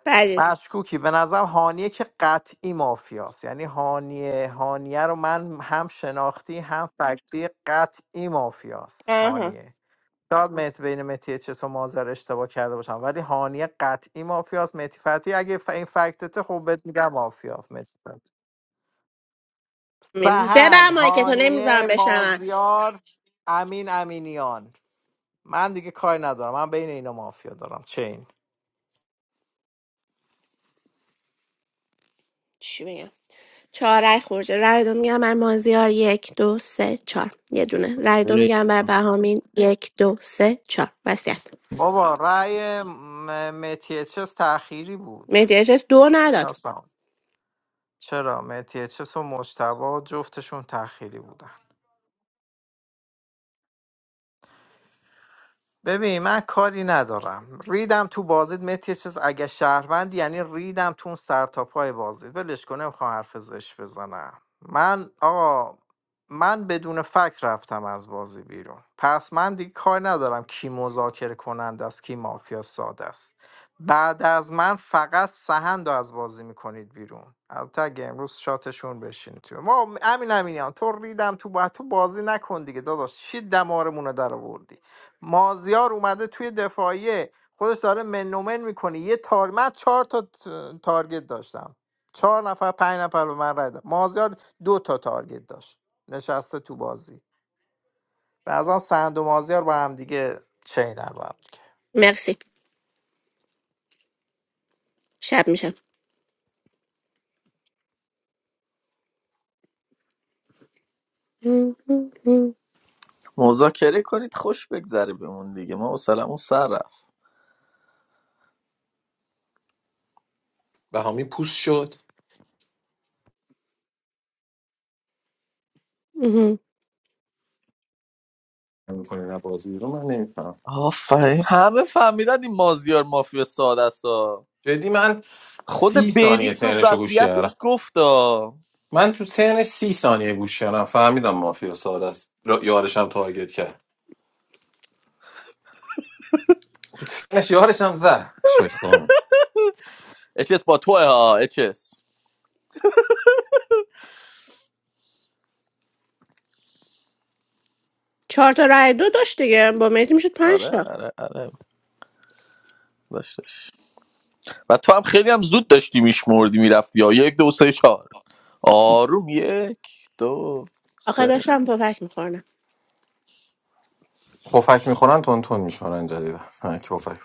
Speaker 4: بعدی
Speaker 3: مشکوکی به نظرم هانیه که قطعی مافیاست یعنی هانیه هانیه رو من هم شناختی هم فکتی قطعی مافیاست
Speaker 4: آها
Speaker 3: هانیه شاید مت بین متی چس و مازر اشتباه کرده باشم ولی هانیه قطعی مافیاست متی فتی اگه ف... این فکتته خب بهت میگم مافیا متی فتی.
Speaker 4: ببر
Speaker 3: سهند
Speaker 4: مایک تو
Speaker 3: هانیه
Speaker 4: نمیذارم بشنون
Speaker 3: مازیار امین امینیان من دیگه کاری ندارم من بین اینا مافیا دارم چین
Speaker 4: چی میگم چهارک خورده رای دو میگم بر مازیار یک دو سه چهار یه دونه رای دو
Speaker 14: ولی
Speaker 4: میگم بر بهامین یک دو سه چهار وسیعت
Speaker 3: بابا رأی متیچس تأخیری بود
Speaker 4: مهدی اجاز دو نداد
Speaker 3: اصلا چرا متیچس و مجتبا جفتشون تأخیری بودن ببین من کاری ندارم ریدم تو بازید متی چیز اگه شهروند یعنی ریدم تو اون سر تا پای بازید ولش کنه میخوام حرف زش بزنم من آقا من بدون فکر رفتم از بازی بیرون پس من دیگه کار ندارم کی مذاکره کننده است کی مافیا ساده است بعد از من فقط سهند رو از بازی میکنید بیرون البته اگه امروز شاتشون بشین تو ما امین امینیان تو ریدم تو با تو بازی نکن دیگه داداش چی دمارمون رو در آوردی مازیار اومده توی دفاعیه خودش داره منومن میکنه یه تار من چهار تا ت- تارگت داشتم چهار نفر پنج نفر به من رای داد مازیار دو تا تارگت داشت نشسته تو بازی بعضا سند و مازیار با هم دیگه چینن با هم دیگه
Speaker 4: مرسی شب میشه
Speaker 5: مذاکره کنید خوش بگذره بهمون دیگه ما سلام سر رفت
Speaker 16: بهامی پوست شد نمی‌کنی نه بازی رو من نمیفهم
Speaker 5: آفرین همه فهمیدن این مازیار مافیا ساده است ها.
Speaker 16: جدی من سی
Speaker 5: خود بینی
Speaker 16: ثانیه
Speaker 5: تو
Speaker 16: ترنش رو گوش
Speaker 5: وصیتش
Speaker 16: کردم
Speaker 5: گفت ها
Speaker 16: من تو ترنش سی ثانیه گوش کردم فهمیدم مافیا ساده است را- یارشم تارگت کرد تو ترنش یارشم زد شوی خانم
Speaker 5: اچس با توه ها اچس
Speaker 4: چهار تا رای دو داشت دیگه با مهدی میشد پنج
Speaker 5: آره
Speaker 4: تا
Speaker 5: آره آره داشتش و تو هم خیلی هم زود داشتی میشمردی میرفتی ها یک دو سه چهار آروم یک دو
Speaker 4: آخه
Speaker 5: سه
Speaker 4: داشتم پفک میخورنم
Speaker 16: پفک میخورن تون تون میشورن جدیدا نه که پفک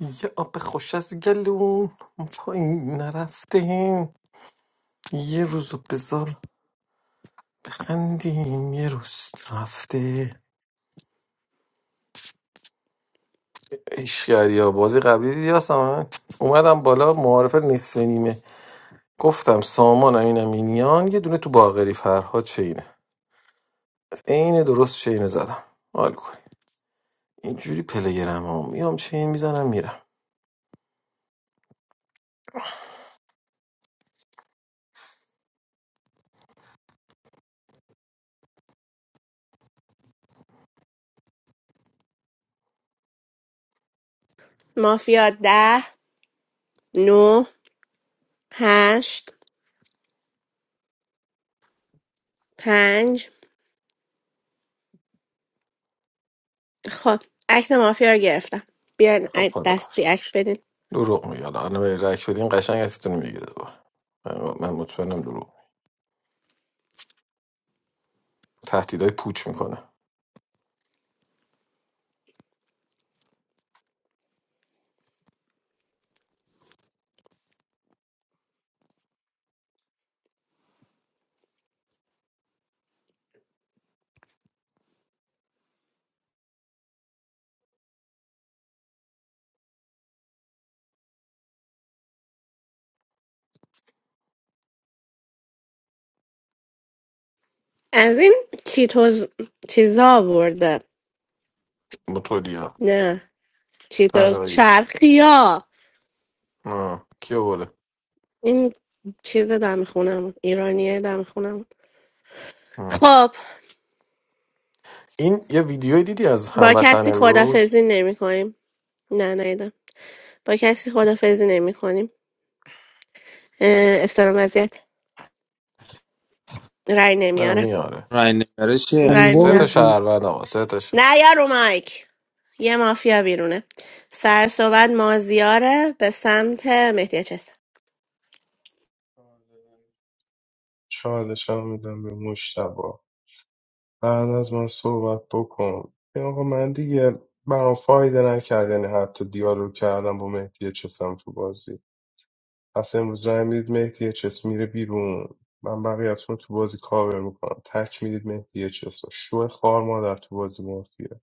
Speaker 16: یه آب خوش از گلون پایین نرفتیم یه روز بزار بخندیم یه روز رفته اشکری بازی قبلی دیدی هستم من اومدم بالا معارف نصف نیمه گفتم سامان امین امینیان یه دونه تو باغری فرها چینه از عین درست چینه زدم حال کنی اینجوری پلگرم ها میام چین میزنم میرم
Speaker 4: مافیا ده نو هشت پنج خب عکس مافیا رو گرفتم بیاین
Speaker 16: خب
Speaker 4: عکس
Speaker 16: خدا
Speaker 4: دستی
Speaker 16: بخش
Speaker 4: عکس بدین
Speaker 16: دروغ میگه حالا الان به رک بدیم قشنگ ازتون میگیره دوباره من, من مطمئنم دروغ تهدیدای پوچ میکنه
Speaker 4: از این کیتوز چیزا آورده
Speaker 16: متولیا
Speaker 4: نه چیز
Speaker 16: طلاقی
Speaker 4: شرقی ها
Speaker 16: آه، کیو بله
Speaker 4: این چیز دم خونم ایرانیه دم خونم خب
Speaker 16: این یه ویدیوی دیدی از
Speaker 4: با
Speaker 16: هموطن
Speaker 4: کسی
Speaker 16: امروز
Speaker 4: خدافزی نمی کنیم نه نیدم با کسی خدافزی نمی کنیم استرام وضعیت رای
Speaker 16: نه
Speaker 4: نمیاره
Speaker 16: میاره
Speaker 14: رای نگاره چیه
Speaker 4: رای
Speaker 16: سه
Speaker 8: برد
Speaker 16: تا
Speaker 4: میاره
Speaker 16: شهروند آقا سه تاشه
Speaker 4: نه یارو مایک یه مافیا بیرونه سر صحبت مازیاره به سمت مهدی چست
Speaker 2: چالشم میدم به مشتبه. بعد از من صحبت بکن ای آقا من دیگه برام فایده نکرد یعنی حتی دیالوگ کردم با مهدی چسم تو بازی پس امروز رای میدید مهدی چس میره بیرون من بقیه‌تون رو تو بازی کاور میکنم تک میدید مهدی چس رو شو خار مادر تو بازی مافیا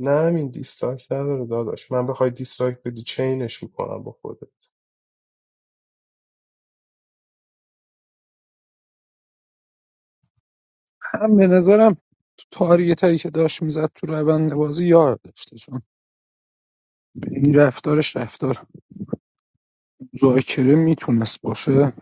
Speaker 2: نه همین دیسلایک نداره داداش من بخوای دیسلایک بدی چینش میکنم با خودت
Speaker 8: هم به نظرم تو تارگت هایی که داشت میزد تو روند بازی یار داشته چون این رفتارش رفتار مذاکره میتونست باشه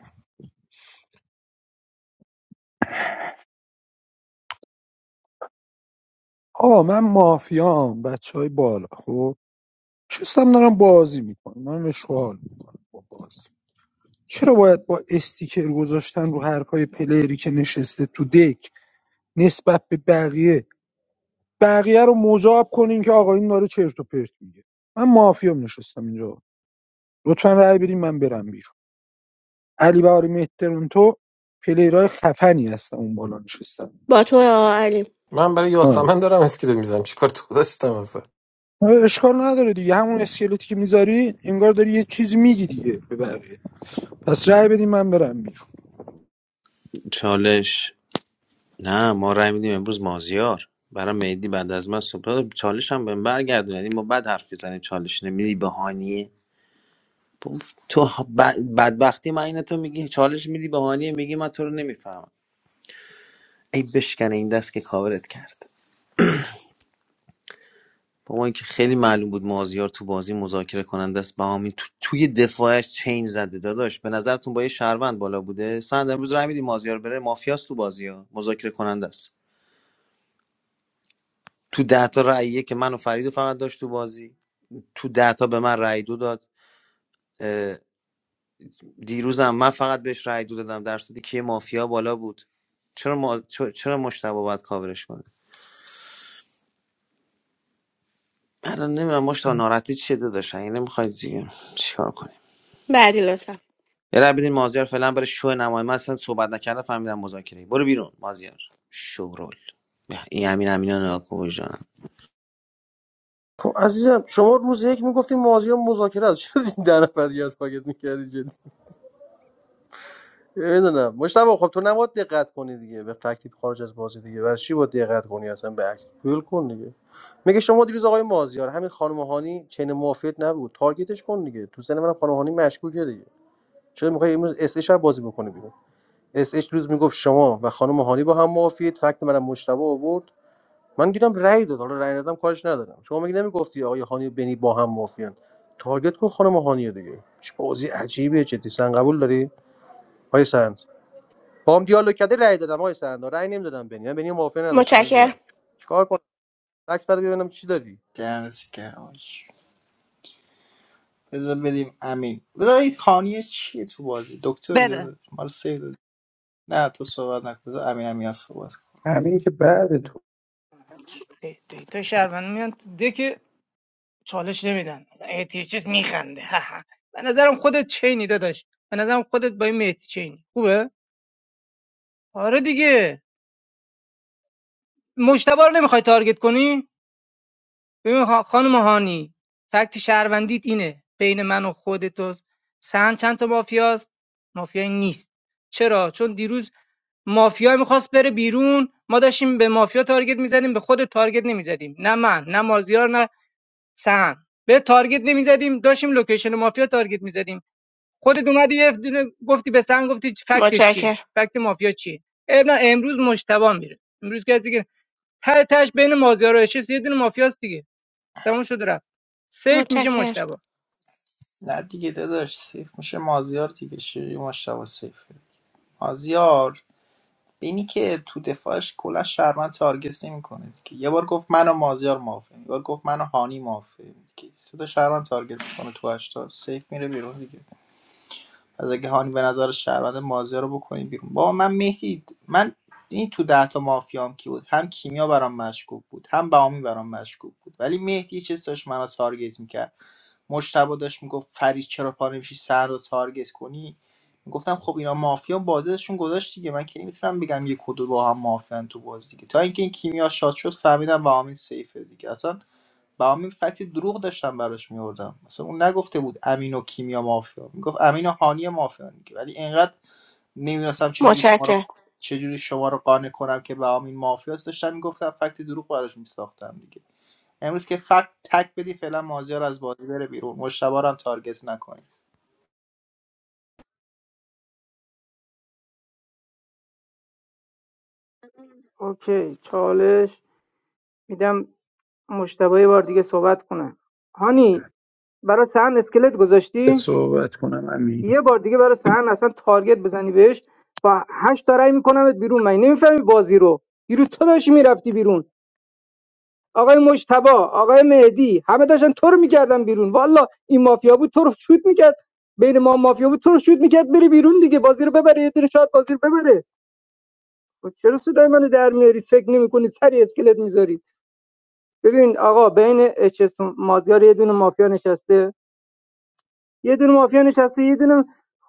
Speaker 8: آقا من مافیام بچه های بالا خب نشستم دارم بازی میکنم من مشغول میکنم با بازی چرا باید با استیکر گذاشتن رو حرفای پلیری که نشسته تو دک نسبت به بقیه بقیه رو مجاب کنین که آقا این داره چرت و پرت میگه من مافیام نشستم اینجا لطفا رأی بدین من برم بیرون علی بهاری مهترون تو پلیرای خفنی هستن اون بالا نشستن
Speaker 4: با تو آقا علی
Speaker 16: من برای
Speaker 8: آره
Speaker 16: یاسمن دارم اسکلت میزنم چیکار تو داشتم واسه
Speaker 8: اشکال نداره دیگه همون اسکلتی که میذاری انگار داری یه چیز میگی دیگه به بقیه پس رأی بدیم من برم بیرون
Speaker 14: چالش نه ما رای میدیم امروز مازیار برای مهدی بعد از من صبح چالش هم بهم برگردون یعنی ما بعد حرف بزنیم چالش نمیدی بهانیه تو ب- بدبختی من اینه تو میگی چالش میدی بهانیه میگی من تو رو نمیفهمم ای بشکنه این دست که کاورت کرد با اینکه خیلی معلوم بود مازیار تو بازی مذاکره کننده است بهامین تو توی دفاعش چین زده داداش به نظرتون با یه شهروند بالا بوده سند امروز رای میدی مازیار بره مافیاست تو بازی ها مذاکره کننده است تو ده تا رأیه که من و فریدو فقط داشت تو بازی تو ده تا به من رأی دو داد اه، دیروزم من فقط بهش رأی دو دادم در صورتی که مافیا بالا بود چرا ما... چرا مشتبه باید کاورش کنه الان نمیدونم مشتبه ناراحتی چیه داداش یعنی نمیخواید دیگه چیکار کنه؟
Speaker 4: بعدی لطفا
Speaker 14: یه رای بدین مازیار فعلا برای شو نمایی من اصلا صحبت نکردم فهمیدم مذاکره برو بیرون مازیار شورول به این همین همینا نگاه کن وجدانم.
Speaker 12: خب عزیزم شما روز یک میگفتیم مازیار مذاکره است چرا این ده نفر دیگه پاکت می‌کردی نمیدونم مشتبه خب تو نباید دقت کنی دیگه به تکلیف خارج از بازی دیگه برای چی باید دقت کنی اصلا به اکت ول کن دیگه میگه شما دیروز آقای مازیار همین خانم هانی چین موافقت نبود تارگتش کن دیگه تو سن من خانم هانی مشکوکه دیگه چرا میخوای امروز اس اچ رو بازی بکنی بیرون اس اچ روز میگفت شما و خانم هانی با هم موافقت فکت منم مشتبه آورد من گیرم رأی داد حالا رأی دادم کارش ندارم شما میگی نمیگفتی آقای هانی و بنی با هم موافقن تارگت کن خانم هانی دیگه چه بازی عجیبیه جدی سن قبول داری آقای سند با هم دیالوگ کرده رأی دادم آقای سرندا رأی نمیدادم بنی من بنی رو موافقه نداشتم
Speaker 4: متشکر
Speaker 12: عزیزم چیکار کنم تک بده ببینم چی داری
Speaker 6: درس کراش بذار بدیم امین بذار این خانیه چیه تو بازی دکتری
Speaker 9: بده
Speaker 6: داده ما رو سیو داده نه تو صحبت نکن بذار امین امین صحبت
Speaker 8: همین که بعد تو
Speaker 15: دیتا شهربان میان تو دک چالش نمیدن اچ اس میخنده به نظرم خودت چینی داداش به نظرم خودت با این مهدی چینی خوبه آره دیگه مجتبا رو نمیخوای تارگت کنی ببین خا- خانم هانی فکت شهروندیت اینه بین من و خودت و سهند چند تا مافیاست مافیایی نیست چرا چون دیروز مافیا میخواست بره بیرون ما داشتیم به مافیا تارگت میزدیم به خود تارگت نمیزدیم نه من نه مازیار نه سهند به تارگت نمیزدیم داشتیم لوکیشن مافیا تارگت میزدیم خودت اومدی یه دونه گفتی به سهند گفتی فکتش چیه
Speaker 4: متشکر
Speaker 15: فکت مافیا چیه اه، نه امروز مجتبی میره امروز کسی که ته تهش بین مازیار و اشیس یه دونه مافیاست دیگه تموم شد رفت سیف میشه
Speaker 4: متشکر
Speaker 15: مشتبه
Speaker 6: نه دیگه داداش سیف میشه مازیار دیگه شیری مشتبه سیفه مازیار بینی که تو دفاعش کلا شهرمند تارگت نمیکنه دیگه یه بار گفت منو مازیار موافقم یه بار گفت منو هانی موافقم دیگه سه تا شهرمند تارگت میکنه تو هشتا سیف میره بیرون دیگه از اگه به نظر شهروند مازیار رو بکنیم بیرون با من مهدی من این تو ده تا مافیام کی بود هم کیمیا برام مشکوک بود هم بهامی برام مشکوک بود ولی مهدی چه ساش منو تارگت میکرد مجتبی داشت میگفت فرید چرا پا نمیشی سر رو تارگت کنی گفتم خب اینا مافیا بازشون گذاشت دیگه من که نمیتونم بگم یک و دو با هم مافیان تو بازی دیگه تا اینکه این کیمیا شاد شد فهمیدم بهامی سیفه دیگه اصلا با همین فکت دروغ داشتم براش میوردم مثلا اون نگفته بود امین و کیمیا مافیا میگفت امین و هانی مافیا ولی اینقدر نمیدونستم چجوری شما رو
Speaker 4: متشکر
Speaker 6: چجوری شما رو قانع کنم که به امین مافیاست داشتم میگفتم فکت دروغ براش میساختم دیگه امروز که فکت تک بدی فعلا مازیار از بازی بره بیرون مشتبه رو هم تارگت نکنید.
Speaker 15: اوکی چالش میدم مشتبه یه بار دیگه صحبت کنه هانی برای سهن اسکلت گذاشتی
Speaker 8: صحبت کنم همین
Speaker 15: یه بار دیگه برای سهن اصلا تارگت بزنی بهش با هشت تا رای میکنمت بیرون من نمیفهمی بازی رو دیروز تو داشتی میرفتی بیرون آقای مشتبه آقای مهدی همه داشتن تو رو میکردن بیرون والا این مافیا بود تو رو شوت میکرد بین ما مافیا بود تو رو شوت میکرد بری بیرون دیگه بازی رو ببره یه دونه شات بازی رو ببره و چرا صدای منو در میارید فکر نمیکنید سری اسکلت میذارید ببین آقا بین اچس مازیار یه دونه مافیا نشسته یه دونه مافیا نشسته یه دونه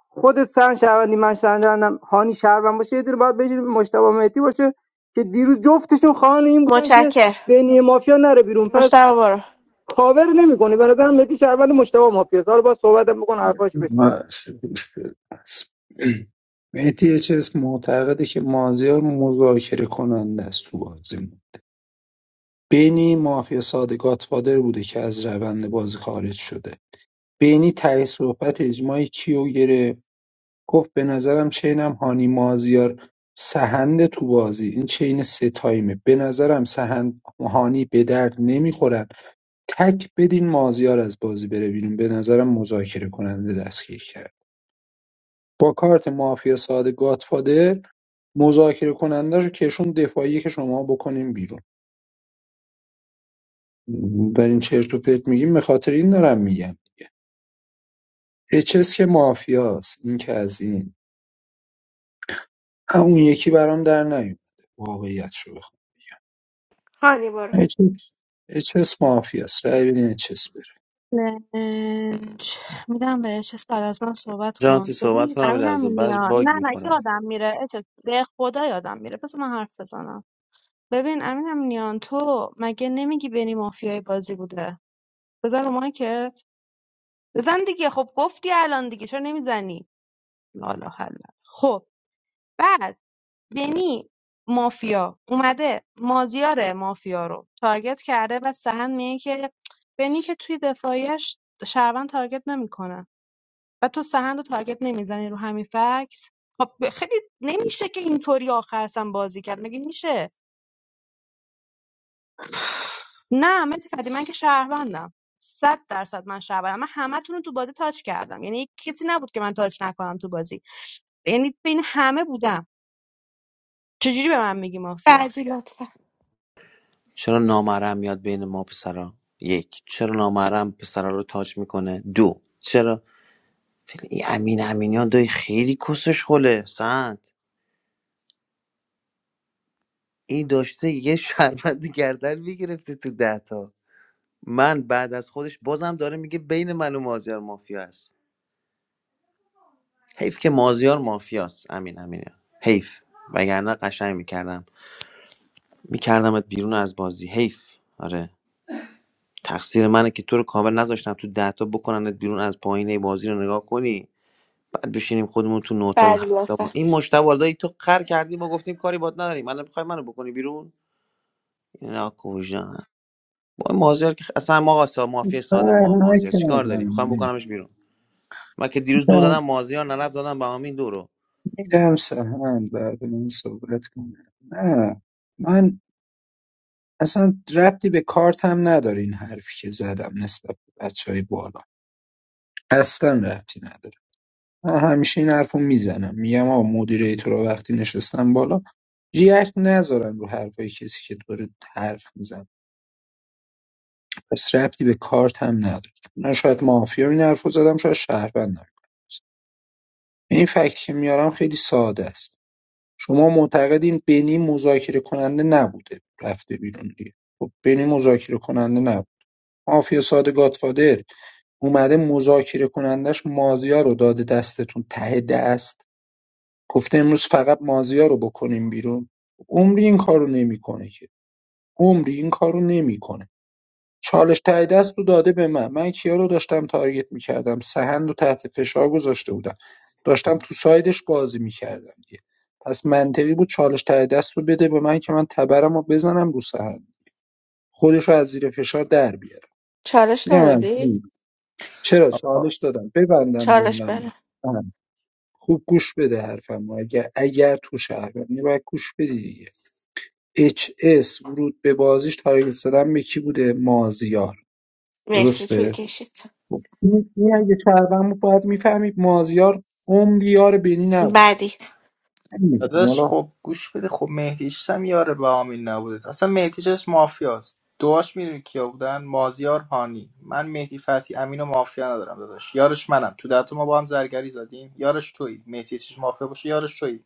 Speaker 15: خودت سن شهروندی من شهروندم هانی شهروند باشه یه دونه باید بشه مشتبه مهدی باشه که دیروز جفتشون خواهان این بودن که
Speaker 4: متشکر
Speaker 15: بین مافیا نره بیرون پس
Speaker 4: مشتبه برو
Speaker 15: کاور نمیکنه به نظرم مهدی شهروند مشتبه مافیا حالا با صحبتم بکن حرفاشو بشنم
Speaker 8: بس، گوش بده. بس. چیز معتقده که مازیار مذاکره کننده است تو بازی بینی مافیا ساده گاتفادر بوده که از روند بازی خارج شده بینی تهی صحبت اجماعی کیو گرفت گفت به نظرم چینم هانی مازیار سهند تو بازی این چین سه تایمه به نظرم سهند هانی به درد نمیخورن تک بدین مازیار از بازی بره بیرون به نظرم مذاکره کننده دستگیر کرد با کارت مافیا ساده گاتفادر مذاکره کننده رو کشون دفاعی که شما بکنیم بیرون بر این چرت و پرت میگیم به خاطر این دارم میگم دیگه اچس که مافیاست این که از این اون یکی برام در نیومده واقعیت شو
Speaker 4: هانی برو
Speaker 8: بخوام اچس مافیاس رای بدین اچس بره
Speaker 9: چالش میدم بهش اس بعد از من صحبت
Speaker 14: جان تو
Speaker 9: کن
Speaker 14: صحبت
Speaker 9: ببین
Speaker 14: کنم
Speaker 9: امینم
Speaker 14: لحظه بعد
Speaker 9: نیا
Speaker 14: باگ
Speaker 9: نه نه
Speaker 14: میخورن
Speaker 9: یادم میره اچس به خدا یادم میره پس من حرف بزنم ببین امینم نیان تو مگه نمیگی بنی مافیای بازی بوده بزن رو مایکت بزن دیگه خب گفتی الان دیگه چرا نمیزنی لالا حالا خب بعد بنی مافیا اومده مازیار مافیا رو تارگت کرده و سهن میگه که بنی که توی دفاعیش شهروند تارگت نمیکنه و تو سهند رو تارگت نمیزنی رو همین فکس خب ب- خیلی نمیشه که اینطوری آخر اصلا بازی کرد مگه میشه نه من فدی من که شهروندم صد درصد من شهروندم من همتون رو تو بازی تاچ کردم یعنی کسی نبود که من تاچ نکنم تو بازی یعنی بین همه بودم چجوری به من میگی مافیا
Speaker 4: بعدی لطفا
Speaker 14: چرا نامرم میاد بین ما پسرا یک چرا نامرم پسرا رو تاچ میکنه دو چرا این امین امینیان دای خیلی کسش خله سند این داشته یه شربت گردن میگرفته تو دهتا من بعد از خودش بازم داره میگه بین من و مازیار مافیا است حیف که مازیار مافیاست امین امینه حیف وگرنه قشنگ میکردم میکردمت بیرون از بازی حیف آره تقصیر منه که تو رو کامل نذاشتم تو ده تا بکننت بیرون از پایینه بازی رو نگاه کنی بعد بشینیم خودمون تو نه تا
Speaker 4: بعدی
Speaker 14: هشت تا ما
Speaker 4: لطفا
Speaker 14: این مشتبه دایی تو خر کردی ما گفتیم کاری باد نداریم الان میخوای منو بکنی بیرون اینا کوژان با مازیار که اصلا ما آقا مافیا ساده ما-
Speaker 8: نه
Speaker 14: مازیار چیکار داری
Speaker 8: نکردم
Speaker 14: میخوام
Speaker 8: میدم
Speaker 14: بکنمش بیرون من که دیروز دو دادم مازیار نرفت دادم به همین دو رو
Speaker 8: میدم سهند بعد من صحبت کنم نه من اصلا ربطی به کارتم نداره این حرفی که زدم نسبت به بچه های بالا اصلا ربطی نداره من همیشه این حرفو میزنم میگم آقا مدیریتور رو وقتی نشستم بالا ریاکت نذارن رو حرفای کسی که داره حرف میزن پس ربطی به کارت هم نداره من شاید مافیا این حرفو زدم شاید شهروندم این فکت که میارم خیلی ساده است شما معتقدین بنی مذاکره کننده نبوده رفته بیرون دیگه خب بنی مذاکره کننده نبود مافیا ساده گادفادر اومده مذاکره کنندش مازیار رو داده دستتون ته دست گفته امروز فقط مازیار رو بکنیم بیرون عمری این کارو نمیکنه که عمری این کارو نمیکنه چالش ته دست رو داده به من من کیا رو داشتم تارگت میکردم سهند رو تحت فشار گذاشته بودم داشتم تو سایدش بازی میکردم دیگه پس منطقی بود چالش ته دست رو بده به من که من تبرم رو بزنم رو سهند خودش رو از زیر فشار در بیارم
Speaker 4: چالش
Speaker 8: میگم من.
Speaker 4: ندادی؟
Speaker 8: چرا چالش دادم ببندم
Speaker 4: چالش
Speaker 8: جمله‌مو
Speaker 4: بله
Speaker 8: سهند، خوب گوش بده حرفمو اگر اگر تو شهر بودی یعنی باید گوش بدی دیگه اچ اس ورود به بازیش تارگت زدن به کی بوده مازیار
Speaker 4: مرسی
Speaker 8: درسته
Speaker 4: طول کشید
Speaker 8: خب، این این اگه شهروند بود باید میفهمید مازیار عمری یار بینی نبوده
Speaker 4: بعدی
Speaker 8: نمیدونم
Speaker 6: داداش
Speaker 8: حالا
Speaker 6: خب گوش بده خب مهدیش هم یار به آمین نبوده اصلا مهدیش از مافیاست دعاش میدونی کیا بودن مازیار هانی من مهدی فتحی امین و مافیا ندارم داداش یارش منم تو دهتا ما با هم زرگری زدیم یارش تویی مهدیش مافیا باشه یارش تویی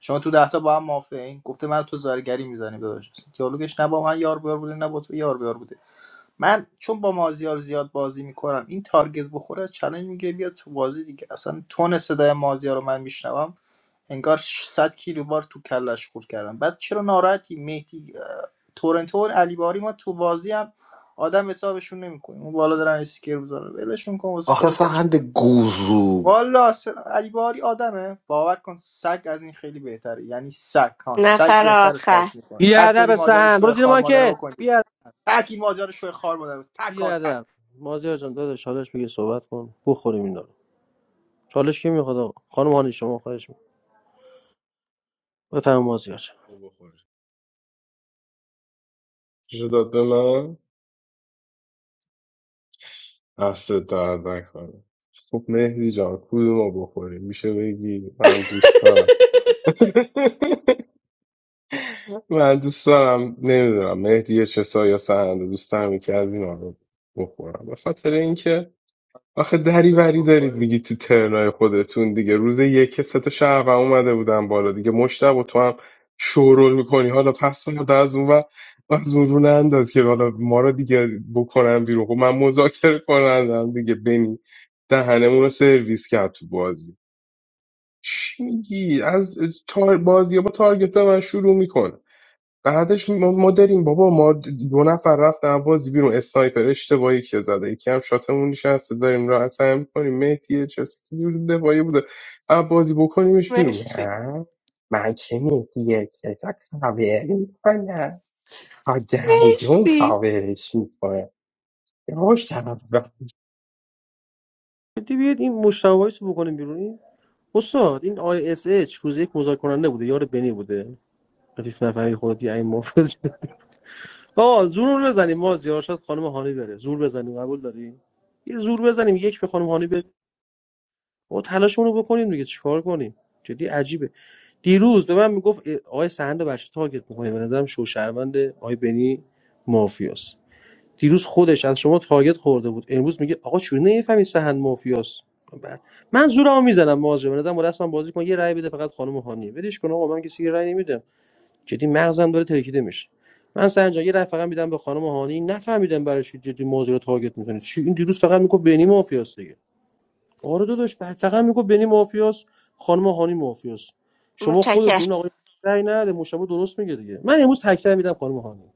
Speaker 6: شما تو دهتا با هم مافیا این گفته من تو زرگری میزنیم داداش اصلا دیالوگش نه با من یار بیار بوده نه با تو یار بیار بوده من چون با مازیار زیاد بازی میکنم این تارگت بخوره چالش میگیره بیاد تو بازی دیگه اصلا تون صدای مازیار رو من میشنوم انگار 100 کیلو بار تو کلش خورد کردم بعد چرا ناراحتی مهدی اه، تورنتو علی باری ما تو بازی هم آدم حسابشون نمیکنیم اون بالا دارن اسکیر بذارن ولشون کن واسه
Speaker 16: آخه
Speaker 6: خودش
Speaker 16: سهند گوزو
Speaker 6: والا اصلا علی باری آدمه باور کن سگ از این خیلی بهتره یعنی سگ ها سگ
Speaker 4: نفر
Speaker 6: بهتره
Speaker 4: آخر
Speaker 6: پارس میکنه
Speaker 12: بی
Speaker 6: تک بدی
Speaker 12: ادب
Speaker 6: ماجر
Speaker 12: سهن برو
Speaker 6: شوی
Speaker 12: زیر
Speaker 6: خار مادره
Speaker 12: مارکت
Speaker 6: بکنید
Speaker 12: بی ادب
Speaker 6: تک این ماجر شوی خار مادره تک
Speaker 12: بی
Speaker 6: ها تک
Speaker 12: ادب مازیار جان داداش چالش بگیر صحبت کن بخوریم اینا رو چالش کی میخواد آقا خانم هانی شما خواهش می‌کنم بفهم مازیار جان
Speaker 2: بخوری داد به من دست درد نکنه خب مهدی جان کدومو بخوریم میشه بگی من دوست دارم من دوست دارم نمیدونم مهدی چه سا یا سهند دوست دارم یکی از اینا رو بخورم به خاطر اینکه آخه
Speaker 6: دست
Speaker 2: دریوری دارید
Speaker 6: بخوری.
Speaker 2: میگی تو ترنای خودتون دیگه روز یک سه تا شهر اومده بودن بالا دیگه مشتاق و تو هم شورول میکنی حالا پس رو از اون و از اون رو ننداز که حالا ما رو دیگه بکنم بیرون خب من مذاکره کنندم دیگه بنی دهنمون رو سرویس کرد تو بازی چی میگی از تار بازی با تارگت به من شروع میکنه بعدش ما, ما داریم بابا ما دو نفر رفتن از بازی بیرون اسنایپر اشتباهی که زده یکی هم شاتمون نشسته داریم راه سعی میکنیم مهدی چسکی دفاعی بوده از بازی بکنیمش بیرون
Speaker 4: مرسی
Speaker 2: نه من که مهدی چسکی کاوری میکنم تا دندون
Speaker 4: مرسی
Speaker 2: کاورش میکنه روش طرف دارم
Speaker 12: جدی بیاد این مشتوایس رو بکنیم بیرون این استاد این آی اس اچ روز یک مذاکره کننده بوده یار بنی بوده خفیف نفری خودی این مفرد آقا زور رو بزنیم مازیار شاید خانم هانی بره زور بزنیم قبول داری یه زور بزنیم یک به خانم هانی بابا تلاشمون رو بکنیم دیگه چیکار کنیم جدی عجیبه دیروز به من میگفت اه، آقای سهند رو برش تارگت میکنه به نظرم شوشهروند آقای بنی مافیاس دیروز خودش از شما تارگت خورده بود امروز میگه آقا چون نمیفهمی سهند مافیاس ب- من زورمو میزنم مواجه به نظرم با دستم بازی کن یه رأی بده فقط خانم هانیه ولش کن آقا من کسی که رأی نمیدم جدی مغزم داره ترکیده میشه من سرنجا یه رأی فقط میدم به خانم هانی نفهمیدم برای چی جدی موضوع رو تارگت میکنه چی این دیروز فقط میگفت بنی مافیاس آره داداش بعد فقط میگو بنی مافیاس خانم هانی مافیاس شما
Speaker 4: متشکرم
Speaker 12: خودتون این آقای رأی نده مشابه درست میگه دیگه من امروز تکرار میدم خانم هانی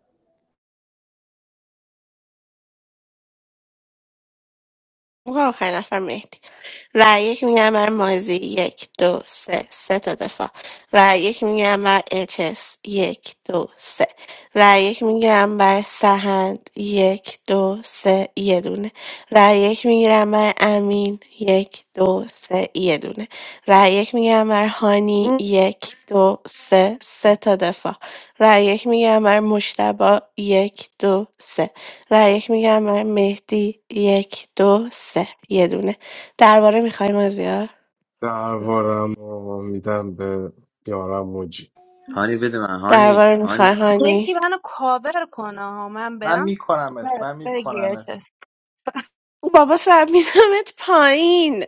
Speaker 4: اون آخر نفر مهدی رأی یک میگم بر مازی یک دو سه سه تا دفاع رأی یک میگم بر اچس یک دو سه رأی یک میگیرم بر سهند یک دو سه یه دونه رأی یک میگیرم بر امین یک دو سه یه دونه رأی یک میگیرم بر هانی یک دو سه سه تا دفاع رأی یک میگیرم بر مشتبا یک دو سه رای یک میگم برای مهدی یک دو سه یه دونه درباره میخوای مازیار
Speaker 2: دربارم رو میدم به یارم موجی
Speaker 14: هانی بده من هانی
Speaker 4: درباره
Speaker 14: هانی
Speaker 4: میخوای هانی
Speaker 9: یکی منو کاور کنه ها. من
Speaker 6: من
Speaker 9: برم
Speaker 6: میکنمت من میکنمت
Speaker 9: بگیرش
Speaker 4: بابا سب میدمت پایین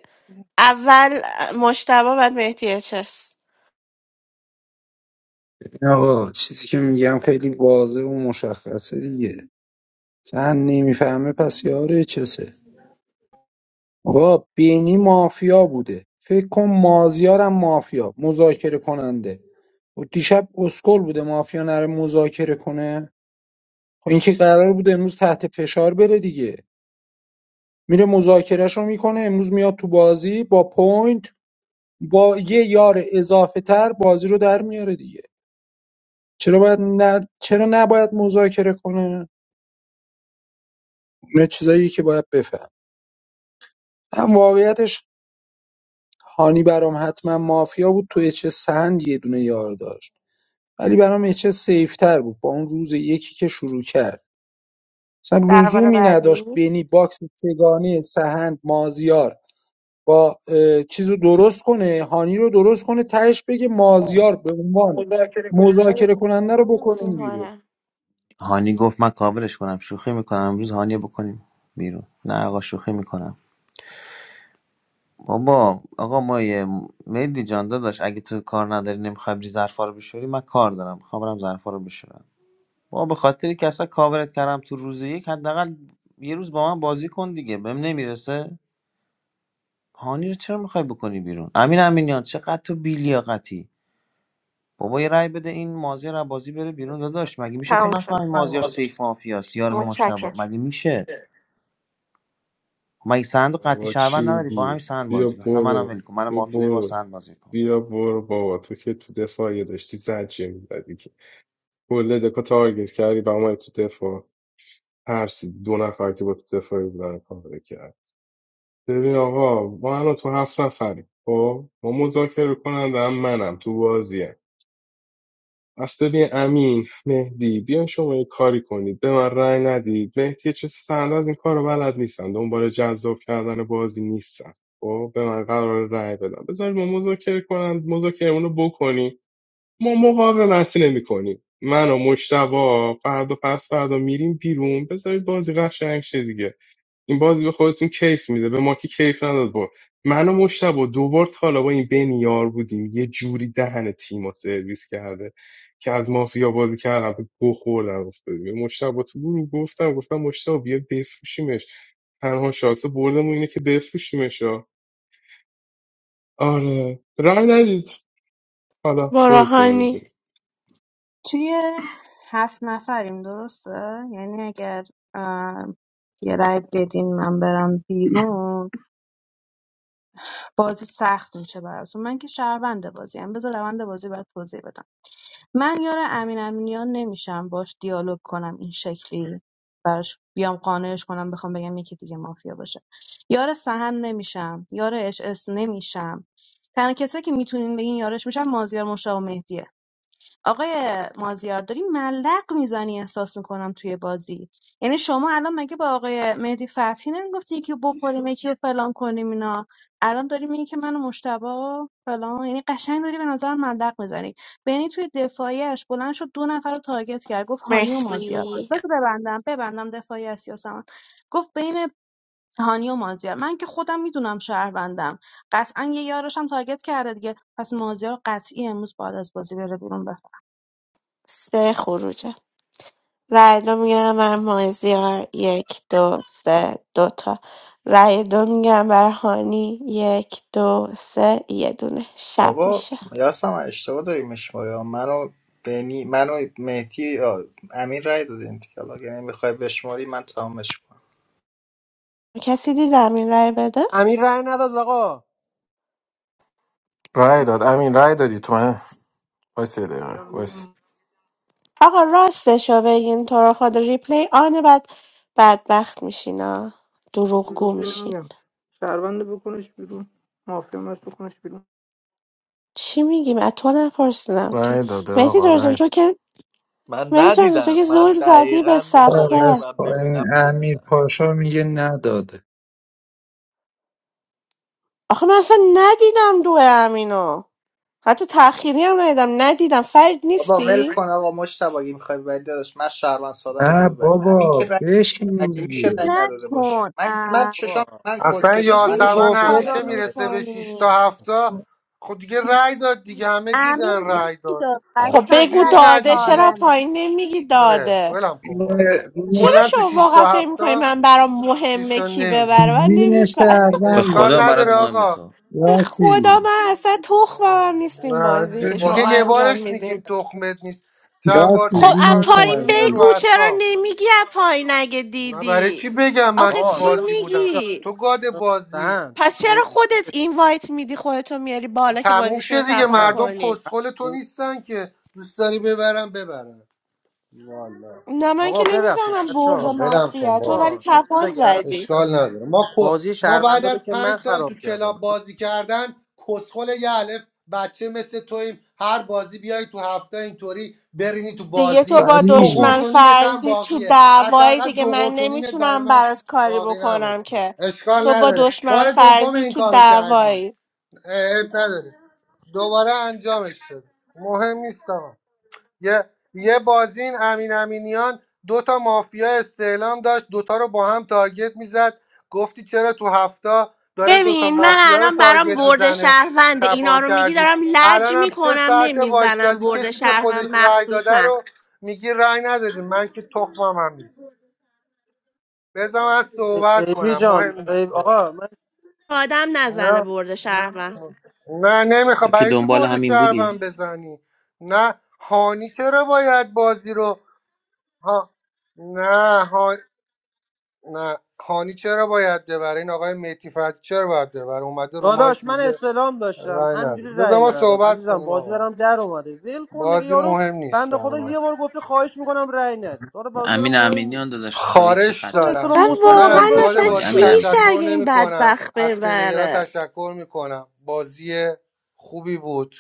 Speaker 4: اول مشتبه بعد مهدی اچس
Speaker 8: آقا چیزی که میگم خیلی واضح و مشخصه دیگه زن نمیفهمه پس یاره چسه آقا بینی مافیا بوده فکر کن مازیارم مافیا مذاکره کننده و دیشب اسکل بوده مافیا نره مذاکره کنه خب این که قرار بوده امروز تحت فشار بره دیگه میره مذاکرهش رو میکنه امروز میاد تو بازی با پوینت با یه یار اضافه تر بازی رو در میاره دیگه چرا باید نه چرا نباید مذاکره کنه اینا چیزایی که باید بفهم هم واقعیتش هانی برام حتما مافیا بود تو اچ سهند یه دونه یار داشت ولی برام اچ سیف تر بود با اون روز یکی که شروع کرد مثلا
Speaker 4: درباره
Speaker 8: لزومی نداشت
Speaker 4: بعدی
Speaker 8: بینی باکس سگانه سهند مازیار با اه، چیز رو درست کنه هانی رو درست کنه تهش بگه مازیار به عنوان مذاکره کننده رو
Speaker 4: میوت
Speaker 8: بکنیم بیرون
Speaker 4: میکنم
Speaker 14: هانی گفت من کاورش کنم شوخی میکنم امروز هانی بکنیم بیرون نه آقا شوخی میکنم بابا آقا ما یه مهدی جان داداش اگه تو کار نداری نمیخوای بری ظرفا رو بشوری من کار دارم میخوام برم ظرفا رو بشورم بابا به خاطر که اصلا کاورت کردم تو روز یک حداقل یه روز با من بازی کن دیگه بهم نمیرسه هانی رو چرا میخوای بکنی بیرون امین امینیان چقدر تو بیلیاقتی بابا یه رأی بده این مازیار از بازی بره بیرون داداش مگه میشه تو
Speaker 4: تموم
Speaker 14: نفهمی
Speaker 4: شد
Speaker 14: مازیار سیف مافیاست یارم مشتبه
Speaker 4: متشکرم
Speaker 14: مگه میشه ما این سند رو قطعی
Speaker 2: بابا چی
Speaker 14: شهروند نداری با همین
Speaker 2: میگی
Speaker 14: سند
Speaker 2: بیا
Speaker 14: بازی کن اصلا منم
Speaker 2: برو
Speaker 14: ول کن منو
Speaker 2: بیا
Speaker 14: مافی داری با
Speaker 2: برو
Speaker 14: سند بازی کن
Speaker 2: بیا برو بابا تو که تو دفاع یه داشتی زجه میزدی که کل دکا تارگت کردی به ما تو دفاع ترسیدی دو نفر که با تو دفاعی بودن کار کرد ببین آقا ما الان تو هفت نفریم خب ما مذاکره کننده هم منم تو بازیم اصلا ببین امین مهدی بیاین شما یه کاری کنید به من رأی ندید مهدی چه سند از این کار رو بلد نیستن دنبال جذاب کردن بازی نیستن خب به من قرار رأی بدم بذارید ما مذاکره کنن مذاکرمون رو بکنیم ما مقاومت نمی کنیم من و مشتبا فردا پس فردا میریم بیرون بذارید بازی قشنگ شه دیگه این بازی به خودتون کیف میده به ما که کیف نداد با من و مشتبه دوبار تا حالا با این بنیار بودیم یه جوری دهن تیم رو سرویس کرده که از مافیا بازی کردم به گو خوردم افتادیم به مشتبه تو گروه گفتم گفتم مشتبه بیا بفروشیمش تنها شانس بردمون اینه که بفروشیمش ها. آره رای ندید حالا
Speaker 4: برو
Speaker 2: خودتون
Speaker 4: هانی
Speaker 2: میدونید
Speaker 9: توی هفت نفریم درسته؟ یعنی اگر اه، یه رای بدین من برم بیرون بازی سخت میشه براتون من که شهروند بازی هم بذار روند بازی برات توضیح بدم من یار امین امینیان نمیشم باش دیالوگ کنم این شکلی براش بیام قانعش کنم بخوام بگم یکی دیگه مافیا باشه یار سهن نمیشم یار اش اس نمیشم تنها کسایی که میتونین بگین یارش میشم مازیار مشتاق و مهدیه آقای مازیار داری ملق میزنی احساس میکنم توی بازی یعنی شما الان مگه با آقای مهدی فتحی نمیگفتی یکی رو بخوریم یکی رو فلان کنیم اینا الان داری میگی که منو مشتبه فلان یعنی قشنگ داری به نظر ملق میزنی بینی توی دفاعیش بلند شد دو نفر رو تارگت کرد گفت هانی و مازیار
Speaker 4: مرسی
Speaker 9: بذار ببندم ببندم دفاعی است یاسمن گفت بین هانی و مازیار من که خودم میدونم شهروندم قطعا یه یارش هم تارگت کرده دیگه پس مازیار قطعی امروز بعد از بازی بره بیرون
Speaker 4: سه خروجه رای دو میگم بر مازیار یک دو سه دوتا رای دو میگم بر هانی یک دو سه یه دونه شب
Speaker 6: بابا
Speaker 4: میشه
Speaker 6: یاسم اشتباه داری میشماری ها منو بینی منو مهدی آ، امین رای دادیم دیگه حالا اگه میخوای بشماری من تمامش کنم
Speaker 4: کسی دیدم این رای بده؟
Speaker 12: امیر رأی نداد آقا
Speaker 16: رای داد امین رای دادی تو من وایس یه
Speaker 15: دارم
Speaker 16: دقیقه وایس
Speaker 15: می‌زنم.
Speaker 4: آقا راستشو بگین تو رو خود ریپلی آن بعد بدبخت میشین ها دروغگو
Speaker 15: دروغ
Speaker 4: میشین
Speaker 15: نمیگم شهروند بکنش بیرون مافیا ماست بکنش بیرون
Speaker 4: چی میگیم از تو نپرسیدم که
Speaker 16: رای داده
Speaker 4: مهدی
Speaker 16: آقا
Speaker 4: درستم
Speaker 16: رای
Speaker 4: تو که
Speaker 5: من
Speaker 4: مهدی درستم تو
Speaker 5: ندیدم
Speaker 4: که
Speaker 5: من
Speaker 4: زول زدی به
Speaker 5: دقیقا اون موقعی که
Speaker 4: صفحه
Speaker 8: از
Speaker 5: من
Speaker 8: پایین
Speaker 5: ببینم
Speaker 8: امیر
Speaker 5: ندیدم
Speaker 8: پاشا میگه نداده
Speaker 4: آخه من اصلا ندیدم دو امینو حتی تأخیری هم ندیدم ندیدم فرید
Speaker 6: بابا ول
Speaker 4: نیستی؟
Speaker 6: کن آقا مشتبه اگه میخوای ببری داداش من شهروند سادم
Speaker 8: نه
Speaker 6: بذار ببری امین که
Speaker 8: بابا
Speaker 6: رای
Speaker 8: بشین
Speaker 6: مگه میشه رای
Speaker 8: دیگه
Speaker 6: نداده باشه
Speaker 9: نکن
Speaker 6: من من
Speaker 9: اه.
Speaker 6: چشام
Speaker 12: بابا
Speaker 6: من
Speaker 1: اصلا
Speaker 12: یه
Speaker 6: کسکشم من
Speaker 9: خیلی
Speaker 12: چیزی
Speaker 6: چشام
Speaker 1: یاسمن
Speaker 6: کور
Speaker 12: گفته
Speaker 1: همیشه
Speaker 9: آرام
Speaker 12: دیگه
Speaker 6: ندیدم رای
Speaker 1: میرسه
Speaker 6: دادم.
Speaker 1: به 6 تا
Speaker 9: میشین
Speaker 1: 7 تا خب دیگه رأی داد دیگه همه
Speaker 9: امیر
Speaker 1: دیدن رأی
Speaker 9: زنگ
Speaker 1: داد
Speaker 9: داد
Speaker 1: تو
Speaker 4: خب
Speaker 1: چه
Speaker 9: قشنگ
Speaker 4: بگو
Speaker 1: جوری
Speaker 9: رأی
Speaker 4: داده چرا
Speaker 1: ندیدی
Speaker 9: سالم داد
Speaker 4: پایین نمیگی
Speaker 1: آره
Speaker 4: داده
Speaker 1: ولم کن بابا تو
Speaker 4: چرا
Speaker 1: کلا تو
Speaker 4: شما
Speaker 1: 6
Speaker 4: واقعا
Speaker 1: تا
Speaker 4: فکر
Speaker 1: 7
Speaker 4: میکنی
Speaker 1: تا
Speaker 4: من برام
Speaker 1: چیش
Speaker 4: مهمه
Speaker 1: رو
Speaker 4: کی ببره
Speaker 1: نمیبینه
Speaker 4: من
Speaker 8: وین
Speaker 4: نمیفهم
Speaker 14: به
Speaker 8: شهروند
Speaker 1: اشکال
Speaker 14: خدا
Speaker 8: بزن
Speaker 14: برات
Speaker 1: نداره
Speaker 14: مهمه
Speaker 1: آقا
Speaker 14: تو
Speaker 4: خدا
Speaker 8: یاسی
Speaker 4: من اصلا تخمم هم نیست این بازی
Speaker 6: به
Speaker 1: نه
Speaker 4: که
Speaker 1: دیگه
Speaker 4: شما
Speaker 6: قرآن رای
Speaker 1: یه
Speaker 4: انجام
Speaker 1: بارش
Speaker 4: میدین
Speaker 1: میگیم تخمت نیست چند بار
Speaker 8: یاسی
Speaker 4: خب از
Speaker 1: تکرار
Speaker 8: وین
Speaker 1: میکنی میره رو
Speaker 4: بگو
Speaker 8: شهروند
Speaker 4: چرا
Speaker 1: اعصاب
Speaker 4: نمیگی از پایین اگه
Speaker 1: نه برای
Speaker 4: دیدی
Speaker 1: چی بگم من
Speaker 4: آخه
Speaker 1: تو
Speaker 12: آقا
Speaker 4: چی
Speaker 12: مثلا
Speaker 1: بازی
Speaker 12: من
Speaker 1: بودم
Speaker 4: میگی
Speaker 1: تو گاد
Speaker 12: یادم
Speaker 1: بازی
Speaker 12: دهند
Speaker 4: پس
Speaker 12: ای-
Speaker 4: چرا خودت اینوایت میدی خودتو میاری بالا که
Speaker 1: تموم
Speaker 4: بازیشون
Speaker 1: شه
Speaker 4: رو
Speaker 1: دیگه
Speaker 4: تپان
Speaker 12: دهند
Speaker 1: مردم
Speaker 4: کنی
Speaker 1: کسخل تو
Speaker 12: هستی؟
Speaker 1: نیستن که دوست داری ببرم ببرم والا
Speaker 4: نه من که
Speaker 12: آقا ببخشید
Speaker 4: نمیزنم
Speaker 12: بچه
Speaker 4: برد
Speaker 1: بابا
Speaker 12: ها
Speaker 1: ولم کن
Speaker 4: مافیا تو
Speaker 1: بابا
Speaker 4: ولی
Speaker 12: آقا به چی
Speaker 4: تپان
Speaker 12: بگم
Speaker 4: زدی
Speaker 12: مثلا
Speaker 1: اشکال نداره ما کو-
Speaker 12: بازی
Speaker 1: ما بعد
Speaker 12: شهروندا رو
Speaker 1: از
Speaker 12: که من
Speaker 1: پنج سال تو
Speaker 12: خراب کردم
Speaker 1: کلاب بازی کردن کسخل یه الف بچه مثل تویم هر بازی بیای تو هفته اینطوری برینی تو
Speaker 4: دیگه تو
Speaker 1: بازی
Speaker 4: با
Speaker 1: دو
Speaker 8: فرید
Speaker 1: قرط
Speaker 4: دشمن
Speaker 1: و نیمت هم
Speaker 4: فرضی تو
Speaker 1: باقیه
Speaker 4: دعوایی
Speaker 1: حداقل
Speaker 4: دیگه
Speaker 1: دو
Speaker 4: من
Speaker 1: قرط و نیمت برای
Speaker 4: نمیتونم
Speaker 1: من
Speaker 4: برات کاری
Speaker 1: باقی
Speaker 4: بکنم
Speaker 1: نباشه
Speaker 4: که
Speaker 1: اشکال
Speaker 4: تو با
Speaker 1: نداره
Speaker 4: دشمن
Speaker 1: بار دوم
Speaker 4: فرضی
Speaker 1: این
Speaker 4: تو
Speaker 1: کارو کردی
Speaker 4: دعوایی
Speaker 1: اه، عیب نداره دوباره انجامش شد مهم نیست آقا یه یه بازین امین امینیان دو تا مافیا استعلام داشت دوتا رو با هم تارگت میزد گفتی چرا تو هفته داره دوتا
Speaker 4: ببین من
Speaker 1: مافیا رو
Speaker 4: الان برام
Speaker 1: تارگت
Speaker 4: برد
Speaker 1: میزنه
Speaker 4: شهروند اینا
Speaker 1: تپان
Speaker 4: رو میگی
Speaker 1: کردی
Speaker 4: دارم لج
Speaker 1: الان هم سه
Speaker 4: میکنم
Speaker 1: ساعت
Speaker 4: نمیزنم
Speaker 1: وایستادی
Speaker 4: برد
Speaker 1: کسی که خودش
Speaker 4: شهروند
Speaker 1: رأی داده
Speaker 4: مخصوصا
Speaker 1: رو میگی رأی ندادی من که تخمم هم نیست بذار من
Speaker 12: ای-
Speaker 1: صحبت
Speaker 12: ای پی
Speaker 1: کنم
Speaker 12: جان
Speaker 1: مهم نیست
Speaker 12: ای- آقا
Speaker 4: آدم نزنه
Speaker 1: نه
Speaker 4: برد شهروند
Speaker 1: نه نمیخوا
Speaker 14: تو که
Speaker 1: برای چی
Speaker 14: دنبال
Speaker 1: برد
Speaker 14: همین بودی
Speaker 1: شهروند بزنی نه هانی چرا باید بازی رو ها نه نه خانی چرا باید ببره این آقای میتی فتی چرا باید ببره اومده رو
Speaker 12: داداش
Speaker 1: مایک
Speaker 12: من
Speaker 1: میگه
Speaker 12: اسلام داشتم
Speaker 1: رای نده
Speaker 12: همینجوری
Speaker 1: بذار
Speaker 12: رأی
Speaker 1: ما
Speaker 12: ندادم
Speaker 1: صحبت
Speaker 12: عزیزم
Speaker 1: کنیم
Speaker 12: بازی
Speaker 1: آقا
Speaker 12: برام در اومده ول کن دیگه
Speaker 1: بازی
Speaker 12: یارو
Speaker 1: مهم نیست
Speaker 12: بنده
Speaker 1: برای
Speaker 12: خدا
Speaker 1: من
Speaker 12: یه بار گفته خواهش میکنم رأی ندید آره بازی
Speaker 14: امین
Speaker 12: برام مهم
Speaker 14: امینیان
Speaker 12: نیست
Speaker 14: داداش تو ای چه
Speaker 1: خارش
Speaker 14: خط
Speaker 12: من
Speaker 14: تو
Speaker 1: دارم
Speaker 4: من
Speaker 12: اسلام
Speaker 14: تو خط
Speaker 12: مثبتش
Speaker 1: من
Speaker 14: تو
Speaker 12: هم
Speaker 4: واقعا
Speaker 1: از
Speaker 12: داشتم
Speaker 1: گاد
Speaker 4: اصلا
Speaker 14: کسخلی
Speaker 1: بازی
Speaker 4: چی
Speaker 14: امین
Speaker 12: عزیزم
Speaker 4: میشه
Speaker 14: امینیان
Speaker 1: تشکر
Speaker 4: اگه این
Speaker 1: نمی کنم
Speaker 4: بدبخت
Speaker 1: از پلیرها
Speaker 4: ببره
Speaker 1: تشکر می کنم بازی خوبی بود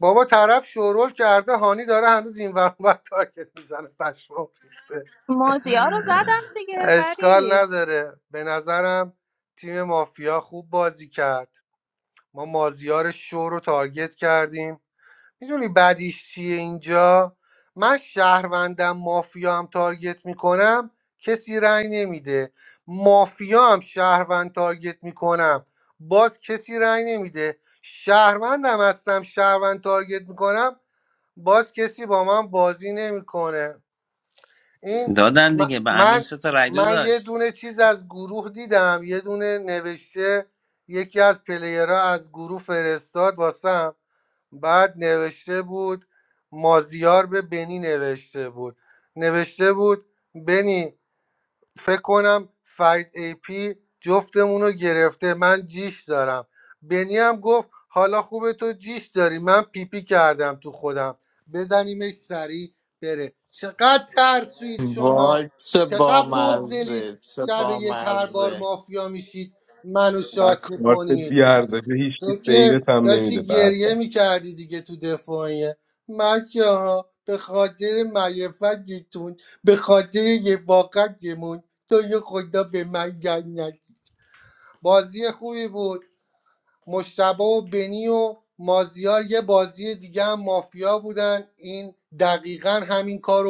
Speaker 1: بابا طرف شورول کرده هانی داره هنوز این ور اون ور تارگت میزنه پشمام ریخته
Speaker 9: موزیا رو زدم دیگه
Speaker 1: اشکال
Speaker 9: فرید
Speaker 1: نداره به نظرم تیم مافیا خوب بازی کرد ما مازیار شو رو تارگت کردیم میدونی بعدیش چیه اینجا من شهروندم مافیا هم تارگت میکنم کسی رأی نمیده مافیا هم شهروند تارگت میکنم باز کسی رأی نمیده شهروندم هستم شهروند تارگت میکنم باز کسی با من بازی نمیکنه این
Speaker 14: دادن
Speaker 1: م-
Speaker 14: دیگه به امین
Speaker 1: من
Speaker 14: سه تا رای دو
Speaker 1: من یه
Speaker 14: داشت
Speaker 1: دونه چیز از گروه دیدم یه دونه نوشته یکی از پلیرها از گروه فرستاد واسم بعد نوشته بود مازیار به بنی نوشته بود نوشته بود بنی فکر کنم فرید ای پی جفتمون رو گرفته من جیش دارم بنی هم گفت حالا خوبه تو جیش داری من پیپی کردم تو خودم بزنیمش سریع بره چقدر ترسوید شما چقدر بزدلید شب یک هر بار مافیا میشید منو
Speaker 2: بعد
Speaker 1: شات
Speaker 2: کارت
Speaker 1: میکنید
Speaker 2: بیارزه هیچکی
Speaker 1: تو که
Speaker 2: سیوت هم نمیده
Speaker 1: داشتی
Speaker 2: بعد
Speaker 1: گریه
Speaker 2: بعد
Speaker 1: میکردی دیگه تو دفاعیه من که ها به خاطر معرفت گیتون به خاطر یه واقع گمون تو یه خدا به من گرد ندی. بازی خوبی بود مشتبه و بنی و مازیار یه بازی دیگه هم مافیا بودن این دقیقا همین کارو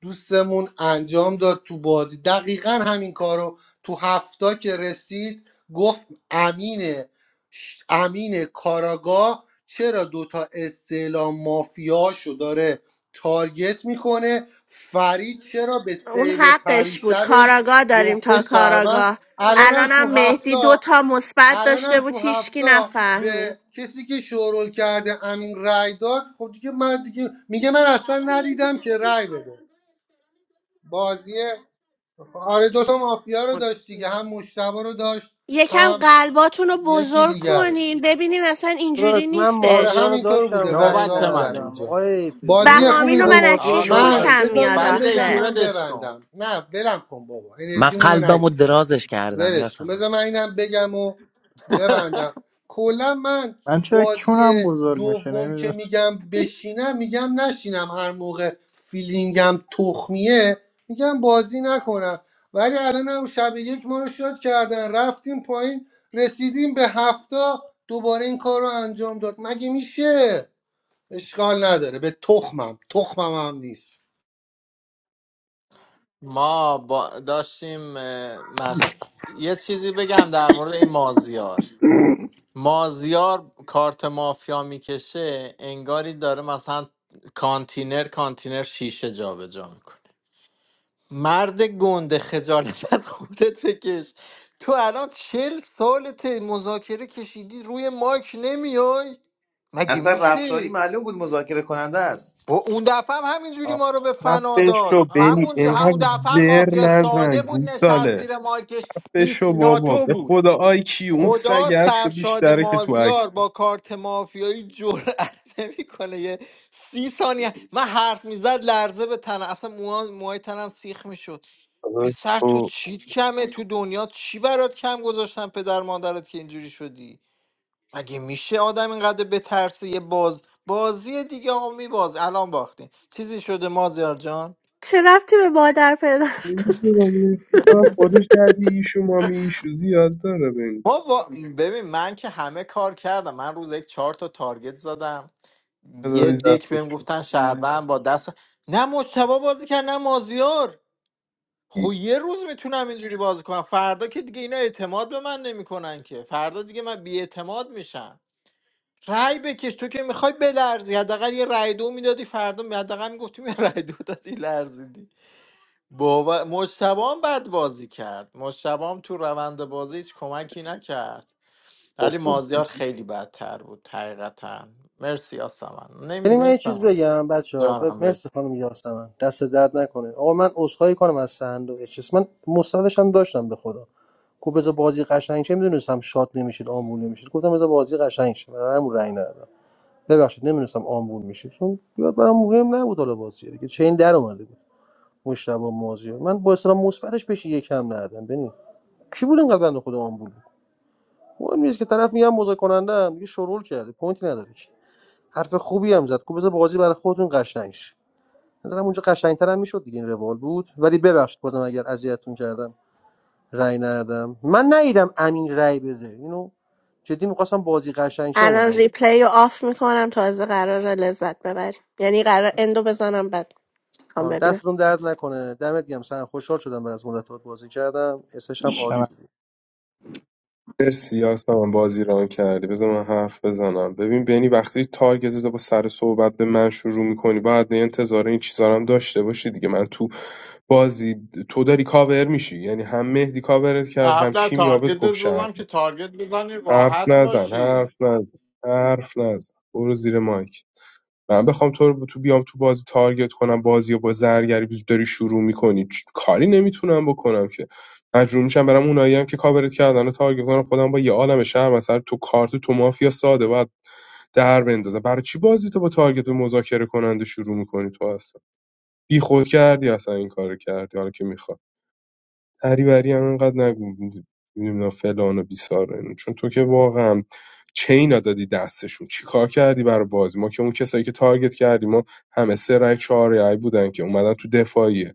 Speaker 1: دوستمون انجام داد تو بازی دقیقا همین کارو تو هفتا که رسید گفت امینه ش- امین کاراگاه چرا دوتا استعلام مافیاشو داره تارگت میکنه فرید چرا به
Speaker 4: اون
Speaker 1: سیو
Speaker 4: حقش بود
Speaker 1: پریشبش
Speaker 4: کاراگاه داریم
Speaker 1: گفته
Speaker 4: تا
Speaker 1: شهروند
Speaker 4: کاراگاه
Speaker 1: الانم تو
Speaker 4: الانم مهدی
Speaker 1: هفته
Speaker 4: دو تا مثبت
Speaker 1: الان
Speaker 4: داشته
Speaker 1: هم
Speaker 4: بود
Speaker 1: تو
Speaker 4: هیچکی
Speaker 1: هفته
Speaker 4: نفهمید
Speaker 1: به کسی که شورول کرده امین رای داد خب دیگه من دیگه میگه من اصلا ندیدم که رای بده بازی آره دوتا مافیا رو داشت دیگه هم مشتبه رو داشت
Speaker 4: یکم
Speaker 1: هم
Speaker 4: قلباتون رو
Speaker 1: یکی
Speaker 4: بزرگ
Speaker 1: دیگر رو
Speaker 4: کنین ببینین اصلا اینجوری
Speaker 12: داداش من
Speaker 1: آره
Speaker 12: مازیار
Speaker 4: نیستش
Speaker 12: رو
Speaker 1: همینطور
Speaker 12: داشتم
Speaker 1: بوده
Speaker 12: رأی
Speaker 1: بچه
Speaker 3: نوبت
Speaker 1: ها بودن
Speaker 3: منه
Speaker 12: ندادم
Speaker 1: اینجا
Speaker 12: آقای پی
Speaker 1: بازی
Speaker 12: داداش
Speaker 4: بهامین
Speaker 1: خوبی
Speaker 4: و
Speaker 12: من
Speaker 4: من
Speaker 1: بود
Speaker 4: از
Speaker 12: مازیار رو
Speaker 3: آقا
Speaker 4: چیش
Speaker 12: داشتم
Speaker 1: من
Speaker 3: نوبت
Speaker 4: خوشم
Speaker 12: رأی ندادم.
Speaker 4: میاد
Speaker 1: بذارینم
Speaker 3: فرید
Speaker 1: بگم
Speaker 3: ایپی
Speaker 4: آخه
Speaker 1: من
Speaker 3: ولش کن
Speaker 1: ببندم نه بلم کن بابا
Speaker 14: من
Speaker 1: انرژیمون رو
Speaker 14: قلبم رو
Speaker 1: نگیر
Speaker 14: درازش کردم یا
Speaker 1: ولش کن
Speaker 14: سمن
Speaker 1: بذار من اینم بگم و ببندم کلا من
Speaker 6: من چرا
Speaker 1: بازی
Speaker 6: کونم بزرگ میشه
Speaker 1: دوم که
Speaker 6: نمیدونم
Speaker 1: میگم بشینم میگم نشینم هر موقع فیلینگم تخمیه میگم بازی نکنم ولی الان هم شب یک ما رو شاد کردن رفتیم پایین رسیدیم به هفته دوباره این کار رو انجام داد مگه میشه اشکال نداره به تخمم تخمم هم نیست
Speaker 3: ما با داشتیم اه، مش... یه چیزی بگم در مورد این مازیار مازیار کارت مافیا میکشه انگاری داره مثلا کانتینر کانتینر شیشه جابجا میکنه مرد گنده خجالت از خودت بکش تو الان چل سالت مذاکره کشیدی روی مایک نمیای مگه
Speaker 14: اصلا رفتاری
Speaker 3: میشه
Speaker 14: معلوم بود مذاکره کننده است
Speaker 3: و اون دفعه هم همینجوری ما رو به فنا
Speaker 2: خفه
Speaker 3: داد
Speaker 2: شو بنی
Speaker 3: همون همون
Speaker 2: اینقدر
Speaker 3: دفعه هم
Speaker 2: زر
Speaker 3: مافیا
Speaker 2: نزن
Speaker 3: ساده بود نشست
Speaker 2: گوساله
Speaker 3: زیر مایکش هیچ
Speaker 2: بشو بابا
Speaker 3: ناتو
Speaker 2: به
Speaker 3: بود
Speaker 2: خدا آی کیو اون سگ
Speaker 3: خدا
Speaker 2: هست و
Speaker 3: سرشاد
Speaker 2: بیشتره که تو عکس
Speaker 3: مازیار با کارت مافیایی جرأت نمیکنه یه سی ثانیه من حرف میزد لرزه به تنم اصلا موها- موهای تنم سیخ میشد
Speaker 2: داره
Speaker 3: پسر تو
Speaker 2: تو
Speaker 3: چیت کمه تو دنیا چی برات کم گذاشتن پدر مادرت که اینجوری شدی مگه میشه آدم اینقدر بترسه یه باز بازی دیگه آقا میباز الان باختین چیزی شده مازیار جان
Speaker 4: چه رفتی به مادر پدر داره؟
Speaker 2: نمی‌دونم، فکرم خودش دردی ایشو مامی ایشو زیاد داره بین
Speaker 3: ما وا- ببین من که همه کار کردم من روز یک چهار تا تارگت زدم یه
Speaker 2: دادی
Speaker 3: دک
Speaker 2: دستش
Speaker 3: بهم گفتن شعبان با دست نه مشتبه بازی کرد نه مازیار خب یه روز میتونم اینجوری بازی کنم فردا که دیگه اینا اعتماد به من نمیکنن که فردا دیگه من بیاعتماد میشم رأی بکش تو که میخوای بلرزی حداقل یه رأی دو میدادی فردا می- حداقل میگفتیم یه رأی دو دادی لرزیدی بابا مشتبه هم بد بازی کرد مشتبه هم تو روند بازی هیچ کمکی نکرد
Speaker 2: خب
Speaker 3: ولی
Speaker 2: خوب
Speaker 3: مازیار
Speaker 2: بود
Speaker 3: خیلی بدتر بود حقیقتا مرسی آسمان
Speaker 12: یعنی من یه چیز
Speaker 3: نمیدونم
Speaker 12: بگم بچه ها
Speaker 3: جانم
Speaker 12: مرسی خانم یاسمن دست درد نکنه آقا من عذرخواهی کنم از سهند و اچس من مستندش هم داشتم به خدا گفت بذار بازی قشنگ شه میدونستم شاد نمیشید آمبول نمیشید گفتم بذار بازی قشنگ شه برای همون رنگ ندادم ببخشید نمیدونستم آمبول میشید چون بیاد برام مهم نبود حالا بازی دیگه چین در اومده بود مشتبه مازیار من با اصلا مثبتش بهش یکم ندادم ببین کی بود اینقدر بنده خدا آمبول بود مهم نیست که طرف میگم مذاکره کننده هم دیگه شروع کرده پوینتی نداره که حرف خوبی هم زد گفت بذار بازی برای خودتون قشنگ شه نظرم اونجا قشنگتر هم میشد دیگه این روال بود ولی ببخشید بازم اگر اذیتتون کردم رأی ندادم من نیدم امین رأی بده اینو جدی میخواستم بازی قشنگ شه
Speaker 4: الان
Speaker 12: اومدم
Speaker 4: ریپلی رو آف میکنم تازه قرار لذت ببریم یعنی قرار اندو بزنم بعد هم
Speaker 12: آره
Speaker 4: ببینم
Speaker 12: دستتون درد نکنه دمت گرم سن خوشحال شدم بعد از مدت باهات بازی کردم اسش هم عالی بود
Speaker 2: مرسی هم بازی ران کردی بذار من حرف بزنم ببین بینی وقتی تارگت تو با سر صحبت به من شروع میکنی بعد نه انتظار این چیزا هم داشته باشی دیگه من تو بازی تو داری کاور میشی یعنی هم مهدی کاورت کرد هم
Speaker 3: قبلا
Speaker 2: کیمیابت
Speaker 3: تارگت
Speaker 2: گفت شهر
Speaker 3: زدم که تارگت بزنی
Speaker 2: حرف
Speaker 3: راحت
Speaker 2: نزن
Speaker 3: باشی
Speaker 2: حرف نزن حرف نزن برو زیر مایک من بخوام تو رو تو بیام تو بازی تارگت کنم بازی و با زرگری بیز داری شروع میکنی کاری نمیتونم بکنم که مجبور میشم برم اونایی هم که کاورت کردن رو تارگت کنم خودم با یه عالم شهر مثلا تو کارت تو مافیا ساده باید در بندازم برای چی بازی تو با تارگت به مذاکره کننده شروع میکنی تو اصلا بی خود کردی اصلا این کارو کردی حالا که می‌خوای. هری هم اینقدر نگو نمیدونم فلان و بیسار و اینو. چون تو که واقعا چینا دادی دستشون چیکار کردی برای بازی ما که اون کسایی که تارگت کردی ما همه سه رای چهار رای بودن که اومدن تو دفاعیه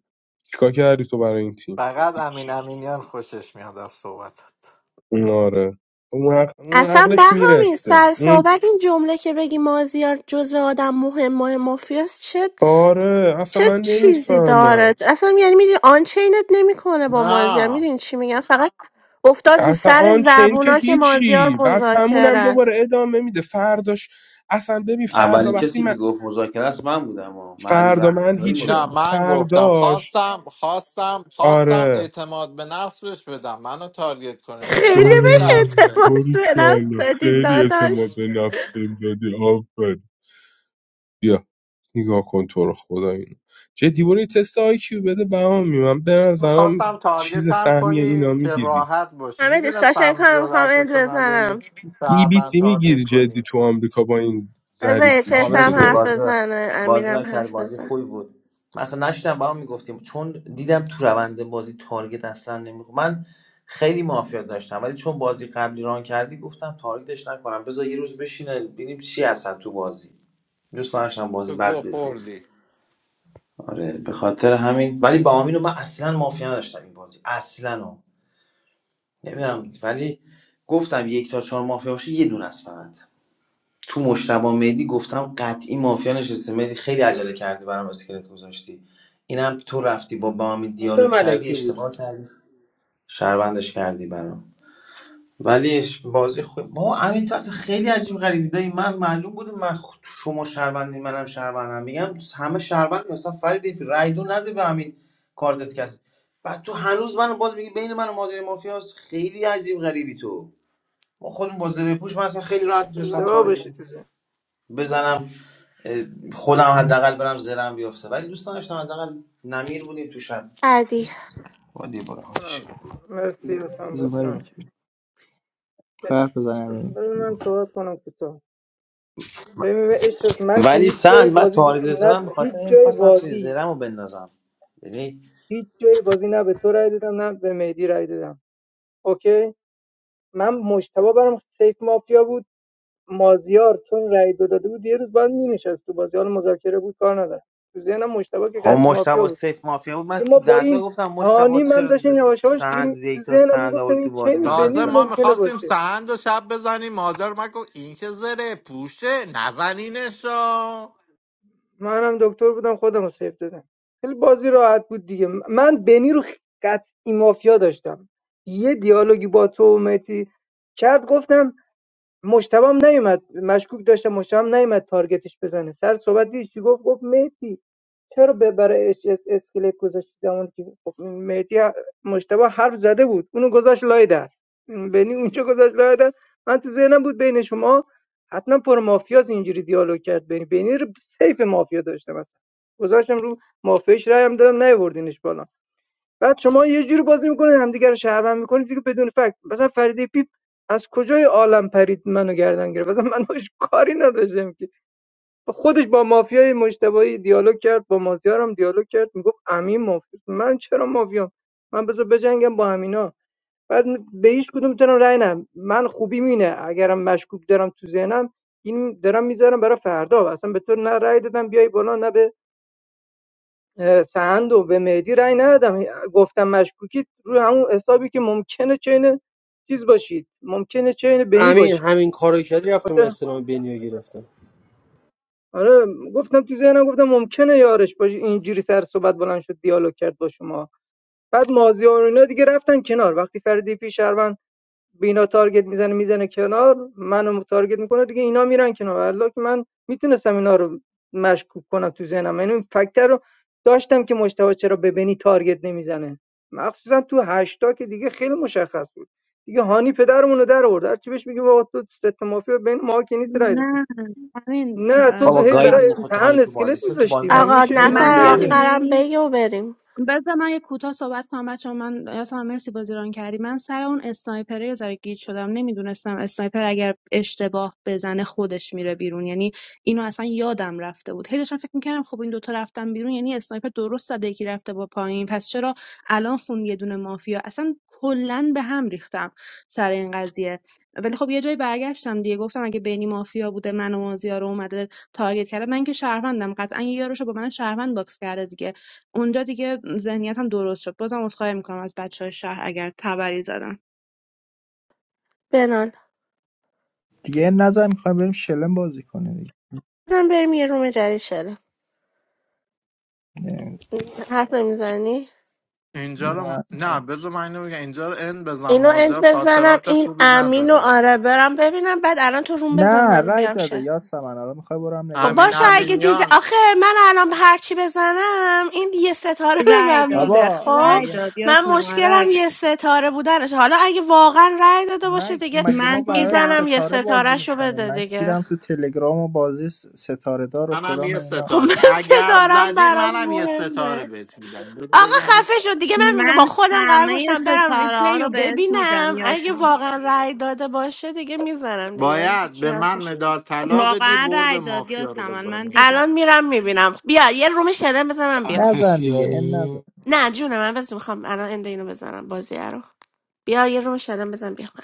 Speaker 2: چیکار کردی تو برای این تیم
Speaker 3: فقط امین امینیان خوشش میاد از صحبتات
Speaker 2: آره اون, عق- اون
Speaker 4: اصلا
Speaker 2: عقلش
Speaker 4: بهامین
Speaker 2: میرسه
Speaker 4: سر
Speaker 2: اون
Speaker 4: صحبت این جمله که بگی مازیار جزو آدم مهم مهم مافیاست چه
Speaker 2: آره اصلا
Speaker 4: چه
Speaker 2: من
Speaker 4: چیزی
Speaker 2: نمیفهمم
Speaker 4: داره اصلا یعنی میدونی آنچینت نمیکنه با مازیار
Speaker 3: نه
Speaker 4: میدونی چی میگن فقط افتاد رو
Speaker 2: اصلا
Speaker 4: سر
Speaker 2: آن چین که
Speaker 4: زبونا که مازیار
Speaker 2: هیچی بعد همون
Speaker 4: مذاکره
Speaker 2: هم دوباره
Speaker 4: است
Speaker 2: ادامه میده فرداش اصلا ببین فردا
Speaker 14: اولین
Speaker 2: وقتی
Speaker 14: کسی که گفت مذاکره است من بودم و معلوم
Speaker 2: فردا من
Speaker 14: رفتاری
Speaker 2: هیچ
Speaker 3: نه
Speaker 14: مذاکره
Speaker 3: من گفتم
Speaker 2: فرداش
Speaker 3: خواستم خواستم خواستم
Speaker 2: آره
Speaker 3: اعتماد به نفس بهش بدم منو تارگت کنه
Speaker 4: خیلی
Speaker 3: نوشتم
Speaker 4: بهش اعتماد
Speaker 3: میترسه
Speaker 2: باری
Speaker 4: به نفس
Speaker 2: کلا
Speaker 4: دادی
Speaker 2: خیلی اعتماد
Speaker 4: داداش
Speaker 2: به نفس بهم دادی آفر بیا نگاه کن تو رو خدا اینو چه برو یه تست آیکیو بده بهامی من من به نظرم
Speaker 3: خواستم
Speaker 2: چیز
Speaker 3: تارگتم
Speaker 2: سهمی اینا
Speaker 3: کنی که
Speaker 2: میگیری
Speaker 3: راحت باشی
Speaker 4: همه دیسکاشن
Speaker 3: میدونستم
Speaker 4: کنم میخوام اند
Speaker 3: جرأتشو
Speaker 4: بزنم
Speaker 3: نداری
Speaker 2: ای بی
Speaker 3: شهروند
Speaker 2: تی میگیری
Speaker 3: تارگت
Speaker 2: جدی
Speaker 3: کنی
Speaker 2: تو آمریکا با این زری
Speaker 4: بذار
Speaker 14: آقا
Speaker 4: HSM
Speaker 2: پوشی که
Speaker 4: هم
Speaker 14: مرسی بود
Speaker 2: داری
Speaker 4: حرف
Speaker 14: بازی
Speaker 4: بزنه
Speaker 14: بازی را
Speaker 4: امیرم حرف
Speaker 14: بازی
Speaker 4: بزن
Speaker 14: خوبی بود من اصلا نشیدم با هم میگفتیم چون دیدم تو روند بازی تارگت اصلا نمیخوام من خیلی مافیا داشتم ولی چون بازی قبلی ران کردی گفتم تارگتش نکنم بذار یه روز بشینه ببینیم چی هستن تو بازی دوست داشتم بازی
Speaker 3: تو
Speaker 14: بد
Speaker 3: گو
Speaker 14: ببینیم
Speaker 3: خوردی
Speaker 14: آره به خاطر همین ولی با امینو من اصلا مافیا نداشتم این بازی اصلا نمیدونم ولی گفتم یک تا چهار مافیا باشه یه دونه است فقط تو مشتبه مهدی گفتم قطعی مافیا نشسته مهدی خیلی عجله کردی برام اسکلت گذاشتی اینم تو رفتی با بامی
Speaker 12: گفتم
Speaker 14: دیالوگ کردی
Speaker 12: ملکی بود
Speaker 14: اشتباه کردی شربندش کردی برام ولی اش- بازی خوب ما همین تو اصلا خیلی عجیب غریبی دایی من معلوم بود من خ- شما شهروندی منم شهروندم میگم همه شهروند مثلا فرید رای دو نده به همین کارتت کس بعد تو هنوز منو باز میگی بین من و مازیار مافیاس خیلی عجیب غریبی تو ما خودم با زره پوش من اصلا خیلی راحت میتونستم
Speaker 15: اشتباه
Speaker 14: تارگت
Speaker 15: بشه
Speaker 14: بزنم خودم حداقل برم زرم بیفته ولی دوستان داشتم حداقل نمیر بودیم تو شب
Speaker 4: بعدی
Speaker 14: با دیوار حالش
Speaker 15: کنم مرسی حسن
Speaker 6: بزن
Speaker 15: بازی رو
Speaker 6: بریم
Speaker 15: کرد
Speaker 6: خرف بزنیم بریم.
Speaker 15: بذار من صحبت کنم کوتاه ببین به عشق است. من که
Speaker 14: ولی
Speaker 15: هیچ جای
Speaker 14: سند بعد
Speaker 15: بازی ب-
Speaker 14: تارگت
Speaker 15: نه
Speaker 14: زدم به
Speaker 15: هیچ
Speaker 14: خاطر این
Speaker 15: جای
Speaker 14: خواستم چیز
Speaker 15: بازی
Speaker 14: زرم رو بندازم یعنی
Speaker 15: هیچ جای بازی نه به تو رای دادم نه به مهدی رای دادم اوکی من مشتبه برام سیف مافیا بود مازیار چون رای دو داده بود یه روز بعد مینشست تو بازی حالا مذاکره بود کار ندارم تو ذهنم مشتبه که
Speaker 14: خب
Speaker 15: قطعی مافیا
Speaker 14: مشتبه
Speaker 15: بود
Speaker 14: سیف مافیا بود من
Speaker 15: دیگه ما
Speaker 14: تو
Speaker 15: با
Speaker 14: دهتا
Speaker 15: این
Speaker 14: گفتم مشتبه
Speaker 15: هانی من
Speaker 14: چرا
Speaker 15: داشتیم یواش یواش
Speaker 14: سند
Speaker 15: دیگه تو
Speaker 14: دیتا
Speaker 15: ذهنم
Speaker 14: سند
Speaker 15: میگفتم
Speaker 14: آورد تو
Speaker 15: این
Speaker 14: بازی
Speaker 15: چه
Speaker 14: به نظرم
Speaker 15: بنی
Speaker 3: تازه
Speaker 14: ز-
Speaker 3: ما
Speaker 15: ممکنه
Speaker 3: میخواستیم
Speaker 15: باشه
Speaker 3: سهند و شب بزنیم مادر مکو این که زره پوشه نزنینشو
Speaker 15: منم دکتر بودم خودم رو سیف دادم خیلی بازی راحت بود دیگه من بنی رو قطعی مافیا داشتم یه دیالوگی با تو و مهدی کرد گفتم مشتبام نیومد مشکوک داشتم مشتبام نیومد تارگتش بزنه سر صحبت دیدی چی گفت گفت مهدی چرا به- برای اچ اس اسکلت گذاشتی زمانی که خب مهدی مشتبه حرف زده بود اونو گذاشت لای در بنی اونجا گذاشت لای در من تو ذهنم بود بین شما حتما پر مافیاز اینجوری دیالوگ کرد بینی بینی رو سیف مافیا داشتم اصلا گذاشتم رو مافیاش رای هم دادم نیوردینش بالا بعد شما یه جوری بازی میکنید همدیگه رو شهروند میکنید دیگه بدون فکت مثلا فریده پیپ از کجای عالم پرید منو گردن گرفت مثلا من باش کاری نداشتم که خودش با مافیای مجتبی دیالوگ کرد با مازیار هم دیالوگ کرد میگفت امین مافیا من چرا مافیام من بذار بجنگم با همینا بعد به هیچ کدوم میتونم رأی نم من خوبی مینه اگرم مشکوک دارم تو ذهنم این دارم میذارم برای فردا اصلا به تو نه رأی دادم بیای بالا نه به اه، و به مهدی رأی ندادم گفتم مشکوکی روی همون حسابی که ممکنه چین چیز باشید ممکنه چین بنی
Speaker 12: امین
Speaker 15: باشید
Speaker 12: همین کارو کردی رفتم
Speaker 15: خاطر
Speaker 12: استلام بنیو گرفتم
Speaker 15: آره گفتم تو ذهنم گفتم ممکنه یارش باشه اینجوری سر صحبت بلند شد دیالوگ کرد با شما بعد مازیار و اینا دیگه رفتن کنار وقتی فردی پی شهروند به اینا تارگت میزنه میزنه کنار منو تارگت میکنه دیگه اینا میرن کنار والله که من میتونستم اینا رو مشکوک کنم تو ذهنم یعنی این فکتر رو داشتم که مشتبه چرا به بنی تارگت نمیزنه مخصوصا تو هشتا که دیگه خیلی مشخص بود دیگه هانی پدرمون رو در آورد هر چی بهش میگه بابا تو ست مافیا بین ما که نیست رای دادی.
Speaker 9: نه همین
Speaker 15: نه تو
Speaker 9: ب-
Speaker 14: بابا
Speaker 15: هی
Speaker 14: گایدی
Speaker 15: برای
Speaker 9: ببخشید
Speaker 14: میخواد تو هانی
Speaker 15: دهن
Speaker 14: تو
Speaker 15: اسکلت
Speaker 14: بازی چرا تو
Speaker 15: میذاشتی
Speaker 14: بازی
Speaker 15: مگه
Speaker 4: آقا
Speaker 14: نبودی ولی
Speaker 15: میشه
Speaker 14: میکنه
Speaker 15: هم
Speaker 9: من
Speaker 14: دیگه
Speaker 4: نفر
Speaker 15: برای
Speaker 14: همین
Speaker 4: آخرم
Speaker 9: میدونی
Speaker 4: بگو بریم
Speaker 9: بذار من یه کوتاه صحبت کنم بچه من اصلا مرسی بازی ران کردی من سر اون اسنایپره یه ذره گیج شدم نمیدونستم اسنایپر اگر اشتباه بزنه خودش میره بیرون یعنی اینو اصلا یادم رفته بود هی داشتم فکر میکردم خب این دوتا رفتن بیرون یعنی اسنایپر درست زده یکی رفته با پایین پس چرا الان خون یه دونه مافیا اصلا کلا به هم ریختم سر این قضیه ولی خب یه جایی برگشتم دیگه گفتم اگه بینی مافیا بوده من و مازیار رو اومده تارگت کرده من که شهروندم قطعا یه یارو رو با من شهروند باکس کرده دیگه اونجا دیگه ذهنیتم درست شد بازم عذرخواهی میکنم از بچه‌های شهر اگر تبری زدم
Speaker 4: بنال
Speaker 6: دیگه نظر میخوایم بریم شلم بازی کنیم دیگه
Speaker 4: برم بریم یه روم جدید شده
Speaker 6: نه
Speaker 4: حرف نمیزنی
Speaker 3: اینجا رو
Speaker 6: نه.
Speaker 3: نه بذار من اینو بگم اینجا رو ان بزن
Speaker 4: اینو اند
Speaker 3: مازیار
Speaker 4: بزنم
Speaker 3: خاطرات
Speaker 4: این
Speaker 3: خوبی
Speaker 4: امین و
Speaker 3: نداره
Speaker 4: آره برم ببینم بعد الان تو روم بزن
Speaker 6: نه
Speaker 4: من
Speaker 6: رای
Speaker 4: بیام
Speaker 6: داده
Speaker 4: شد
Speaker 6: یاسمن الان میخوای برو هم
Speaker 4: خب
Speaker 6: نگاه
Speaker 3: امین
Speaker 6: کن
Speaker 4: باشه اگه دیده
Speaker 3: امینیان
Speaker 4: آخه من الان هرچی بزنم این یه ستاره به
Speaker 9: رای
Speaker 4: من
Speaker 9: داد
Speaker 4: میده
Speaker 6: بابا
Speaker 4: خب
Speaker 9: رای
Speaker 6: مگه
Speaker 9: داد
Speaker 4: من
Speaker 9: یاسم رای
Speaker 4: مشکلم
Speaker 9: داد
Speaker 4: یه ستاره بودنش حالا اگه واقعا رأی داده باشه
Speaker 6: من
Speaker 4: دیگه
Speaker 6: مگه ما
Speaker 9: من
Speaker 6: برای
Speaker 9: دیدم
Speaker 4: میزنم یه
Speaker 6: ستاره بازی
Speaker 4: ستارهشو
Speaker 6: میکنیم
Speaker 4: بده
Speaker 6: من
Speaker 4: دیگه
Speaker 6: کیرم تو تلگرام و بازی ستاره دار و
Speaker 3: منم
Speaker 6: فلان و
Speaker 3: یه
Speaker 6: اینا
Speaker 4: خب من
Speaker 3: ستاره اگر
Speaker 4: ستارم
Speaker 3: زدی
Speaker 4: برام
Speaker 3: منم یه
Speaker 4: مهمه
Speaker 3: ستاره بهت میدم بهت
Speaker 4: آقا
Speaker 3: بگم
Speaker 4: خفه شد دیگه من با
Speaker 9: من
Speaker 4: خودم قرار
Speaker 9: همه
Speaker 4: گذاشتم برم
Speaker 9: ستاره ها
Speaker 4: ریپلی رو
Speaker 9: رو بهت میدم
Speaker 4: ببینم اگه
Speaker 9: یاسم
Speaker 4: واقعا رأی داده باشه دیگه میزنم دیگه
Speaker 3: باید
Speaker 4: چی
Speaker 3: به
Speaker 4: حرف
Speaker 3: من
Speaker 4: باشه؟
Speaker 3: مدال طلا بدی
Speaker 9: واقعا
Speaker 3: برد
Speaker 9: رای داد
Speaker 3: مافیا رو
Speaker 9: یاسم من
Speaker 3: بزنی
Speaker 9: دیدم
Speaker 4: الان میرم میبینم بیا یه روم شدن بزن من
Speaker 16: هر
Speaker 4: بیام
Speaker 6: نزن دیگه این نزن
Speaker 16: پسیانی
Speaker 4: نه جون من بس میخوام الان اند اینو بزنم بازی رو بیا یه روم شدن بزن بیام